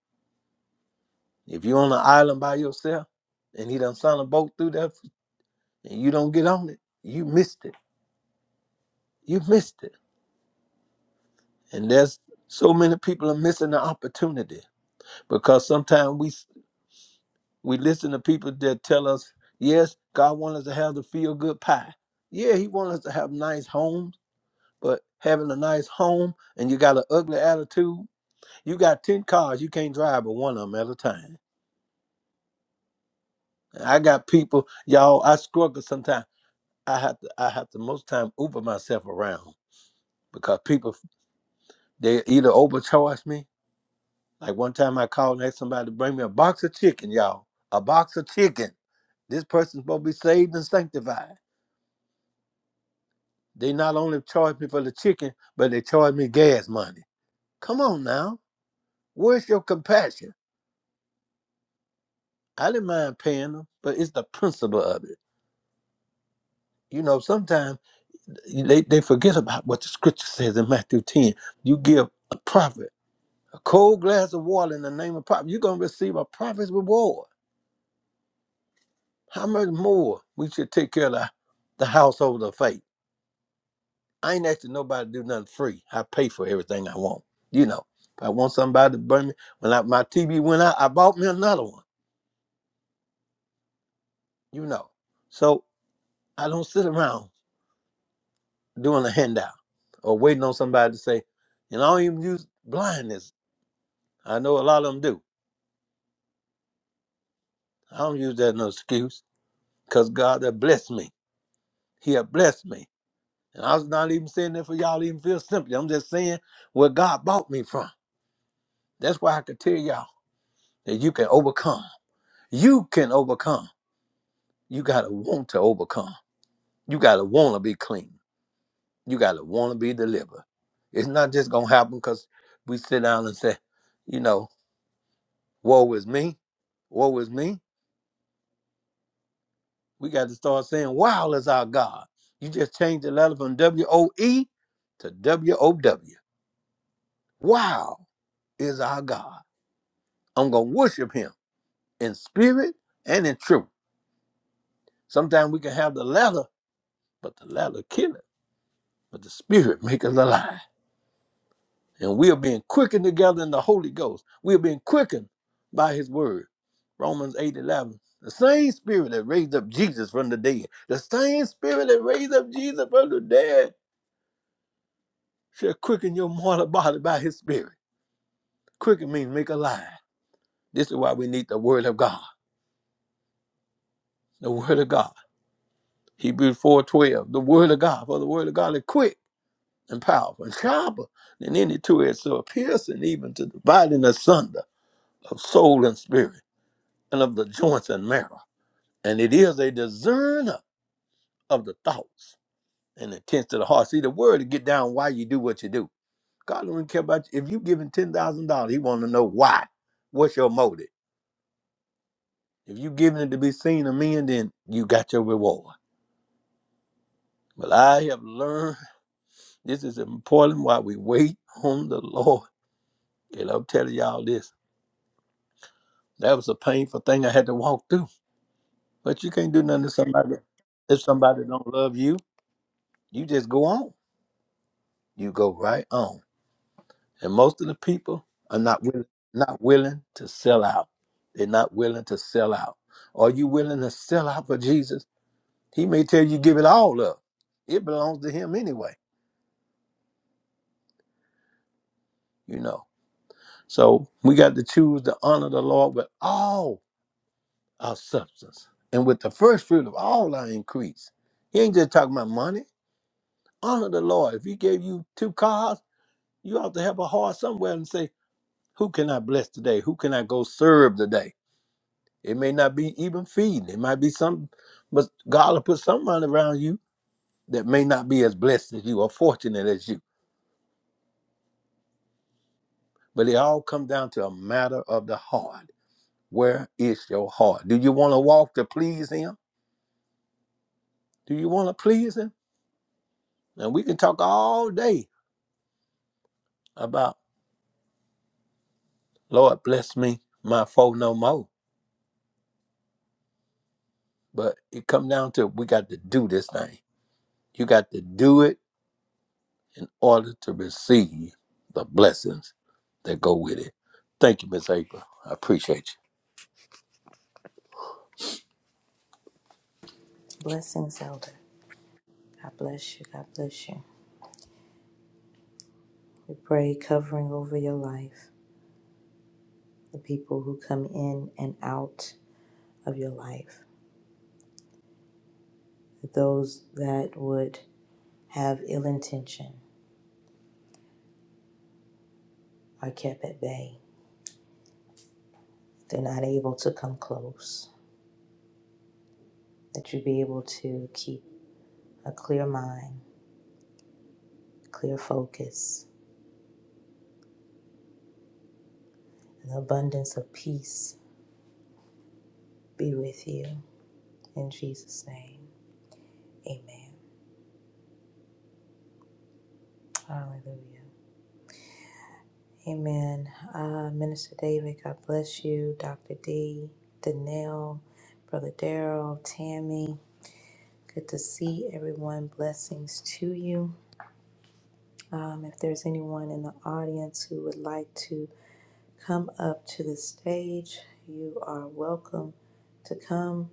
S2: If you're on an island by yourself, and he done sent a boat through there and you don't get on it, you missed it. You missed it. And there's so many people are missing the opportunity because sometimes we we listen to people that tell us, yes, God wants us to have the feel good pie. Yeah, He wants us to have nice homes, but having a nice home and you got an ugly attitude, you got ten cars, you can't drive but one of them at a time. I got people, y'all. I struggle sometimes. I have to, I have to most time Uber myself around because people they either overcharge me Like one time I called and asked somebody to bring me a box of chicken, y'all. A box of chicken. This person's supposed to be saved and sanctified. They not only charge me for the chicken, but they charge me gas money. Come on now. Where's your compassion? I didn't mind paying them, but it's the principle of it. You know, sometimes they, they forget about what the scripture says in Matthew 10. You give a prophet a cold glass of water in the name of prophet, you're going to receive a prophet's reward. How much more we should take care of the, the household of faith? I ain't asking nobody to do nothing free. I pay for everything I want. You know, if I want somebody to burn me, when I, my TV went out, I bought me another one. You know, so I don't sit around doing a handout or waiting on somebody to say, and I don't even use blindness. I know a lot of them do. I don't use that as an excuse because God has blessed me. He had blessed me. And I was not even saying that for y'all to even feel sympathy. I'm just saying where God bought me from. That's why I could tell y'all that you can overcome. You can overcome You got to want to overcome. You got to want to be clean. You got to want to be delivered. It's not just going to happen because we sit down and say, you know, woe is me. Woe is me. We got to start saying, wow is our God. You just change the letter from W O E to W O W. Wow is our God. I'm going to worship him in spirit and in truth. Sometimes we can have the letter, but the letter kill it. But the spirit make us alive. and we are being quickened together in the Holy Ghost. We are being quickened by His Word. Romans 8 11. The same Spirit that raised up Jesus from the dead, the same Spirit that raised up Jesus from the dead shall quicken your mortal body by His Spirit. Quicken means make alive. This is why we need the Word of God. The Word of God. Hebrews 4 12. The Word of God. For the Word of God is quick and powerful and sharper than any two edged sword, piercing even to dividing asunder of soul and spirit and of the joints and marrow And it is a discerner of the thoughts and intents of the heart. See, the word to get down why you do what you do. God don't care about you. If you giving ten thousand dollars, He want to know why. What's your motive? If you giving it to be seen of men, then you got your reward. But I have learned this is important. Why we wait on the Lord. And I'm telling y'all this. That was a painful thing I had to walk through. But you can't do nothing to somebody. If somebody don't love you, you just go on. You go right on And most of the people are not willing, not willing to sell out. They're not willing to sell out. Are you willing to sell out for Jesus? He may tell you give it all up. It belongs to him anyway, you know. So we got to choose to honor the Lord with all our substance and with the first fruit of all our increase. He ain't just talking about money. Honor the Lord. If he gave you two cars, you ought to have a heart somewhere and say, who can I bless today? Who can I go serve today? It may not be even feeding. It might be some, but God will put someone around you that may not be as blessed as you or fortunate as you. But it all comes down to a matter of the heart. Where is your heart? Do you want to walk to please Him? Do you want to please Him? And we can talk all day about, Lord, bless me, my foe no more. But it comes down to we got to do this thing. You got to do it in order to receive the blessings that go with it. Thank you, Miss April. I appreciate
S1: Blessings, Elder. God bless you. God bless you. We pray covering over your life, the people who come in and out of your life, that those that would have ill intention are kept at bay. They're not able to come close. That you be able to keep a clear mind, clear focus, an abundance of peace be with you. In Jesus' name, amen. Hallelujah. Amen. Uh, Minister David, God bless you. Dr. D, Danelle, Brother Daryl, Tammy, good to see everyone. Blessings to you. Um, if there's anyone in the audience who would like to come up to the stage, you are welcome to come.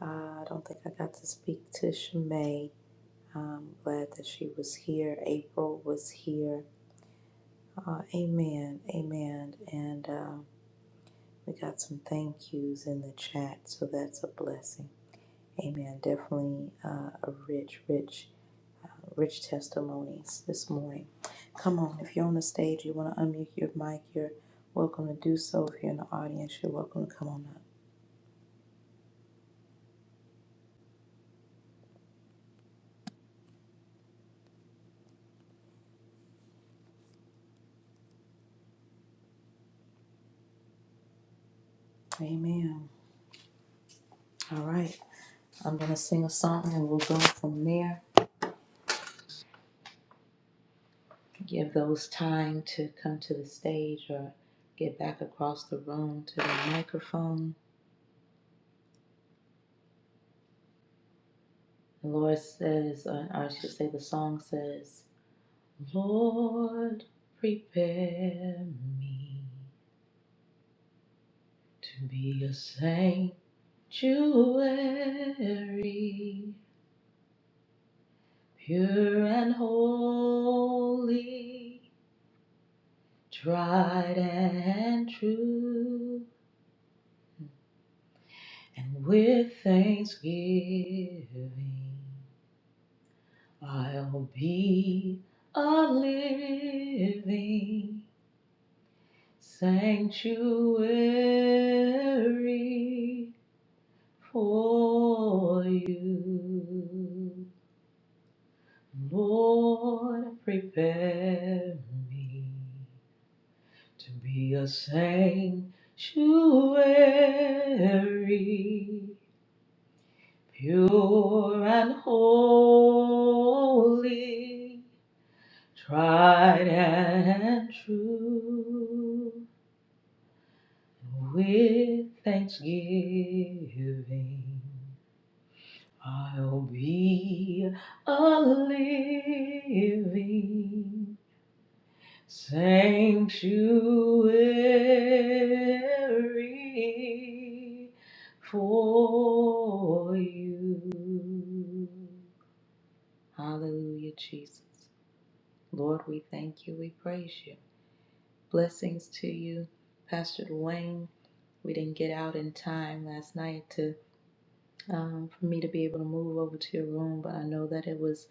S1: Uh, I don't think I got to speak to Shimei. I'm glad that she was here. April was here. Uh, amen. Amen. And. um, We got some thank yous in the chat, so that's a blessing. Amen. Definitely uh, a rich, rich, uh, rich testimonies this morning. Come on, if you're on the stage, you want to unmute your mic, you're welcome to do so. If you're in the audience, you're welcome to come on up. Amen. All right, I'm going to sing a song and we'll go from there. Give those time to come to the stage or get back across the room to the microphone. The Lord says, or I should say, the song says, Lord, prepare me to be a sanctuary, pure and holy, tried and true. And with thanksgiving, I'll be a living sanctuary for you. Lord, prepare me to be a sanctuary, pure and holy, tried and true, with thanksgiving. I'll be a living sanctuary for you. Hallelujah, Jesus. Lord, we thank you. We praise you. Blessings to you, Pastor Dwayne. We didn't get out in time last night to. um, for me to be able to move over to your room, but I know that it was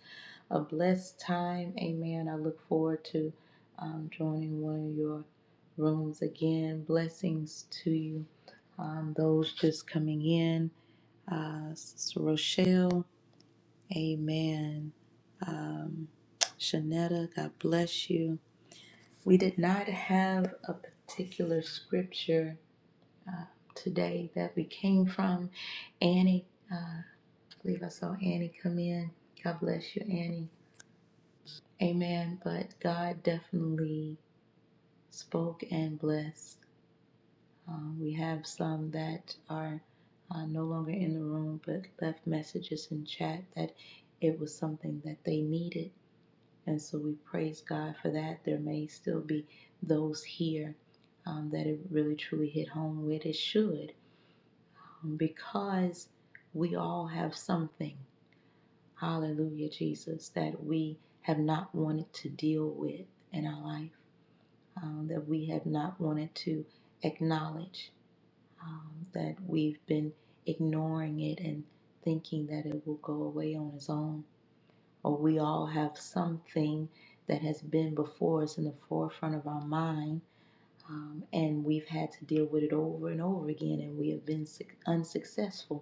S1: a blessed time. Amen. I look forward to um, joining one of your rooms again. Blessings to you. Um, those just coming in, uh, Sister Rochelle, amen. Um, Shanetta, God bless you. We did not have a particular scripture today that we came from. Annie. uh, I believe I saw Annie come in. God bless you, Annie. Amen. But God definitely spoke and blessed. Um, we have some that are uh, no longer in the room, but left messages in chat that it was something that they needed. And so we praise God for that. There may still be those here um, that it really truly hit home with. It should, um, because we all have something Hallelujah, Jesus, that we have not wanted to deal with in our life, um, that we have not wanted to acknowledge, um, that we've been ignoring it and thinking that it will go away on its own. Or we all have something that has been before us in the forefront of our mind, um, and we've had to deal with it over and over again, and we have been unsuccessful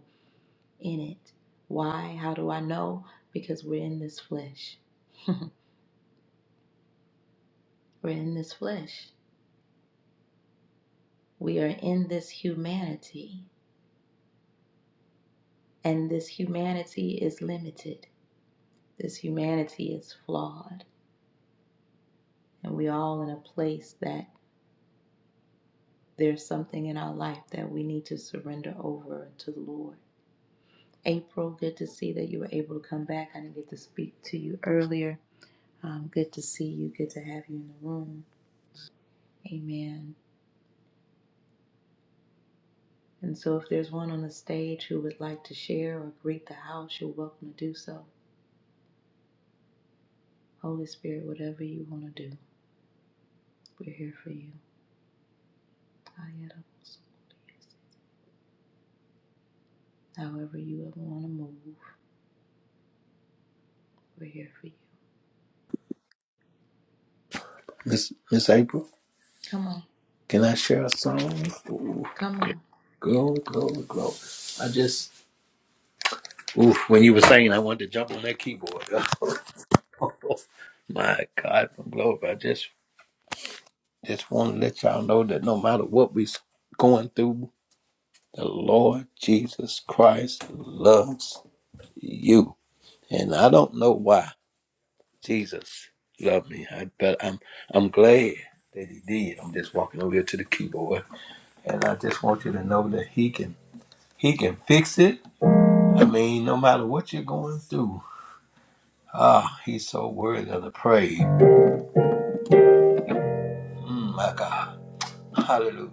S1: in it. Why? How do I know? Because we're in this flesh. we're in this flesh. We are in this humanity. And this humanity is limited. This humanity is flawed. And we all in a place that there's something in our life that we need to surrender over to the Lord. April, good to see that you were able to come back. I didn't get to speak to you earlier. Um, good to see you. Good to have you in the room. Amen. And so, if there's one on the stage who would like to share or greet the house, you're welcome to do so. Holy Spirit, whatever you want to do, we're here for you. However, you ever want to move, we're here for you.
S2: you, Miss Miss April,
S1: Come on,
S2: can I share a song? Ooh,
S1: come on.
S2: go, go, go. I just ooh, when you were saying I wanted to jump on that keyboard. My God from glory. I just just want to let y'all know that no matter what we're going through, the Lord Jesus Christ loves you. And I don't know why. Jesus loved me. I bet I'm I'm glad that he did. I'm just walking over here to the keyboard. And I just want you to know that he can he can fix it. I mean, no matter what you're going through. Ah, he's so worthy of the praise. Mm, my God. Hallelujah.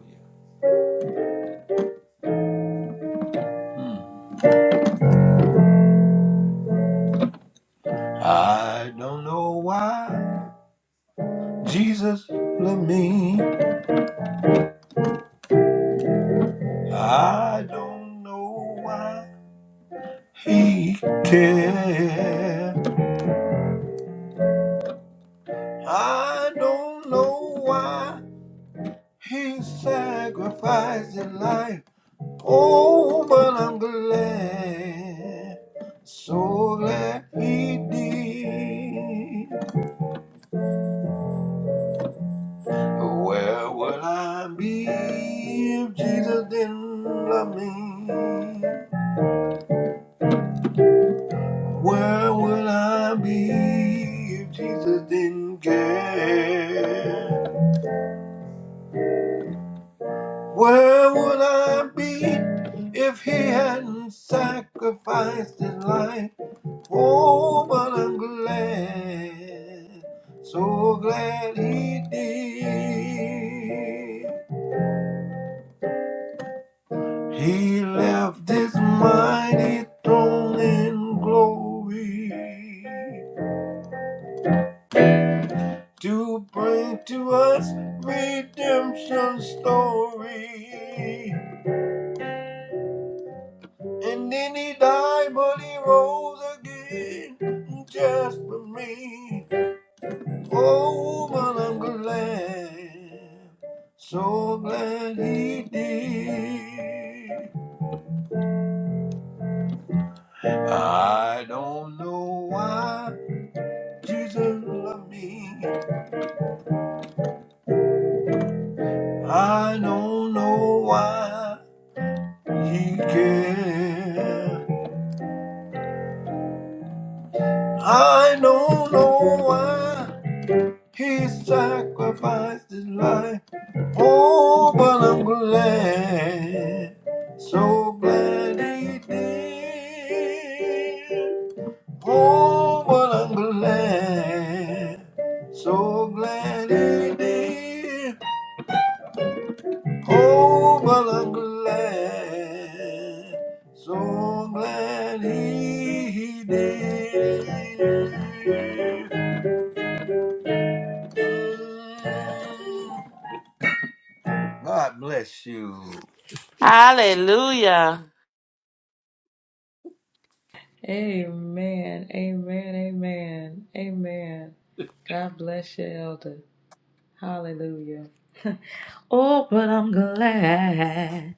S2: Mm. I don't know why Jesus loved me. I don't know why he cared. I don't know why He sacrificed his life. Oh, but I'm glad, so glad he did. Where would I be if Jesus didn't love me? Where would I be if Jesus didn't care? Where would I be if he hadn't sacrificed his life? Oh, but I'm glad, so glad he did. He left this mighty throne in glory to bring to us redemption story. And then he died, but he rose again just for me. Oh, woman, I'm glad, so glad he did. I don't know why Jesus loved me. I don't know why he cared. I don't know why he sacrificed his life. Oh, but I'm glad, so glad he did. Oh, but I'm glad, so glad he did. Oh, but I'm glad, so glad he did. God bless you.
S4: Hallelujah.
S1: Amen, amen, amen, amen. God bless you, Elder. Hallelujah. Oh, but I'm glad,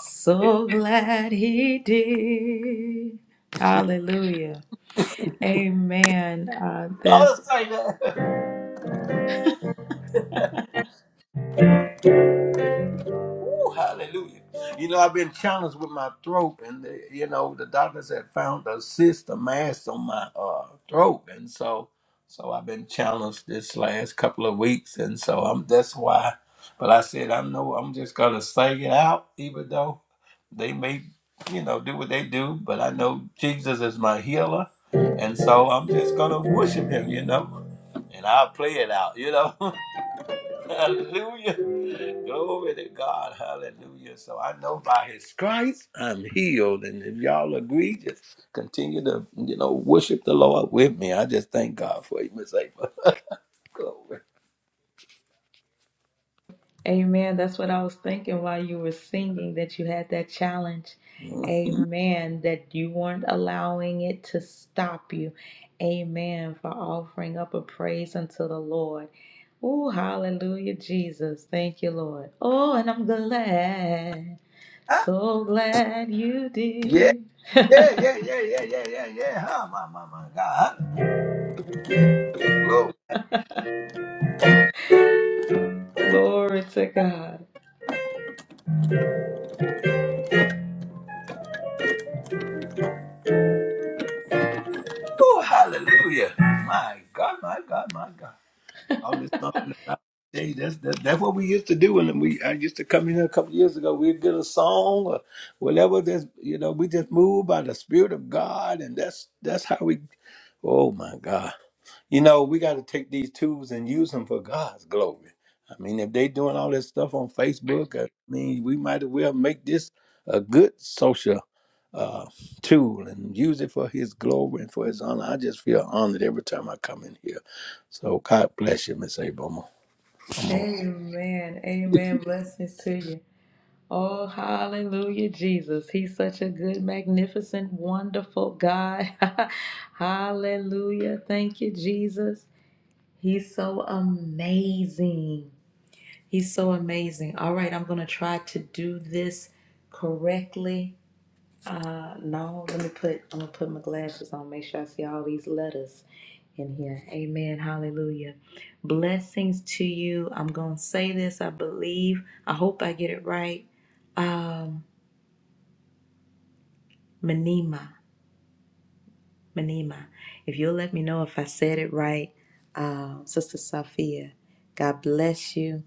S1: so glad he did. Hallelujah. Amen. Uh,
S2: I'll
S1: this,
S2: say that. Ooh, hallelujah. You know, I've been challenged with my throat, and the, you know, the doctors have found a cyst, a mass on my uh, throat, and so, so I've been challenged this last couple of weeks, and so I'm that's why. But I said I know I'm just gonna sing it out, even though they may, you know, do what they do. But I know Jesus is my healer, and so I'm just gonna worship Him, you know, and I'll play it out, you know. Hallelujah. Glory to God. Hallelujah. So I know by his stripes I'm healed. And if y'all agree, just continue to, you know, worship the Lord with me. I just thank God for you, Miss April. Glory.
S1: amen. That's what I was thinking while you were singing that you had that challenge.
S2: Mhm.
S1: Amen. That you weren't allowing it to stop you. Amen. For offering up a praise unto the Lord. Oh, hallelujah, Jesus. Thank you, Lord. Oh, and I'm glad,
S2: Ah,
S1: so glad you
S2: Yeah.
S1: did.
S2: Yeah, yeah, yeah, yeah, yeah, yeah, yeah. Huh? My, my, my God. Glory.
S1: Glory to God.
S2: Oh, hallelujah. My God, my God, my God. all this something about day. That's that's that's what we used to do. And we I used to come in here a couple years ago. We'd get a song or whatever. That's you know we just move by the spirit of God, and that's that's how we. Oh my God. You know, we got to take these tools and use them for God's glory. I mean, if they doing all this stuff on Facebook, I mean, we might as well make this a good social uh, tool and use it for His glory and for His honor. I just feel honored every time I come in here. So God bless you, Miss Abram. I'm a-
S1: Amen. Amen. Blessings to you. Oh, hallelujah, Jesus. He's such a good, magnificent, wonderful God. hallelujah. Thank you, Jesus. He's so amazing. He's so amazing. All right, I'm going to try to do this correctly. Uh, no, let me put, I'm going to put my glasses on, make sure I see all these letters in here. Amen. Hallelujah. Blessings to you. I'm going to say this, I believe. I hope I get it right. Um, Manima, Manima. If you'll let me know if I said it right, uh, Sister Sophia, God bless you.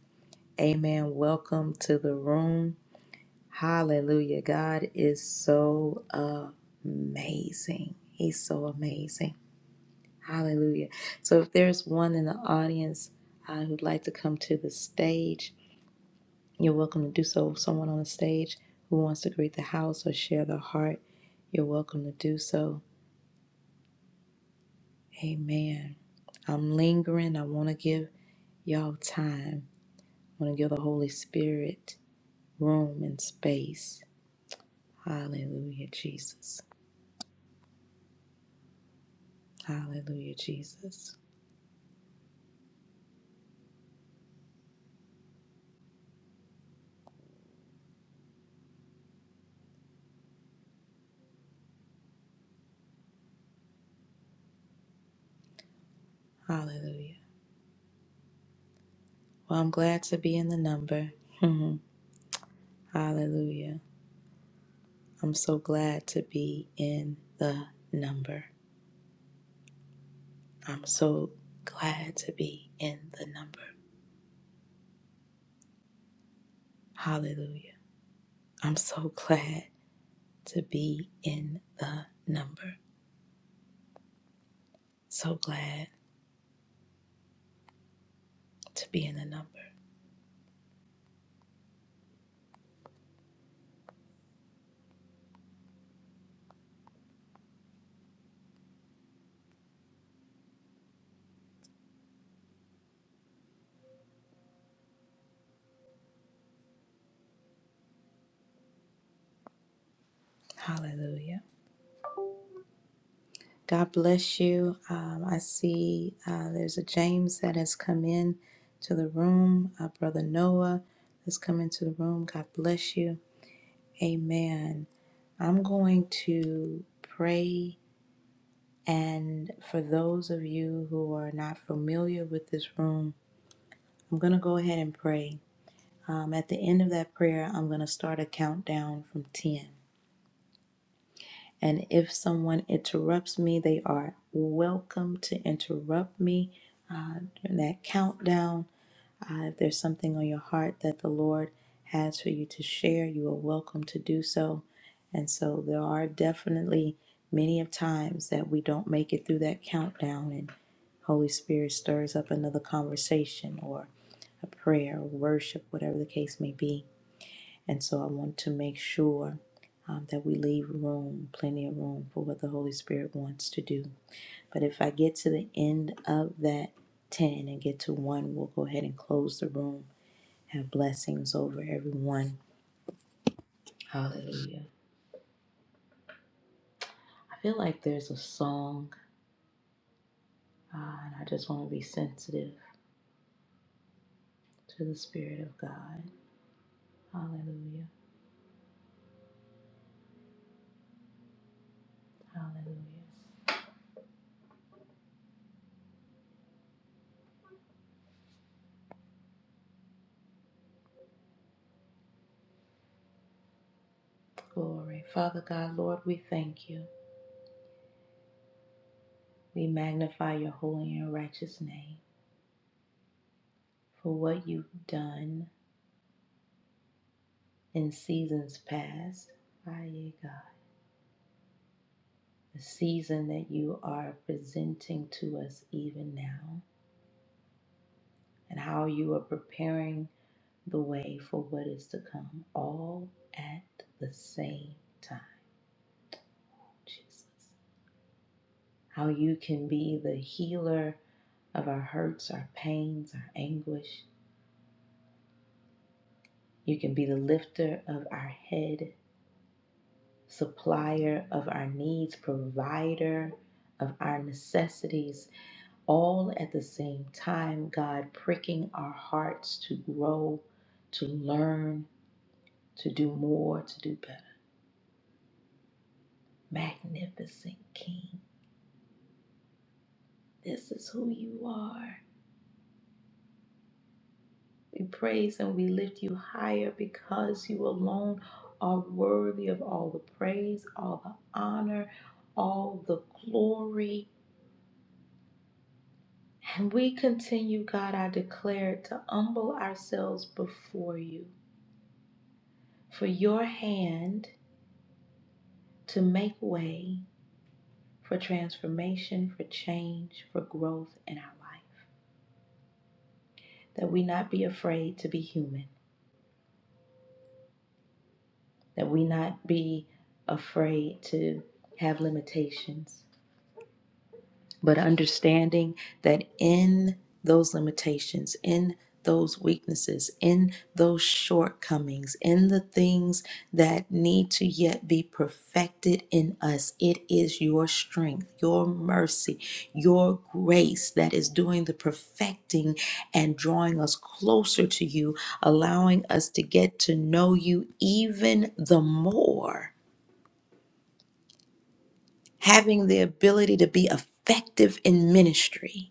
S1: Amen. Welcome to the room. Hallelujah. God is so amazing. He's so amazing. Hallelujah. So if there's one in the audience uh, who'd like to come to the stage, you're welcome to do so. Someone on the stage who wants to greet the house or share their heart, you're welcome to do so. Amen. I'm lingering. I want to give y'all time. I want to give the Holy Spirit room and space. Hallelujah, Jesus. Hallelujah, Jesus. Hallelujah. Well, I'm glad to be in the number. Mhm. Hallelujah. I'm so glad to be in the number. I'm so glad to be in the number. Hallelujah. I'm so glad to be in the number. So glad. to be in the number. Hallelujah. God bless you. Um, I see uh, there's a James that has come in to the room. Uh, Brother Noah has come into the room. God bless you. Amen. I'm going to pray. And for those of you who are not familiar with this room, I'm going to go ahead and pray. Um, at the end of that prayer, I'm going to start a countdown from 10. And if someone interrupts me, they are welcome to interrupt me uh, during that countdown. Uh, if there's something on your heart that the Lord has for you to share, you are welcome to do so. And so there are definitely many of times that we don't make it through that countdown, and Holy Spirit stirs up another conversation or a prayer, or worship, whatever the case may be. And so I want to make sure um, that we leave room, plenty of room for what the Holy Spirit wants to do. But if I get to the end of that 10 and get to one, we'll go ahead and close the room. Have blessings over everyone. Hallelujah. I feel like there's a song, uh, and I just want to be sensitive to the Spirit of God. Hallelujah. Hallelujah. Glory. Father God, Lord, we thank you. We magnify your holy and righteous name. for what you've done in seasons past. Aye, God. The season that you are presenting to us even now, and how you are preparing the way for what is to come, all at the same time, Jesus. How you can be the healer of our hurts, our pains, our anguish. You can be the lifter of our head supplier of our needs, provider of our necessities, all at the same time, God pricking our hearts to grow, to learn, to do more, to do better. Magnificent King, this is who you are. We praise and we lift you higher because you alone are worthy of all the praise, all the honor, all the glory. And we continue, God, I declare, to humble ourselves before you for your hand to make way for transformation, for change, for growth in our life. That we not be afraid to be human, that we not be afraid to have limitations, but understanding that in those limitations, in those weaknesses, in those shortcomings, in the things that need to yet be perfected in us, it is your strength, your mercy, your grace that is doing the perfecting and drawing us closer to you, allowing us to get to know you even the more, having the ability to be effective in ministry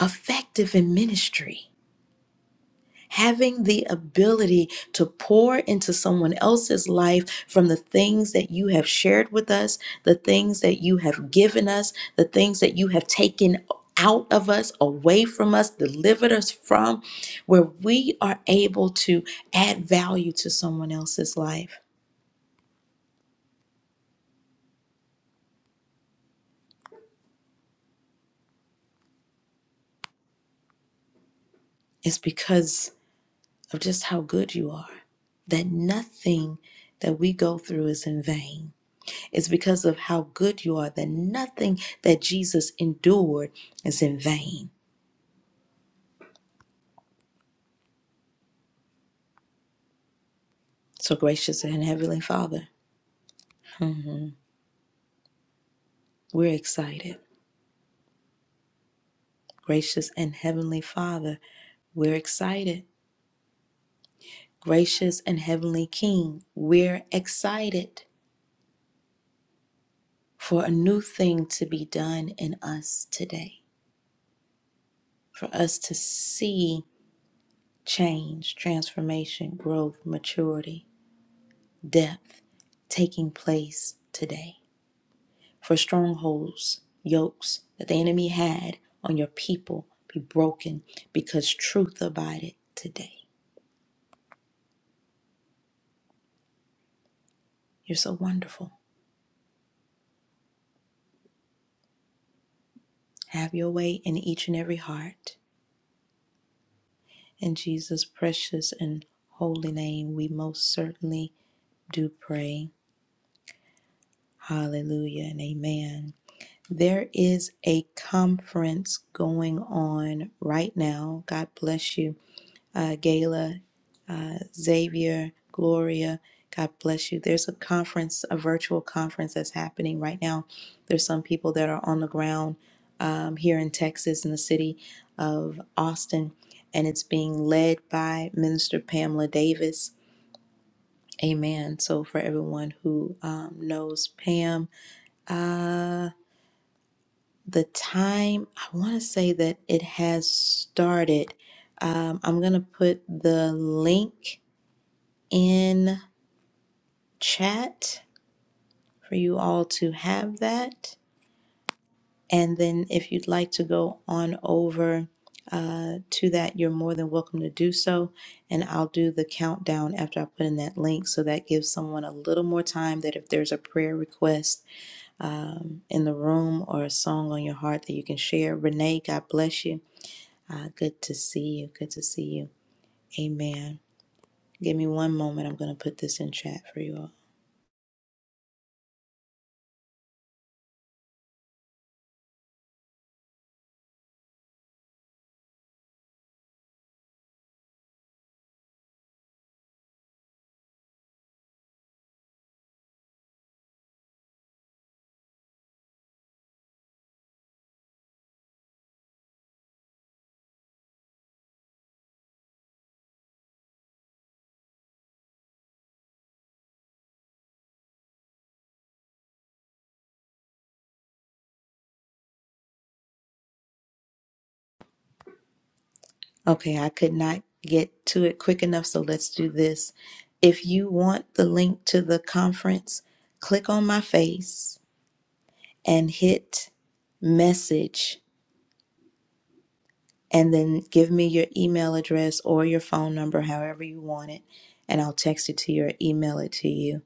S1: effective in ministry. Having the ability to pour into someone else's life from the things that you have shared with us, the things that you have given us, the things that you have taken out of us, away from us, delivered us from, where we are able to add value to someone else's life is because of just how good you are. That nothing that we go through is in vain It's because of how good you are that nothing that Jesus endured is in vain. So, gracious and Heavenly Father, mhm, we're excited. Gracious and Heavenly Father, we're excited. Gracious and Heavenly King, we're excited for a new thing to be done in us today, for us to see change, transformation, growth, maturity, depth taking place today. for strongholds, yokes that the enemy had on your people be broken because truth abided today. You're so wonderful. Have your way in each and every heart. In Jesus' precious and holy name, we most certainly do pray. Hallelujah and amen. There is a conference going on right now. God bless you, uh, Gala. Xavier, Gloria, God bless you. There's a conference, a virtual conference that's happening right now. There's some people that are on the ground um, here in Texas, in the city of Austin, and it's being led by Minister Pamela Davis. Amen. So, for everyone who um, knows Pam, uh, the time, I want to say that it has started. Um, I'm going to put the link in chat for you all to have that. And then if you'd like to go on over uh, to that, you're more than welcome to do so. And I'll do the countdown after I put in that link. So that gives someone a little more time that if there's a prayer request um, in the room or a song on your heart that you can share. Renee, God bless you. Uh, good to see you. Good to see you. Amen. Give me one moment. I'm going to put this in chat for you all. Okay, I could not get to it quick enough, so let's do this. If you want the link to the conference, click on my face and hit message and then give me your email address or your phone number, however you want it, and I'll text it to you or email it to you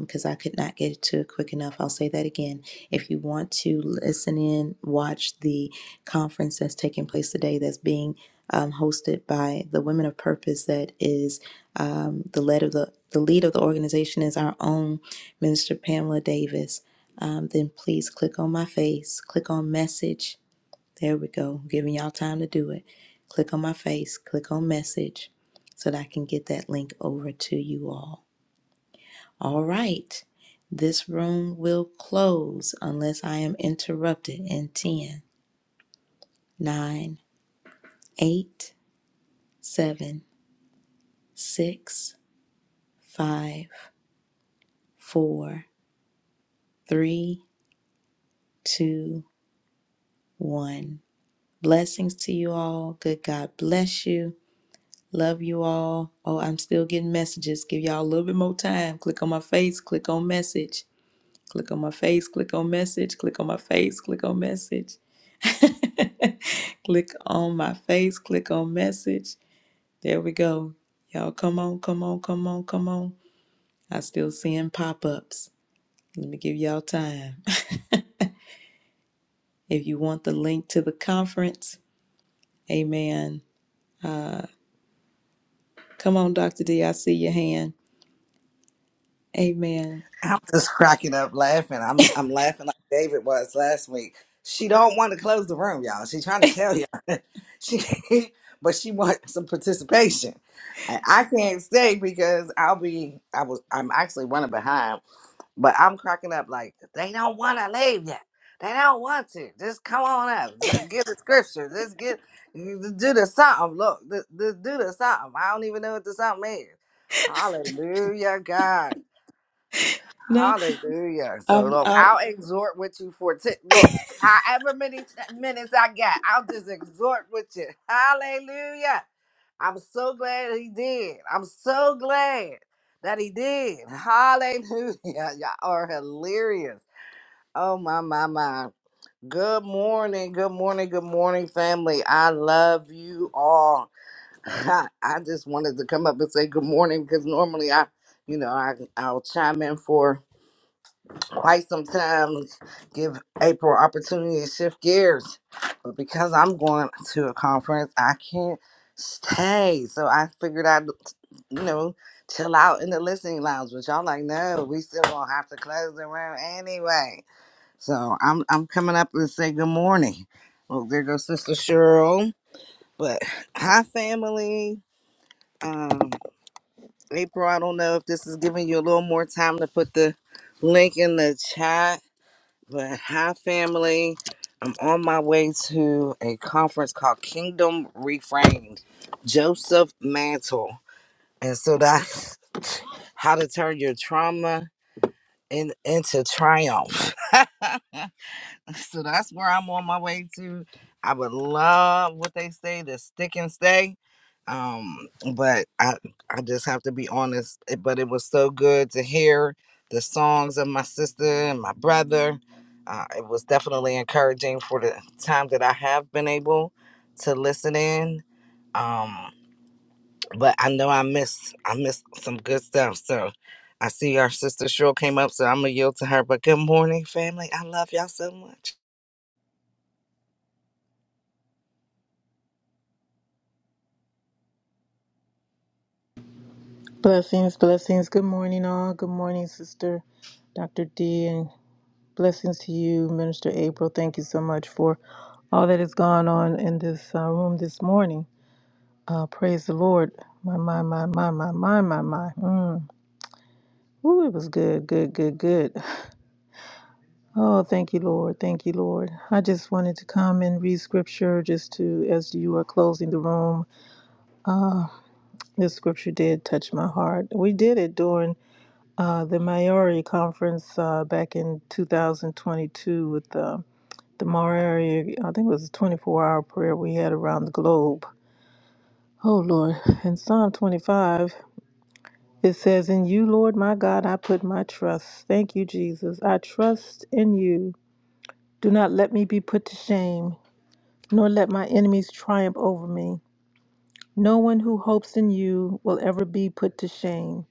S1: because I could not get it to it quick enough. I'll say that again. If you want to listen in, watch the conference that's taking place today that's being um, hosted by the Women of Purpose that is um, the lead of the the lead of the organization is our own Minister Pamela Davis. Um, then please click on my face, click on message, there we go. I'm giving y'all time to do it. Click on my face, click on message so that I can get that link over to you all. All right. This room will close unless I am interrupted in ten, nine, eight, seven, six, five, four, three, two, one. Blessings to you all. Good God bless you. Love you all. Oh, I'm still getting messages. Give y'all a little bit more time. Click on my face, click on message. Click on my face, click on message, click on my face, click on message. click on my face, click on message. There we go. Y'all come on, come on, come on, come on. I still seeing pop-ups. Let me give y'all time. if you want the link to the conference, amen. Come on, Dr. D, I see your hand. Amen.
S5: I'm just cracking up laughing. I'm I'm laughing like David was last week. She don't want to close the room, y'all. She trying to tell y'all. she but she wants some participation. And I can't stay because I'll be I was I'm actually running behind, but I'm cracking up like they don't want to leave yet. They don't want to. Just come on up. Just get the scripture. Just get do the something. Look, th- th- do the something. I don't even know what the something is. Hallelujah, God.
S1: No,
S5: Hallelujah. So
S1: I'm
S5: look,
S1: I,
S5: I'll exhort with you for t- look, however many t- minutes I got, I'll just exhort with you. Hallelujah. I'm so glad he did. I'm so glad that he did. Hallelujah. Y'all are hilarious. Oh my my my. Good morning. Good morning. Good morning, family. I love you all. I I just wanted to come up and say good morning because normally I, you know, I I'll chime in for quite some time, give April opportunity to shift gears. But because I'm going to a conference, I can't stay. So I figured I'd, you know, chill out in the listening lounge. But y'all like, no, we still gonna have to close the room anyway. So I'm I'm coming up to say good morning. Well, there goes Sister Cheryl. But hi, family. Um, April, I don't know if this is giving you a little more time to put the link in the chat but hi, family. I'm on my way to a conference called Kingdom Reframed. Joseph Mantle, and so that's how to turn your trauma in, into triumph. So that's where I'm on my way to. I would love what they say to stick and stay. Um, but I I just have to be honest. It- But it was so good to hear the songs of my sister and my brother. Uh, it was definitely encouraging for the time that I have been able to listen in. Um, but I know I missed I missed some good stuff. So I see our sister Cheryl came up, so I'm gonna yield to her. But good morning, family. I love y'all so much.
S6: Blessings, blessings. Good morning, all. Good morning, Sister Dr. D, and blessings to you, Minister April. Thank you so much for all that has gone on in this uh, room this morning. Uh, praise the Lord. My, my, my, my, my, my, my, my. Mm. Ooh, it was good, good, good, good. Oh, thank you, Lord. Thank you, Lord. I just wanted to come and read scripture just to, as you are closing the room. Uh, this scripture did touch my heart. We did it during uh, the Maori conference uh, back in 2022 with uh, the Maori, I think it was a 24 hour prayer we had around the globe. Oh Lord, in Psalm 25, it says, In you, Lord my God, I put my trust. Thank you, Jesus. I trust in you. Do not let me be put to shame, nor let my enemies triumph over me. No one who hopes in you will ever be put to shame,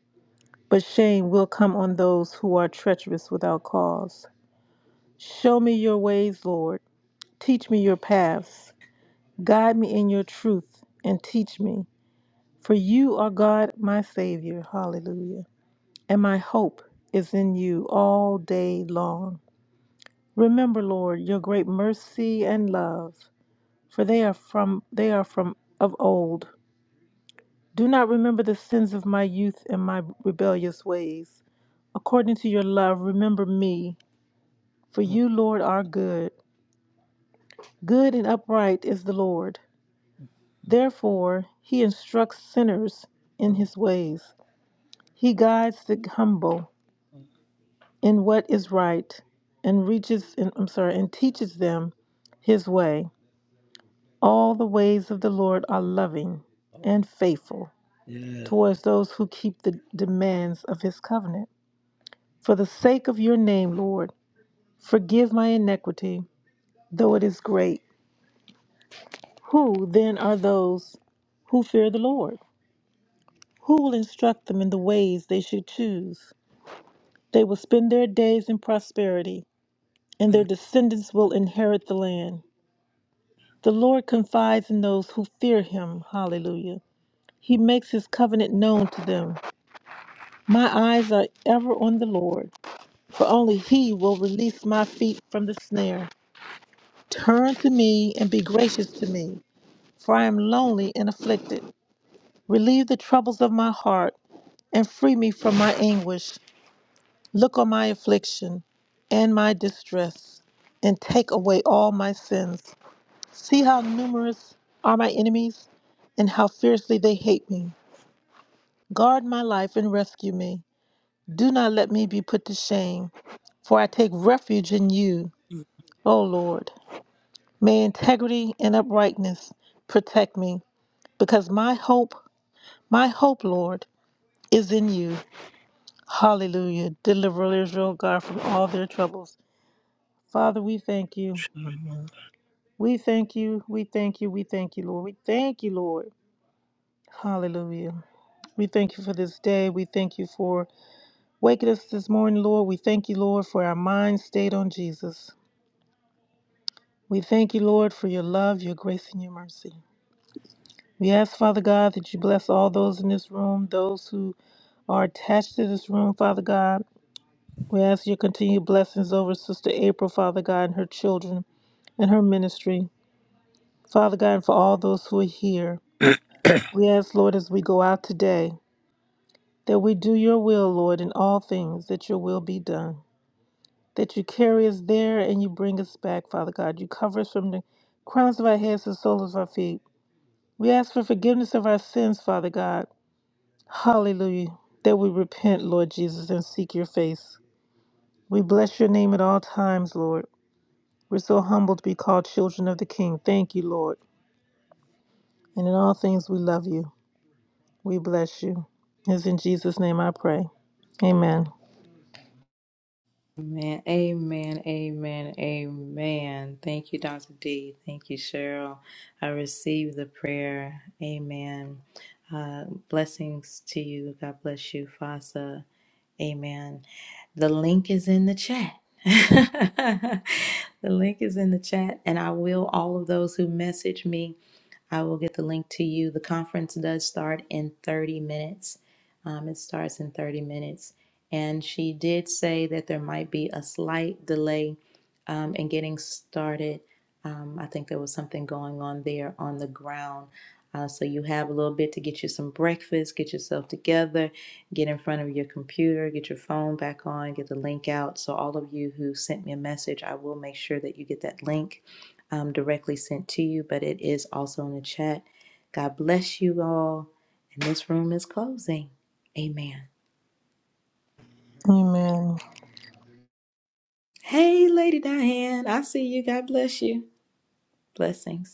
S6: but shame will come on those who are treacherous without cause. Show me your ways, Lord. Teach me your paths. Guide me in your truth and teach me. For you are God, my Savior. Hallelujah. And my hope is in you all day long. Remember, Lord, your great mercy and love, for they are from they are from of old. Do not remember the sins of my youth and my rebellious ways. According to your love, remember me, for you, Lord, are good. Good and upright is the Lord. Therefore, he instructs sinners in
S2: I'm
S6: his ways. He guides the humble in what is right and reaches and I'm sorry, and teaches them his way. All the ways of the Lord are loving
S2: a-
S6: and faithful towards those who keep the demands of his covenant. For the sake of your name, Lord, forgive my iniquity, though it is great. Who then are those who fear the Lord? Who will instruct them in the ways they should choose? They will spend their days in prosperity, and their
S2: Yeah.
S6: descendants will inherit the land. The Lord confides in those who fear him. Hallelujah. He makes his covenant known to them. My eyes are ever on the Lord, for only he will release my feet from the snare. Turn to me and be gracious to me, for I am lonely and afflicted. Relieve the troubles of my heart and free me from my anguish. Look on my affliction and my distress, and take away all my sins. See how numerous are my enemies, and how fiercely they hate me. Guard my life and rescue me. Do not let me be put to shame, for I take refuge in you, O Lord. May integrity and uprightness protect me, because my hope, my hope, Lord, is in you. Hallelujah. Deliver Israel, God, from all their troubles. Father, we thank you. We thank you. We thank you. We thank you, Lord. We thank you, Lord. Hallelujah. We thank you for this day. We thank you for waking us this morning, Lord. We thank you, Lord, for our minds stayed on Jesus. We thank you, Lord, for your love, your grace, and your mercy. We ask, Father God, that you bless all those in this room, those who are attached to this room, Father God. We ask your continued blessings over Sister April, Father God, and her children and her ministry. Father God, and for all those who are here. We ask, Lord, as we go out today. That we do your will, Lord, in all things, that your will be done. That you carry us there and you bring us back, Father God. You cover us from the crowns of our heads to the soles of our feet. We ask for forgiveness of our sins, Father God. Hallelujah. That we repent, Lord Jesus, and seek your face. We bless your name at all times, Lord. We're so humbled to be called children of the King. Thank you, Lord. And in all things, we love you. We bless you. It's in Jesus' name I pray. Amen.
S1: Amen. Amen. Amen. Amen. Thank you, Dr. D. Thank you, Cheryl. I receive the prayer. Amen. Uh, blessings to you. God bless you, Fasa. Amen. The link is in the chat. the link is in the chat, and I will all of those who message me. I will get the link to you. The conference does start in 30 minutes. Um, it starts in 30 minutes. And she did say that there might be a slight delay um, in getting started. Um, I think there was something going on there on the ground. Uh, so you have a little bit to get you some breakfast, get yourself together, get in front of your computer, get your phone back on, get the link out. So all of you who sent me a message, I will make sure that you get that link um, directly sent to you, but it is also in the chat. God bless you all. And this room is closing. Amen.
S6: Amen.
S1: Hey, Lady Diane, I see you. God bless you. Blessings.